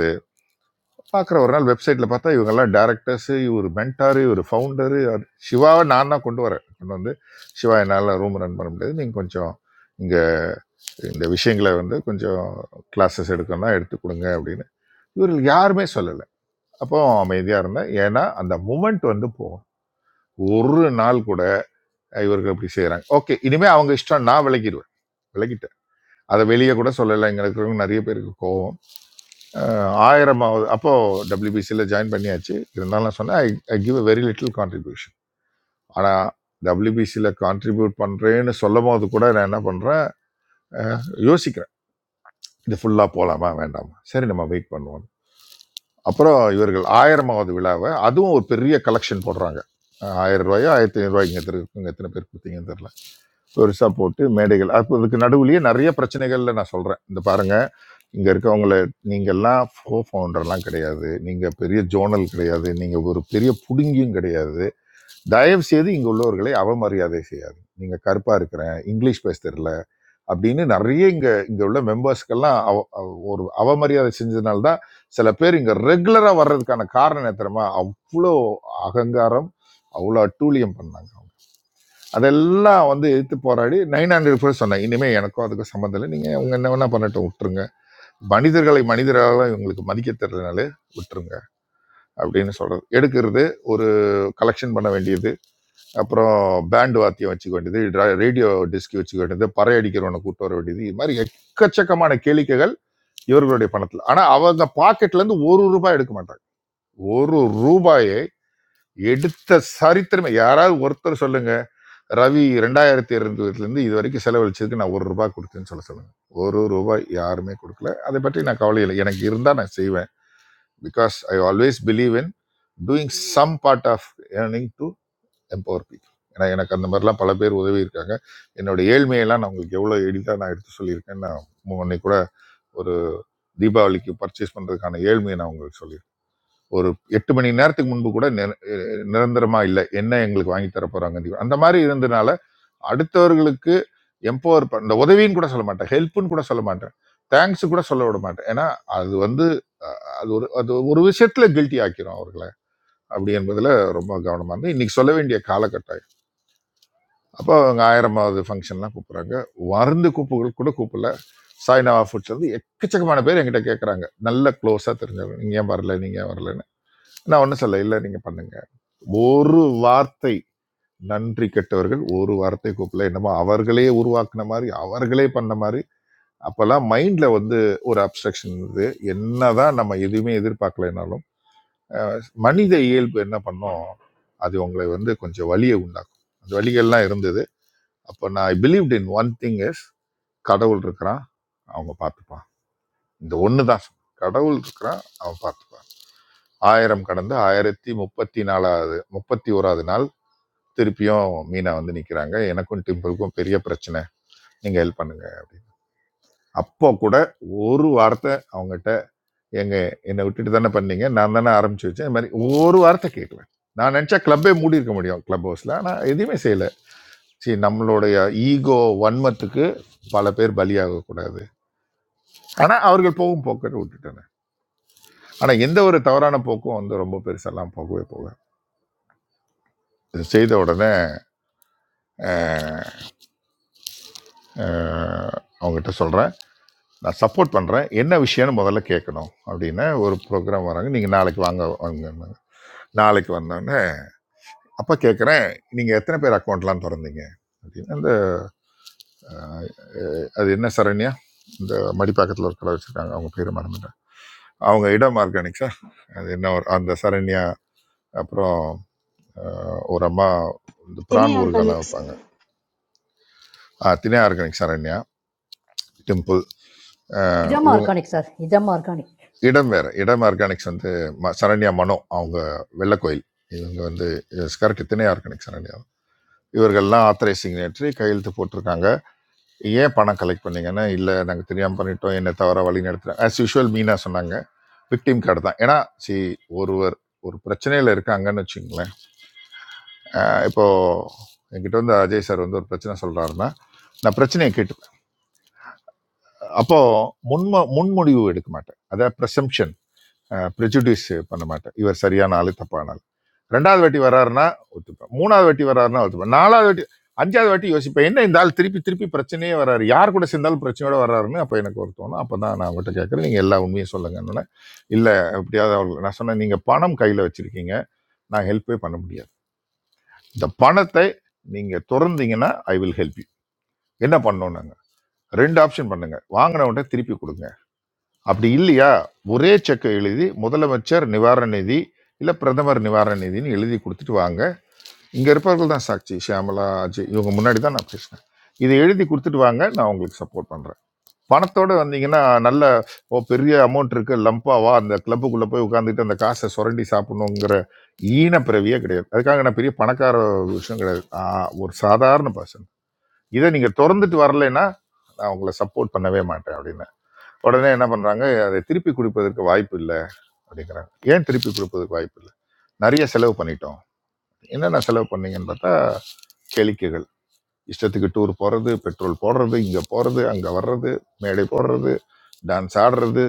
L: பார்க்குற ஒரு நாள் வெப்சைட்டில் பார்த்தா இவங்கெல்லாம் டேரக்டர்ஸு இவர் மென்டாரு இவர் ஃபவுண்டரு அது சிவாவை நான் தான் கொண்டு வரேன் கொண்டு வந்து சிவா என்னால் ரூம் ரன் பண்ண முடியாது நீங்கள் கொஞ்சம் இங்கே இந்த விஷயங்களை வந்து கொஞ்சம் கிளாஸஸ் எடுக்கணும்னா எடுத்து கொடுங்க அப்படின்னு இவர்கள் யாருமே சொல்லலை அப்போ அமைதியாக இருந்தேன் ஏன்னா அந்த மூமெண்ட் வந்து போகும் ஒரு நாள் கூட இவர்கள் இப்படி செய்கிறாங்க ஓகே இனிமேல் அவங்க இஷ்டம் நான் விலகிடுவேன் விலகிட்டேன் அதை வெளியே கூட சொல்லலை எங்களுக்கு நிறைய பேருக்கு கோவம் அஹ் ஆயிரமாவது அப்போது டபிள்யூபிசியில் ஜாயின் பண்ணியாச்சு இருந்தாலும் நான் சொன்னேன் I I give a very little contribution ஆனால் டபிள்யூபிசியில் கான்ட்ரிபியூட் பண்ணுறேன்னு சொல்லும் போது கூட நான் என்ன பண்ணுறேன் யோசிக்கிறேன் இது ஃபுல்லாக போகலாமா வேண்டாமா சரி நம்ம வெயிட் பண்ணுவோம் அப்புறம் இவர்கள் ஆயிரமாவது விழாவை அதுவும் ஒரு பெரிய கலெக்ஷன் போடுறாங்க அஹ் ஆயிரம் ரூபாயோ ஆயிரத்தி ஐநூறுரூவாய்க்கு எத்தனை இங்கே எத்தனை பேர் கொடுத்தீங்கன்னு தெரில பெருசாக போட்டு மேடைகள் அப்போ இதுக்கு நடுவுலயே நிறைய பிரச்சனைகள்ல நான் சொல்கிறேன் இந்த பாருங்க இங்கே இருக்கவங்கள நீங்கள்லாம் ஃபோ ஃபவுண்டர்லாம் கிடையாது நீங்கள் பெரிய ஜோனல் கிடையாது நீங்கள் ஒரு பெரிய புடுங்கியும் கிடையாது தயவு செய்து இங்கே உள்ளவர்களை அவமரியாதை செய்யாது நீங்கள் கருப்பாக இருக்கிறேன் இங்கிலீஷ் பேச தெரியல அப்படின்னு நிறைய இங்கே இங்கே உள்ள மெம்பர்ஸ்க்கெல்லாம் அவ அவ- ஒரு அவமரியாதை செஞ்சதுனால தான் சில பேர் இங்கே ரெகுலராக வர்றதுக்கான காரணம் என்ன தெரியுமா அவ்வளோ அகங்காரம் அவ்வளோ அட்டூழியம் பண்ணாங்க அதெல்லாம் வந்து எதிர்த்து போராடி நைன் ஹண்ட்ரட் பேர் சொன்னேன் இனிமே எனக்கும் அதுக்கும் சம்மந்தம் இல்லை நீங்க உங்க என்ன வேணா பண்ணட்டும் விட்டுருங்க மனிதர்களை மனிதர்களாக இவங்களுக்கு மதிக்க தெரியலனாலே விட்டுருங்க அப்படின்னு சொல்றது எடுக்கிறது ஒரு கலெக்ஷன் பண்ண வேண்டியது அப்புறம் பேண்ட் வாத்தியம் வச்சுக்க வேண்டியது ரேடியோ டிஸ்க் வச்சுக்க வேண்டியது பறை அடிக்கிறவனை கூட்டு வர வேண்டியது இது மாதிரி எக்கச்சக்கமான கேளிக்கைகள் இவர்களுடைய பணத்தில் ஆனா அவங்க பாக்கெட்ல இருந்து ஒரு ரூபாய் எடுக்க மாட்டாங்க ஒரு ரூபாயை எடுத்த சரித்திரமே யாராவது ஒருத்தர் சொல்லுங்க ரவி ரெண்டாயிரத்தி இருபதுலேருந்து இது வரைக்கும் செலவழிச்சதுக்கு நான் ஒரு ரூபாய் கொடுத்தேன்னு சொல்ல சொல்லுங்க ஒரு ரூபாய் யாருமே கொடுக்கல அதை பற்றி நான் கவலை இல்லை எனக்கு இருந்தால் நான் செய்வேன் because I always believe in doing some part of earning to empower people ஏன்னா எனக்கு அந்த மாதிரிலாம் பல பேர் உதவி இருக்காங்க என்னோட ஏழ்மையெல்லாம் நான் உங்களுக்கு எவ்வளோ எளிதாக நான் எடுத்து சொல்லியிருக்கேன் நான் முன்னே கூட ஒரு தீபாவளிக்கு பர்ச்சேஸ் பண்ணுறதுக்கான ஏழ்மையை நான் உங்களுக்கு சொல்லியிருக்கேன் ஒரு எட்டு மணி நேரத்துக்கு முன்பு கூட நிர- நிரந்தரமா இல்லை என்ன எங்களுக்கு வாங்கி தர போறாங்க அந்த மாதிரி இருந்தனால அடுத்தவர்களுக்கு எம்பவர் பண்ண உதவின்னு கூட சொல்ல மாட்டேன் ஹெல்ப்னு கூட சொல்ல மாட்டேன் தேங்க்ஸ் கூட சொல்ல விட மாட்டேன் ஏன்னா அது வந்து அஹ், அது ஒரு அது ஒரு விஷயத்துல கில்ட்டி ஆக்கிரும் அவர்களை அப்படி என்பதுல ரொம்ப கவனமா இருந்து இன்னைக்கு சொல்ல வேண்டிய காலகட்டம் அப்போ அவங்க ஆயிரமாவது ஃபங்க்ஷன்லாம் கூப்பிடுறாங்க வருந்து கூப்புகள் கூட கூப்பிடல சாய்னாவா ஃபுட்ஸ் வந்து எக்கச்சக்கமான பேர் என்கிட்ட கேட்குறாங்க நல்ல க்ளோஸாக தெரிஞ்சவங்க நீங்கள் ஏன் வரல நீங்கள் ஏன் வரலன்னு நான் ஒன்றும் சொல்ல இல்லை நீங்கள் பண்ணுங்க ஒரு வார்த்தை நன்றி கெட்டவர்கள் ஒரு வார்த்தை கூப்பிடல என்னமோ அவர்களே உருவாக்குன மாதிரி அவர்களே பண்ண மாதிரி அப்போல்லாம் மைண்டில் வந்து ஒரு அப்ஸ்ட்ரக்ஷன் இருந்தது என்னதான் நம்ம எதுவுமே எதிர்பார்க்கலைனாலும் மனித இயல்பு என்ன பண்ணோம் அது உங்களை வந்து கொஞ்சம் வலியை உண்டாக்கும் அந்த வலிகள்லாம் இருந்தது அப்போ நான் believed in one thing is கடவுள் இருக்கிறான் அவங்க பார்த்துப்பான் இந்த ஒன்று தான் கடவுள் இருக்கிறான் அவன் பார்த்துப்பான் ஆயிரம் கடந்து ஆயிரத்தி முப்பத்தி நாலாவது முப்பத்தி ஓராவது நாள் திருப்பியும் மீனா வந்து நிற்கிறாங்க எனக்கும் டிம்பிளுக்கும் பெரிய பிரச்சனை நீங்கள் ஹெல்ப் பண்ணுங்க அப்படின்னு அப்போ கூட ஒரு வார்த்தை அவங்ககிட்ட எங்க என்னை விட்டுட்டு தானே பண்ணீங்க நான் தானே ஆரம்பிச்சு வச்சேன் இந்த மாதிரி ஒரு வார்த்தை கேட்கல நான் நினச்சா கிளப்பே மூடி இருக்க முடியும் கிளப் ஹவுஸில் ஆனால் எதுவுமே செய்யலை சரி நம்மளுடைய ஈகோ வன்மத்துக்கு பல பேர் பலியாகக்கூடாது ஆனால் அவர்கள் போகும் போக்கை விட்டுட்டாங்க ஆனால் எந்த ஒரு தவறான போக்கும் வந்து ரொம்ப பெருசெல்லாம் போகவே போக இது செய்த உடனே அஹ், அஹ், அவங்ககிட்ட சொல்கிறேன் நான் சப்போர்ட் பண்ணுறேன் என்ன விஷயம்னு முதல்ல கேட்கணும் அப்படின்னு ஒரு ப்ரோக்ராம் வராங்க நீங்கள் நாளைக்கு வாங்க வாங்க நாளைக்கு வந்தோடனே அப்போ கேட்குறேன் நீங்கள் எத்தனை பேர் அக்கௌண்ட்லாம் திறந்தீங்க அப்படின்னு அந்த அஹ், அது என்ன சரண்யா இந்த மடிப்பாக்கத்தில் ஒரு கடை வச்சுருக்காங்க அவங்க பேர் மறந்துட்டேன் அவங்க இடம் ஆர்கானிக்ஸா அது என்ன ஒரு அந்த சரண்யா அப்புறம் அஹ், ஒரு அம்மா இந்த
G: தினி
L: பிரான் ஊறுகாலாம்
G: ஆர்கானிக்ஸ்
L: வைப்பாங்க ஆ, தினே ஆர்கானிக் சரண்யா டிம்பிள் அஹ்,
C: நிஜம்
L: இவங்க
C: ஆர்கானிக் சார், நிஜம் ஆர்கானிக்.
L: இடம் வேற இடம் ஆர்கானிக்ஸ் வந்து ம- சரண்யா மனோ அவங்க வெள்ளக்கோயில் இவங்க வந்து கரெக்ட் திணை ஆர்கானிக் சரண்யா இவர்கள்லாம் ஆத்தரைஸ் சிக்னேட்டரி கையெழுத்து போட்டிருக்காங்க ஏன் பணம் கலெக்ட் பண்ணீங்கன்னா இல்லை நாங்கள் தெரியாமல் பண்ணிட்டோம் என்ன தவறாக வழி நடத்துகிறோம் ஆஸ் யூஷுவல் மீனா சொன்னாங்க விக்டிம் கார்டு தான் ஏன்னா சி ஒருவர் ஒரு பிரச்சனையில் இருக்காங்கன்னு வச்சுங்களேன் அஹ் இப்போ என்கிட்ட வந்து அஜய் சார் வந்து ஒரு பிரச்சனை சொல்கிறாருன்னா நான் பிரச்சனையை கேட்டுப்பேன் அப்போது முன்ம முன்முடிவு எடுக்க மாட்டேன் அதாவது ப்ரெசம்ஷன் ப்ரெஜுடியூஸ் பண்ண மாட்டேன் இவர் சரியான ஆளு தப்பான ஆளு ரெண்டாவது வாட்டி வர்றாருன்னா ஒத்துப்பேன் மூணாவது வாட்டி வர்றாருன்னா ஒத்துப்பேன் நாலாவது வாட்டி அஞ்சாவது வாட்டி யோசிப்பேன் என்ன இந்த ஆள் திருப்பி திருப்பி பிரச்சனையே வர்றாரு யார் கூட சேர்ந்தாலும் பிரச்சனையோட வர்றாருன்னு அப்போ எனக்கு ஒரு தோணும் அப்போ தான் நான் அவர்கிட்ட கேட்குறேன் நீங்கள் எல்லா உண்மையும் சொல்லுங்கன்னு இல்லை எப்படியாவது அவர்கள் நான் சொன்னேன் நீங்கள் பணம் கையில் வச்சுருக்கீங்க நான் ஹெல்ப்பே பண்ண முடியாது இந்த பணத்தை நீங்கள் திறந்தீங்கன்னா ஐ வில் ஹெல்ப் யூ என்ன பண்ணணும் நாங்கள் ரெண்டு ஆப்ஷன் பண்ணுங்க வாங்கினவன்ட்ட திருப்பி கொடுங்க அப்படி இல்லையா ஒரே செக்கை எழுதி முதலமைச்சர் நிவாரண நிதி இல்லை பிரதமர் நிவாரண நிதின்னு எழுதி கொடுத்துட்டு வாங்க இங்கே இருப்பவர்கள் தான் சாட்சி ஷியாமலா அஜய் இவங்க முன்னாடி தான் நான் பேசினேன் இதை எழுதி கொடுத்துட்டு வாங்க நான் உங்களுக்கு சப்போர்ட் பண்ணுறேன் பணத்தோடு வந்தீங்கன்னா நல்ல ஓ பெரிய அமௌண்ட் இருக்கு லம்பா வா அந்த கிளப்புக்குள்ளே போய் உட்காந்துட்டு அந்த காசை சுரண்டி சாப்பிடணுங்கிற ஈன பிறவியே கிடையாது அதுக்காக நான் பெரிய பணக்கார விஷயம் கிடையாது ஆஹ் ஒரு சாதாரண பர்சன் இதை நீங்கள் திறந்துட்டு வரலைன்னா நான் உங்களை சப்போர்ட் பண்ணவே மாட்டேன் அப்படின்னு உடனே என்ன பண்ணுறாங்க அதை திருப்பி கொடுப்பதற்கு வாய்ப்பு இல்லை அப்படிங்கிறாங்க ஏன் திருப்பி கொடுப்பதற்கு வாய்ப்பு இல்லை நிறைய செலவு பண்ணிட்டோம் என்னென்ன செலவு பண்ணீங்கன்னு பார்த்தா கேளிக்கைகள் இஷ்டத்துக்கு டூர் போகிறது பெட்ரோல் போடுறது இங்கே போகிறது அங்கே வர்றது மேடை போடுறது டான்ஸ் ஆடுறது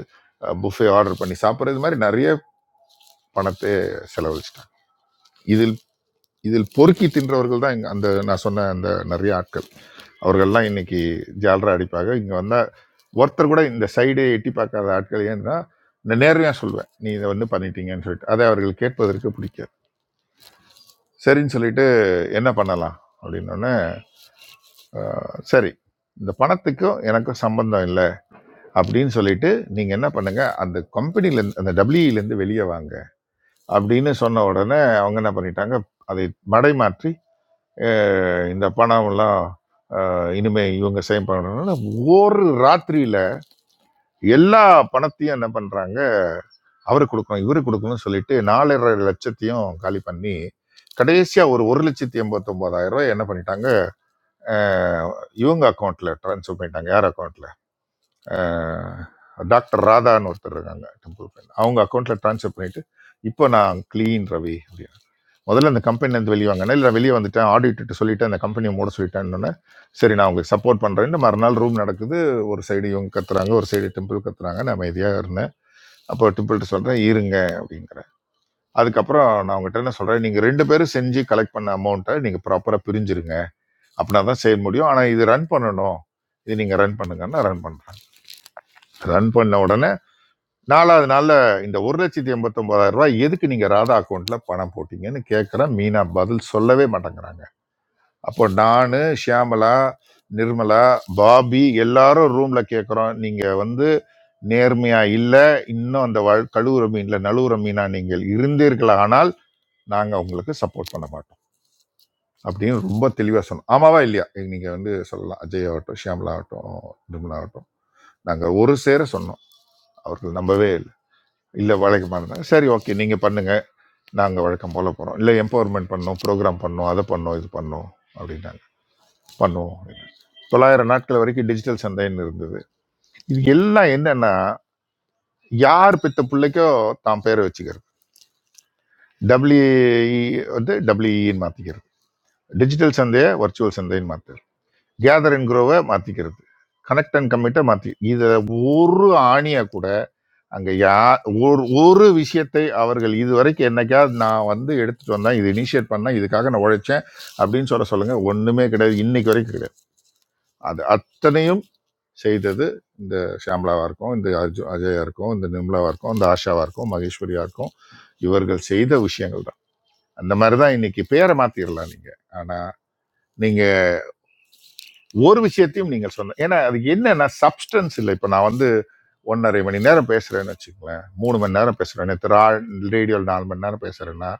L: புஃபே ஆர்டர் பண்ணி சாப்பிட்றது மாதிரி நிறைய பணத்தை செலவழிச்சிட்டாங்க இதில் இதில் பொறுக்கி தின்றவர்கள் தான் இங்கே அந்த நான் சொன்ன அந்த நிறைய ஆட்கள் அவர்கள்லாம் இன்னைக்கு ஜால்ரா அடிப்பாக இங்கே வந்தால் ஒருத்தர் கூட இந்த சைடே எட்டி பார்க்காத ஆட்கள் ஏன்னா இந்த நேர்மையாக சொல்வேன் நீ இதை வந்து பண்ணிட்டீங்கன்னு சொல்லிட்டு அதை அவர்கள் கேட்பதற்கு பிடிக்காது சரின்னு சொல்லிட்டு என்ன பண்ணலாம் அப்படின்னோடனே சரி இந்த பணத்துக்கும் எனக்கும் சம்பந்தம் இல்லை அப்படின்னு சொல்லிட்டு நீங்க என்ன பண்ணுங்க அந்த கம்பெனில இருந்து அந்த WE ல இருந்து வெளியே வாங்க அப்படின்னு சொன்ன உடனே அவங்க என்ன பண்ணிட்டாங்க அதை மடை மாற்றி அஹ், இந்த பணம் எல்லாம் அஹ், இனிமே இவங்க சேம் பண்ணணும்னு ஒரு ராத்திரியில எல்லா பணத்தையும் என்ன பண்றாங்க அவருக்கு கொடுக்கணும் இவருக்கு கொடுக்கணும்னு சொல்லிட்டு நாலரை லட்சத்தையும் காலி பண்ணி கடைசியா ஒரு ஒரு லட்சத்தி எண்பத்தி ரூபாய் என்ன பண்ணிட்டாங்க அஹ், இவங்க அக்கௌண்ட்ல ட்ரான்ஸ்ஃபர் பண்ணிட்டாங்க யார் அக்கௌண்ட்ல அஹ், டாக்டர் ராதான்னு ஒருத்தர் இருக்காங்க டெம்பிள் ஃப்ரெண்ட் அவங்க அக்கௌண்ட்டில் ட்ரான்ஸ்ஃபர் பண்ணிவிட்டு இப்போ நான் க்ளீன் ரவி அப்படின்னு முதல்ல அந்த கம்பெனிலேருந்து வெளியே வாங்கினேன் இல்லை நான் வெளியே வந்துட்டேன் ஆடிட்டு சொல்லிட்டு அந்த கம்பெனியை மூட சொல்லிட்டேன்னொன்னே சரி நான் உங்களுக்கு சப்போர்ட் பண்ணுறேன்னு மறுநாள் ரூம் நடக்குது ஒரு சைடு இவங்க கத்துறாங்க ஒரு சைடு டெம்பிள் கத்துறாங்க நான் அமைதியாக இருந்தேன் அப்போ டெம்பிள்கிட்ட சொல்கிறேன் இருங்க அப்படிங்கிறேன் அதுக்கப்புறம் நான் அவங்ககிட்ட என்ன சொல்கிறேன் நீங்கள் ரெண்டு பேரும் செஞ்சு கலெக்ட் பண்ண அமௌண்ட்டை நீங்கள் ப்ராப்பராக பிரிஞ்சிருங்க அப்படின்னா தான் செய்ய முடியும் ஆனால் இது ரன் பண்ணணும் இது நீங்கள் ரன் பண்ணுங்கன்னா ரன் பண்ணுறாங்க ரன் பண்ண உடனே நாலாவது நாள்ல இந்த ஒரு லட்சத்தி எண்பத்தொன்பதாயிரம் ரூபாய் எதுக்கு நீங்க ராதா அக்கௌண்ட்ல பணம் போட்டீங்கன்னு கேட்கிறேன் மீனா பதில் சொல்லவே மாட்டேங்கிறாங்க அப்போ நானு ஷியாமலா நிர்மலா பாபி எல்லாரும் ரூம்ல கேட்குறோம் நீங்க வந்து நேர்மையா இல்ல இன்னும் அந்த வழ்- கழுவுற மீன்ல நழுவுற மீனா நீங்கள் இருந்தீர்களானால் நாங்க உங்களுக்கு சப்போர்ட் பண்ண மாட்டோம் அப்படின்னு ரொம்ப தெளிவா சொன்னோம் ஆமாவா இல்லையா நீங்க வந்து சொல்லலாம் அஜய் ஆகட்டும் ஷியாமலா ஆகட்டும் நிர்மலா ஆகட்டும் நாங்க ஒரு சேர சொன்னோம் அவர்கள் நம்பவே இல்லை இல்ல வழக்கமா இருந்தாங்க சரி ஓகே நீங்க பண்ணுங்க நாங்கள் வழக்கம் போல் போகிறோம் இல்லை எம்பவர்மெண்ட் பண்ணோம் ப்ரோக்ராம் பண்ணோம் அதை பண்ணோம் இது பண்ணோம் அப்படின்னாங்க பண்ணுவோம் அப்படின்னாங்க. தொள்ளாயிரம் நாட்கள் வரைக்கும் டிஜிட்டல் சந்தைன்னு இருந்தது இது எல்லாம் என்னன்னா யார் பெத்த பிள்ளைக்கோ தான் பேரை வச்சுக்கிறது டபிள்யூஇ வந்து டபிள்யூஇன்னு மாற்றிக்கிறது டிஜிட்டல் சந்தையை வர்ச்சுவல் சந்தைன்னு மாற்றுறது கேதர் அண்ட் க்ரோவை மாற்றிக்கிறது கனெக்ட் அண்ட் கம்மிட்டை மாற்றி இதை ஒரு ஆணியாக கூட அங்க யா ஒரு ஒரு விஷயத்தை அவர்கள் இதுவரைக்கும் என்னைக்காவது நான் வந்து எடுத்துட்டு வந்தேன் இது இனிஷியேட் பண்ணேன் இதுக்காக நான் உழைச்சேன் அப்படின்னு சொல்ல சொல்லுங்க ஒண்ணுமே கிடையாது இன்னைக்கு வரைக்கும் கிடையாது அது அத்தனையும் செய்தது இந்த ஷாம்லாவா இருக்கும் இந்த அர்ஜு அஜயா இருக்கும் இந்த நிம்லாவா இருக்கும் இந்த ஆஷாவா இருக்கும் மகேஸ்வரியா இருக்கும் இவர்கள் செய்த விஷயங்கள் தான் அந்த மாதிரி தான் இன்னைக்கு பேரை மாத்திரலாம் நீங்க ஆனா நீங்க ஒரு விஷயத்தையும் நீங்கள் சொன்ன ஏன்னா அது என்னன்னா சப்ஸ்டன்ஸ் இல்லை இப்போ நான் வந்து ஒன்றரை மணி நேரம் பேசுறேன்னு வச்சுக்கோங்களேன் மூணு மணி நேரம் பேசுறேன் நேற்று ரேடியோவில் நாலு மணி நேரம் பேசுறேன்னா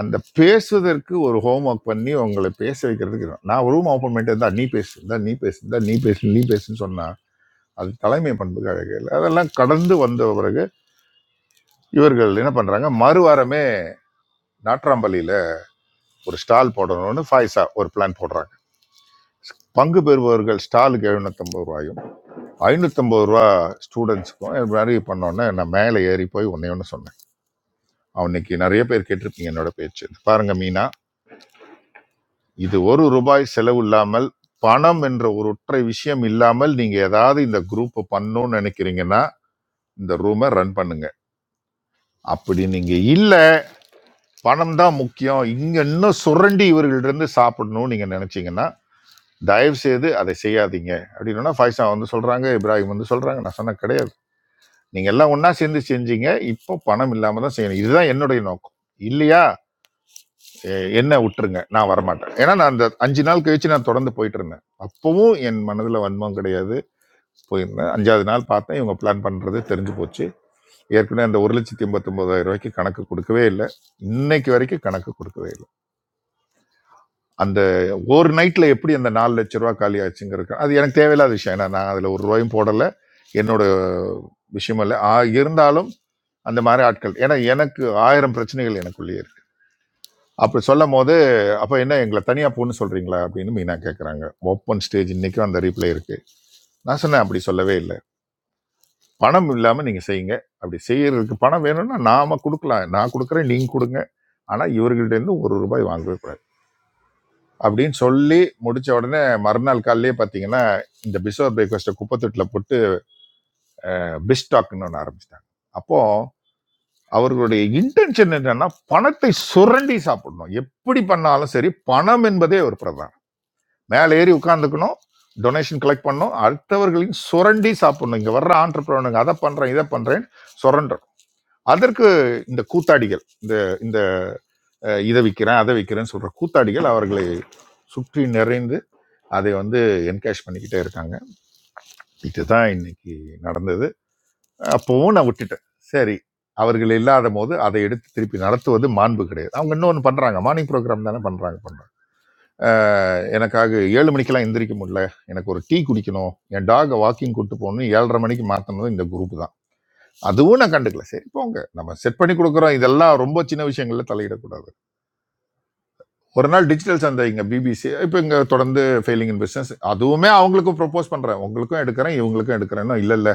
L: அந்த பேசுவதற்கு ஒரு ஹோம் ஒர்க் பண்ணி உங்களை பேச வைக்கிறதுக்கு இருக்கும். நான் ரூம் ஓப்பன் பண்ணிட்டு இருந்தா நீ பேசு இருந்தா நீ பேசு இருந்தா நீ பேசு நீ பேசுன்னு சொன்னா அது தலைமை பண்புக்கு அழகு இல்லை அதெல்லாம் கடந்து வந்த பிறகு இவர்கள் என்ன பண்றாங்க மறுவாரமே நாட்ராம்பள்ளியில ஒரு ஸ்டால் போடணும்னு ஃபாய்ஸா ஒரு பிளான் போடுறாங்க பங்கு பெறுபவர்கள் ஸ்டாலுக்கு எழுநூத்தம்பது ரூபாயும் ஐநூற்றம்பது ரூபா ஸ்டூடெண்ட்ஸுக்கும் மாதிரி பண்ணோன்னே நான் மேலே ஏறி போய் ஒன்றே ஒன்று சொன்னேன் அவனுக்கு நிறைய பேர் கேட்டிருப்பீங்க என்னோட பேச்சு பாருங்க மீனா இது ஒரு ரூபாய் செலவு இல்லாமல் பணம் என்ற ஒரு ஒற்றை விஷயம் இல்லாமல் நீங்க ஏதாவது இந்த குரூப் பண்ணணும்னு நினைக்கிறீங்கன்னா இந்த ரூமை ரன் பண்ணுங்க அப்படி நீங்க இல்ல பணம் தான் முக்கியம் இங்க இன்னும் சுரண்டி இவர்கள்ட்ட இருந்து சாப்பிடணும்னு நீங்க நினைச்சீங்கன்னா தயவு செய்து அதை செய்யாதீங்க அப்படின்னா ஃபைசா வந்து சொல்றாங்க இப்ராஹிம் வந்து சொல்றாங்க நான் சொன்ன கிடையாது நீங்க எல்லாம் ஒண்ணா சேர்ந்து செஞ்சீங்க இப்போ பணம் இல்லாம தான் செய்யணும் இதுதான் என்னுடைய நோக்கம் இல்லையா எ- என்ன விட்டுருங்க நான் வரமாட்டேன் ஏன்னா நான் அந்த அஞ்சு நாள் கழிச்சு நான் தொடர்ந்து போயிட்டு இருந்தேன் அப்பவும் என் மனதுல வன்மம் கிடையாது போயிருந்தேன் அஞ்சாவது நாள் பார்த்தேன் இவங்க பிளான் பண்றது தெரிஞ்சு போச்சு ஏற்கனவே அந்த ஒரு லட்சத்தி எண்பத்தொன்பதாயிரம் ரூபாய்க்கு கணக்கு கொடுக்கவே இல்லை இன்னைக்கு வரைக்கும் கணக்கு கொடுக்கவே இல்லை அந்த ஒரு நைட்ல எப்படி அந்த நாலு லட்ச ரூபா காலி ஆச்சுங்கிறது அது எனக்கு தேவையில்லாத விஷயம் ஏன்னா நான் அதுல ஒரு ரூபாயும் போடல என்னோட விஷயம் இல்லை இருந்தாலும் அந்த மாதிரி ஆட்கள் ஏன்னா எனக்கு ஆயிரம் பிரச்சனைகள் எனக்குள்ளேயே இருக்கு அப்படி சொல்லும் போது அப்போ என்ன எங்களை தனியாக போன்னு சொல்றீங்களா அப்படின்னு மீனா கேட்குறாங்க ஓப்பன் ஸ்டேஜ் இன்னைக்கும் அந்த ரீப்ளே இருக்கு நான் சொன்னேன் அப்படி சொல்லவே இல்லை பணம் இல்லாமல் நீங்கள் செய்யுங்க அப்படி செய்யறதுக்கு பணம் வேணும்னா நாம கொடுக்கலாம் நான் கொடுக்குறேன் நீங்கள் கொடுங்க ஆனால் இவர்கள்ட்ட இருந்து ஒரு ரூபாய் வாங்கவே கூடாது அப்படின்னு சொல்லி முடிச்ச உடனே மறுநாள் காலையிலேயே பார்த்தீங்கன்னா இந்த பிசோர் பிரேக்ஃபாஸ்ட்டை குப்பத்தொட்டில் போட்டு பிஸ்டாக்னு ஒன்று ஆரம்பிச்சிட்டாங்க அப்போ அவர்களுடைய இன்டென்ஷன் என்னன்னா பணத்தை சுரண்டி சாப்பிடணும் எப்படி பண்ணாலும் சரி பணம் என்பதே ஒரு பிரதானம் மேலே ஏறி உட்காந்துக்கணும் டொனேஷன் கலெக்ட் பண்ணணும் அடுத்தவர்களின் சுரண்டி சாப்பிடணும் இங்க வர்ற ஆண்டர்பிரனுங்க அதை பண்றேன் இதை பண்றேன் சுரண்டணும் அதற்கு இந்த கூத்தாடிகள் இந்த இந்த அஹ், இதை விற்கிறேன் அதை விற்கிறேன்னு சொல்ற கூத்தாடிகள் அவர்களை சுற்றி நிறைந்து அதை வந்து என்கேஷ் பண்ணிக்கிட்டே இருக்காங்க இதுதான் இன்னைக்கு நடந்தது அப்பவும் நான் விட்டுட்டேன் சரி அவர்கள் இல்லாத போது அதை எடுத்து திருப்பி நடத்துவது மாண்பு கிடையாது அவங்க இன்னொன்று பண்ணுறாங்க மார்னிங் ப்ரோக்ராம் தானே பண்ணுறாங்க பண்ணுறாங்க எனக்காக ஏழு மணிக்கெல்லாம் எந்திரிக்க முடியல எனக்கு ஒரு டீ குடிக்கணும் என் டாகை வாக்கிங் கூட்டு போகணும் ஏழரை மணிக்கு மாற்றினதும் இந்த குரூப் தான் அதுவும் நான் கண்டுக்கல சரி போங்க நம்ம செட் பண்ணி கொடுக்குறோம் இதெல்லாம் ரொம்ப சின்ன விஷயங்கள்ல தலையிடக்கூடாது ஒரு நாள் டிஜிட்டல் சந்தை இங்கே பிபிசி இப்போ இங்கே தொடர்ந்து ஃபெயிலிங் இன் பிஸ்னஸ் அதுவுமே அவங்களுக்கும் ப்ரொப்போஸ் பண்ணுறேன் உங்களுக்கும் எடுக்கிறேன் இவங்களுக்கும் எடுக்கிறேன்னா இல்லை இல்லை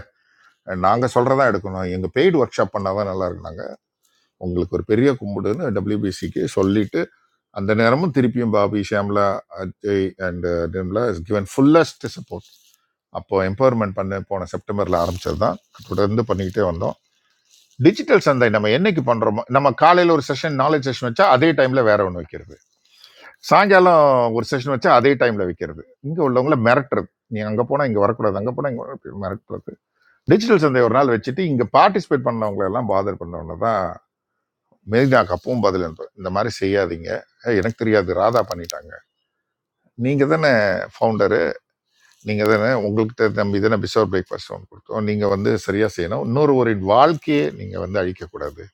L: நாங்கள் சொல்கிறதா எடுக்கணும் எங்கள் பெய்டு ஒர்க் ஷாப் பண்ணால் தான் நல்லா இருக்கு உங்களுக்கு ஒரு பெரிய கும்பிடுன்னு டபிள்யூபிசிக்கு சொல்லிட்டு அந்த நேரமும் திருப்பியும் Bobby Shyamala Ajay and Nirmala is given fullest support அப்போ எம்பவர்மெண்ட் பண்ண போன செப்டம்பர்ல ஆரம்பிச்சது தான் தொடர்ந்து பண்ணிக்கிட்டே வந்தோம் டிஜிட்டல் சந்தை நம்ம என்னைக்கு பண்றோமோ நம்ம காலையில ஒரு செஷன் நாலேஜ் செஷன் வச்சா அதே டைம்ல வேற ஒன்று வைக்கிறது சாயங்காலம் ஒரு செஷன் வச்சா அதே டைம்ல வைக்கிறது இங்க உள்ளவங்கள மிரட்டுறது நீ அங்க போனா இங்க வரக்கூடாது அங்க போனா இங்க வரக்கூடாது, மிரட்டுறது டிஜிட்டல் சந்தை ஒரு நாள் வச்சுட்டு இங்க பார்ட்டிசிபேட் பண்ணவங்க எல்லாம் பாதர் பண்ணவங்க தான் மெலினாக்கு அப்பவும் பதில் அனுப்பு இந்த மாதிரி செய்யாதீங்க ஏய், எனக்கு தெரியாது ராதா பண்ணிட்டாங்க நீங்கள் தானே ஃபவுண்டரு நீங்கள் தானே உங்கள்கிட்ட நம்பி தானே பிசோர் பிரேக்ஃபாஸ்ட் ஒன்று கொடுத்தோம் நீங்கள் வந்து சரியாக செய்யணும் இன்னொரு ஒரு வாழ்க்கையை நீங்கள் வந்து அழிக்கக்கூடாது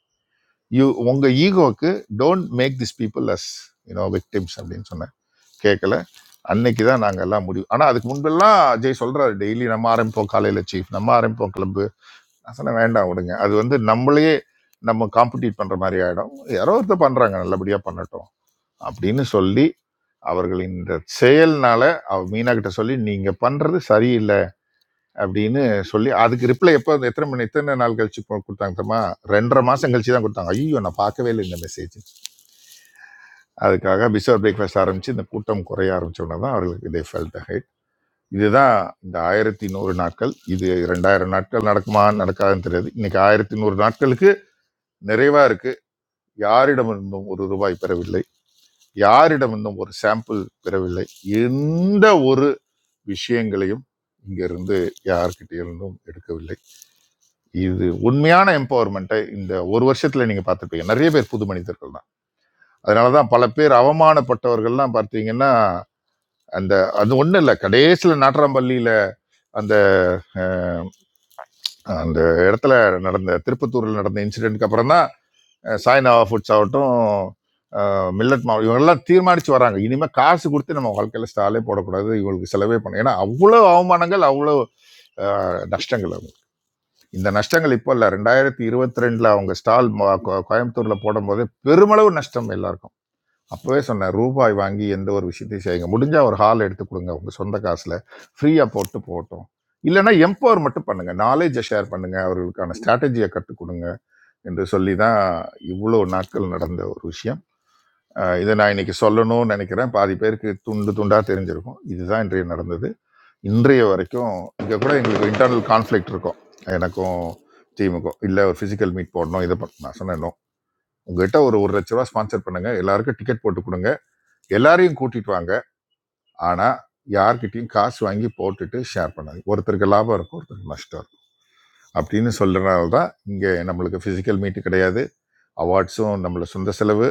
L: யூ உங்கள் ஈகோவுக்கு don't make this people as you know victims அப்படின்னு சொன்னேன் கேட்கல அன்னைக்கு தான் நாங்கள் எல்லாம் முடிவு ஆனால் அதுக்கு முன்பெல்லாம் அஜய் சொல்கிறாரு டெய்லி நம்ம ஆரம்பிப்போம் காலையில் சீஃப் நம்ம ஆரம்பிப்போம் கிளப்பு நான் சொன்னேன் வேண்டாம் விடுங்க அது வந்து நம்மளையே நம்ம காம்படிட் பண்ணுற மாதிரி ஆகிடும் யாரோ ஒருத்தர் பண்ணுறாங்க நல்லபடியாக பண்ணட்டும் அப்படின்னு சொல்லி அவர்களின் இந்த செயல்னால அவ மீனா கிட்ட சொல்லி நீங்க பண்றது சரியில்லை அப்படின்னு சொல்லி அதுக்கு ரிப்ளை எப்போ எத்தனை மணி எத்தனை நாள் கழிச்சு போ- கொடுத்தாங்க தெரியுமா ரெண்டரை மாசம் கழிச்சு தான் கொடுத்தாங்க ஐயோ நான் பார்க்கவே இல்லை இந்த மெசேஜ் அதுக்காக பிசோர் பிரேக்ஃபாஸ்ட் ஆரம்பிச்சு இந்த கூட்டம் குறைய ஆரம்பிச்சோன்னா தான் அவர்களுக்கு இதை ஃபெல்ட் ஹைட் இதுதான் இந்த ஆயிரத்தி நூறு நாட்கள் இது ரெண்டாயிரம் நாட்கள் நடக்குமா நடக்காதுன்னு தெரியாது இன்னைக்கு ஆயிரத்தி நூறு நாட்களுக்கு நிறைவா இருக்கு யாரிடமிருந்தும் ஒரு ரூபாய் பெறவில்லை யாரிடமிருந்தும் ஒரு சாம்பிள் பெறவில்லை எந்த ஒரு விஷயங்களையும் இங்கிருந்து யார்கிட்டயிருந்தும் எடுக்கவில்லை இது உண்மையான எம்பவர்மெண்ட்டை இந்த ஒரு வருஷத்துல நீங்க பார்த்துருப்பீங்க நிறைய பேர் புது மனிதர்கள் தான் அதனால தான் பல பேர் அவமானப்பட்டவர்கள்லாம் பார்த்தீங்கன்னா அந்த அது ஒன்றும் இல்லை கடைசியில் நாட்றாம்பள்ளியில் அந்த அந்த இடத்துல நடந்த திருப்பத்தூரில் நடந்த இன்சிடென்ட்க்கு அப்புறம் தான் அஹ், சாய்னாவா ஃபுட்ஸ் ஆகட்டும் அஹ், மில்லட் மாவு இவங்கெல்லாம் தீர்மானித்து வராங்க இனிமேல் காசு கொடுத்து நம்ம வாழ்க்கையில் ஸ்டாலே போடக்கூடாது இவங்களுக்கு செலவே பண்ண ஏன்னா அவ்வளோ அவமானங்கள் அவ்வளோ அஹ், நஷ்டங்கள் இந்த நஷ்டங்கள் இப்போ இல்லை ரெண்டாயிரத்தி இருபத்தி ரெண்டில் அவங்க ஸ்டால் ம- கோ- கோயம்புத்தூர்ல போடும்போது பெருமளவு நஷ்டம் எல்லாருக்கும் அப்பவே சொன்னேன் ரூபாய் வாங்கி எந்த ஒரு விஷயத்தையும் செய்யுங்க முடிஞ்சா ஒரு ஹால் எடுத்து கொடுங்க உங்க சொந்த காசுல ஃப்ரீயா போட்டு போகட்டும் இல்லைன்னா எம்பவர் மட்டும் பண்ணுங்க நாலேஜை ஷேர் பண்ணுங்க அவர்களுக்கான ஸ்ட்ராட்டஜியை கற்றுக் கொடுங்க என்று சொல்லி தான் இவ்வளோ நாட்கள் நடந்த ஒரு விஷயம் அஹ் இதை நான் இன்னைக்கு சொல்லணும்னு நினைக்கிறேன் பாதி பேருக்கு துண்டு துண்டாக தெரிஞ்சிருக்கும் இதுதான் இன்றைய நடந்தது இன்றைய வரைக்கும் இங்கே கூட எங்களுக்கு இன்டர்னல் கான்ஃப்ளிக்ட் இருக்கும் எனக்கும் டீமுக்கும் இல்லை ஒரு ஃபிசிக்கல் மீட் போடணும் இதை பண்ண நான் சொன்னேன் "No. உங்ககிட்ட ஒரு ஒரு லட்ச ரூபா ஸ்பான்சர் பண்ணுங்க எல்லாருக்கும் டிக்கெட் போட்டு கொடுங்க எல்லாரையும் கூட்டிட்டு வாங்க ஆனால் யார்கிட்டயும் காசு வாங்கி போட்டுட்டு ஷேர் பண்ணாது ஒருத்தருக்கு லாபம் இருக்கும் ஒருத்தருக்கு நஷ்டம் இருக்கும் அப்படின்னு சொல்கிறனால தான் இங்கே நம்மளுக்கு ஃபிசிக்கல் மீட்டு கிடையாது அவார்ட்ஸும் நம்மள சொந்த செலவு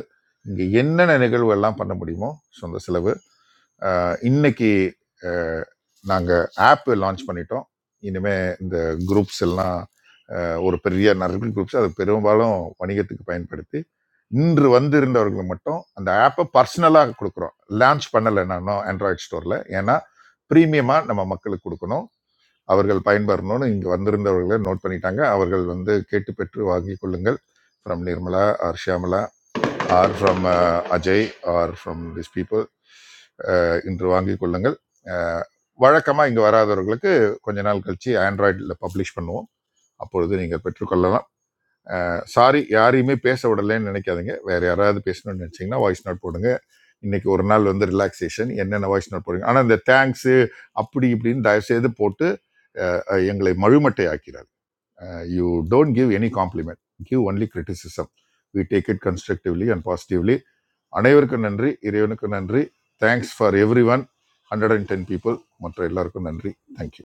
L: இங்கே என்னென்ன நிகழ்வு எல்லாம் பண்ண முடியுமோ சொந்த செலவு ஆஹ் இன்னைக்கு நாங்கள் ஆப் லான்ச் பண்ணிட்டோம் இனிமே இந்த குரூப்ஸ் எல்லாம் ஆஹ் ஒரு பெரிய நிறைய குரூப்ஸ் அது பெரும்பாலும் வணிகத்துக்கு பயன்படுத்தி இன்று வந்திருந்தவர்கள் மட்டும் அந்த ஆப்பை பர்சனலாக கொடுக்குறோம் லான்ச் பண்ணலை நானும் ஆண்ட்ராய்ட் ஸ்டோரில் ஏன்னா ப்ரீமியமாக நம்ம மக்களுக்கு கொடுக்கணும் அவர்கள் பயன்பெறணும்னு இங்கே வந்திருந்தவர்களை நோட் பண்ணிட்டாங்க அவர்கள் வந்து கேட்டு பெற்று வாங்கி கொள்ளுங்கள் from Nirmala or Shyamala or from Ajay or from this people இன்று வாங்கி கொள்ளுங்கள் அஹ், வழக்கமா இங்க வராதவர்களுக்கு கொஞ்ச நாள் கழிச்சு ஆண்ட்ராய்டில் பப்ளிஷ் பண்ணுவோம் அப்பொழுது நீங்கள் பெற்றுக்கொள்ளலாம் சாரி யாரையுமே பேச விடலைன்னு நினைக்காதீங்க வேற யாராவது பேசணும்னு நினைச்சீங்கன்னா வாய்ஸ் நோட் போடுங்க இன்னைக்கு ஒரு நாள் வந்து ரிலாக்ஸேஷன் என்னென்ன வாய்ஸ் நோட் போடுங்க ஆனால் இந்த தேங்க்ஸு அப்படி இப்படின்னு தயவுசெய்து போட்டு அஹ், எங்களை மழுமட்டை ஆக்கிறார் you don't give any compliment give only criticism we take it constructively and positively அனைவருக்கும் நன்றி இறைவனுக்கு நன்றி thanks for everyone hundred and ten people மற்ற எல்லாருக்கும் நன்றி தேங்க்யூ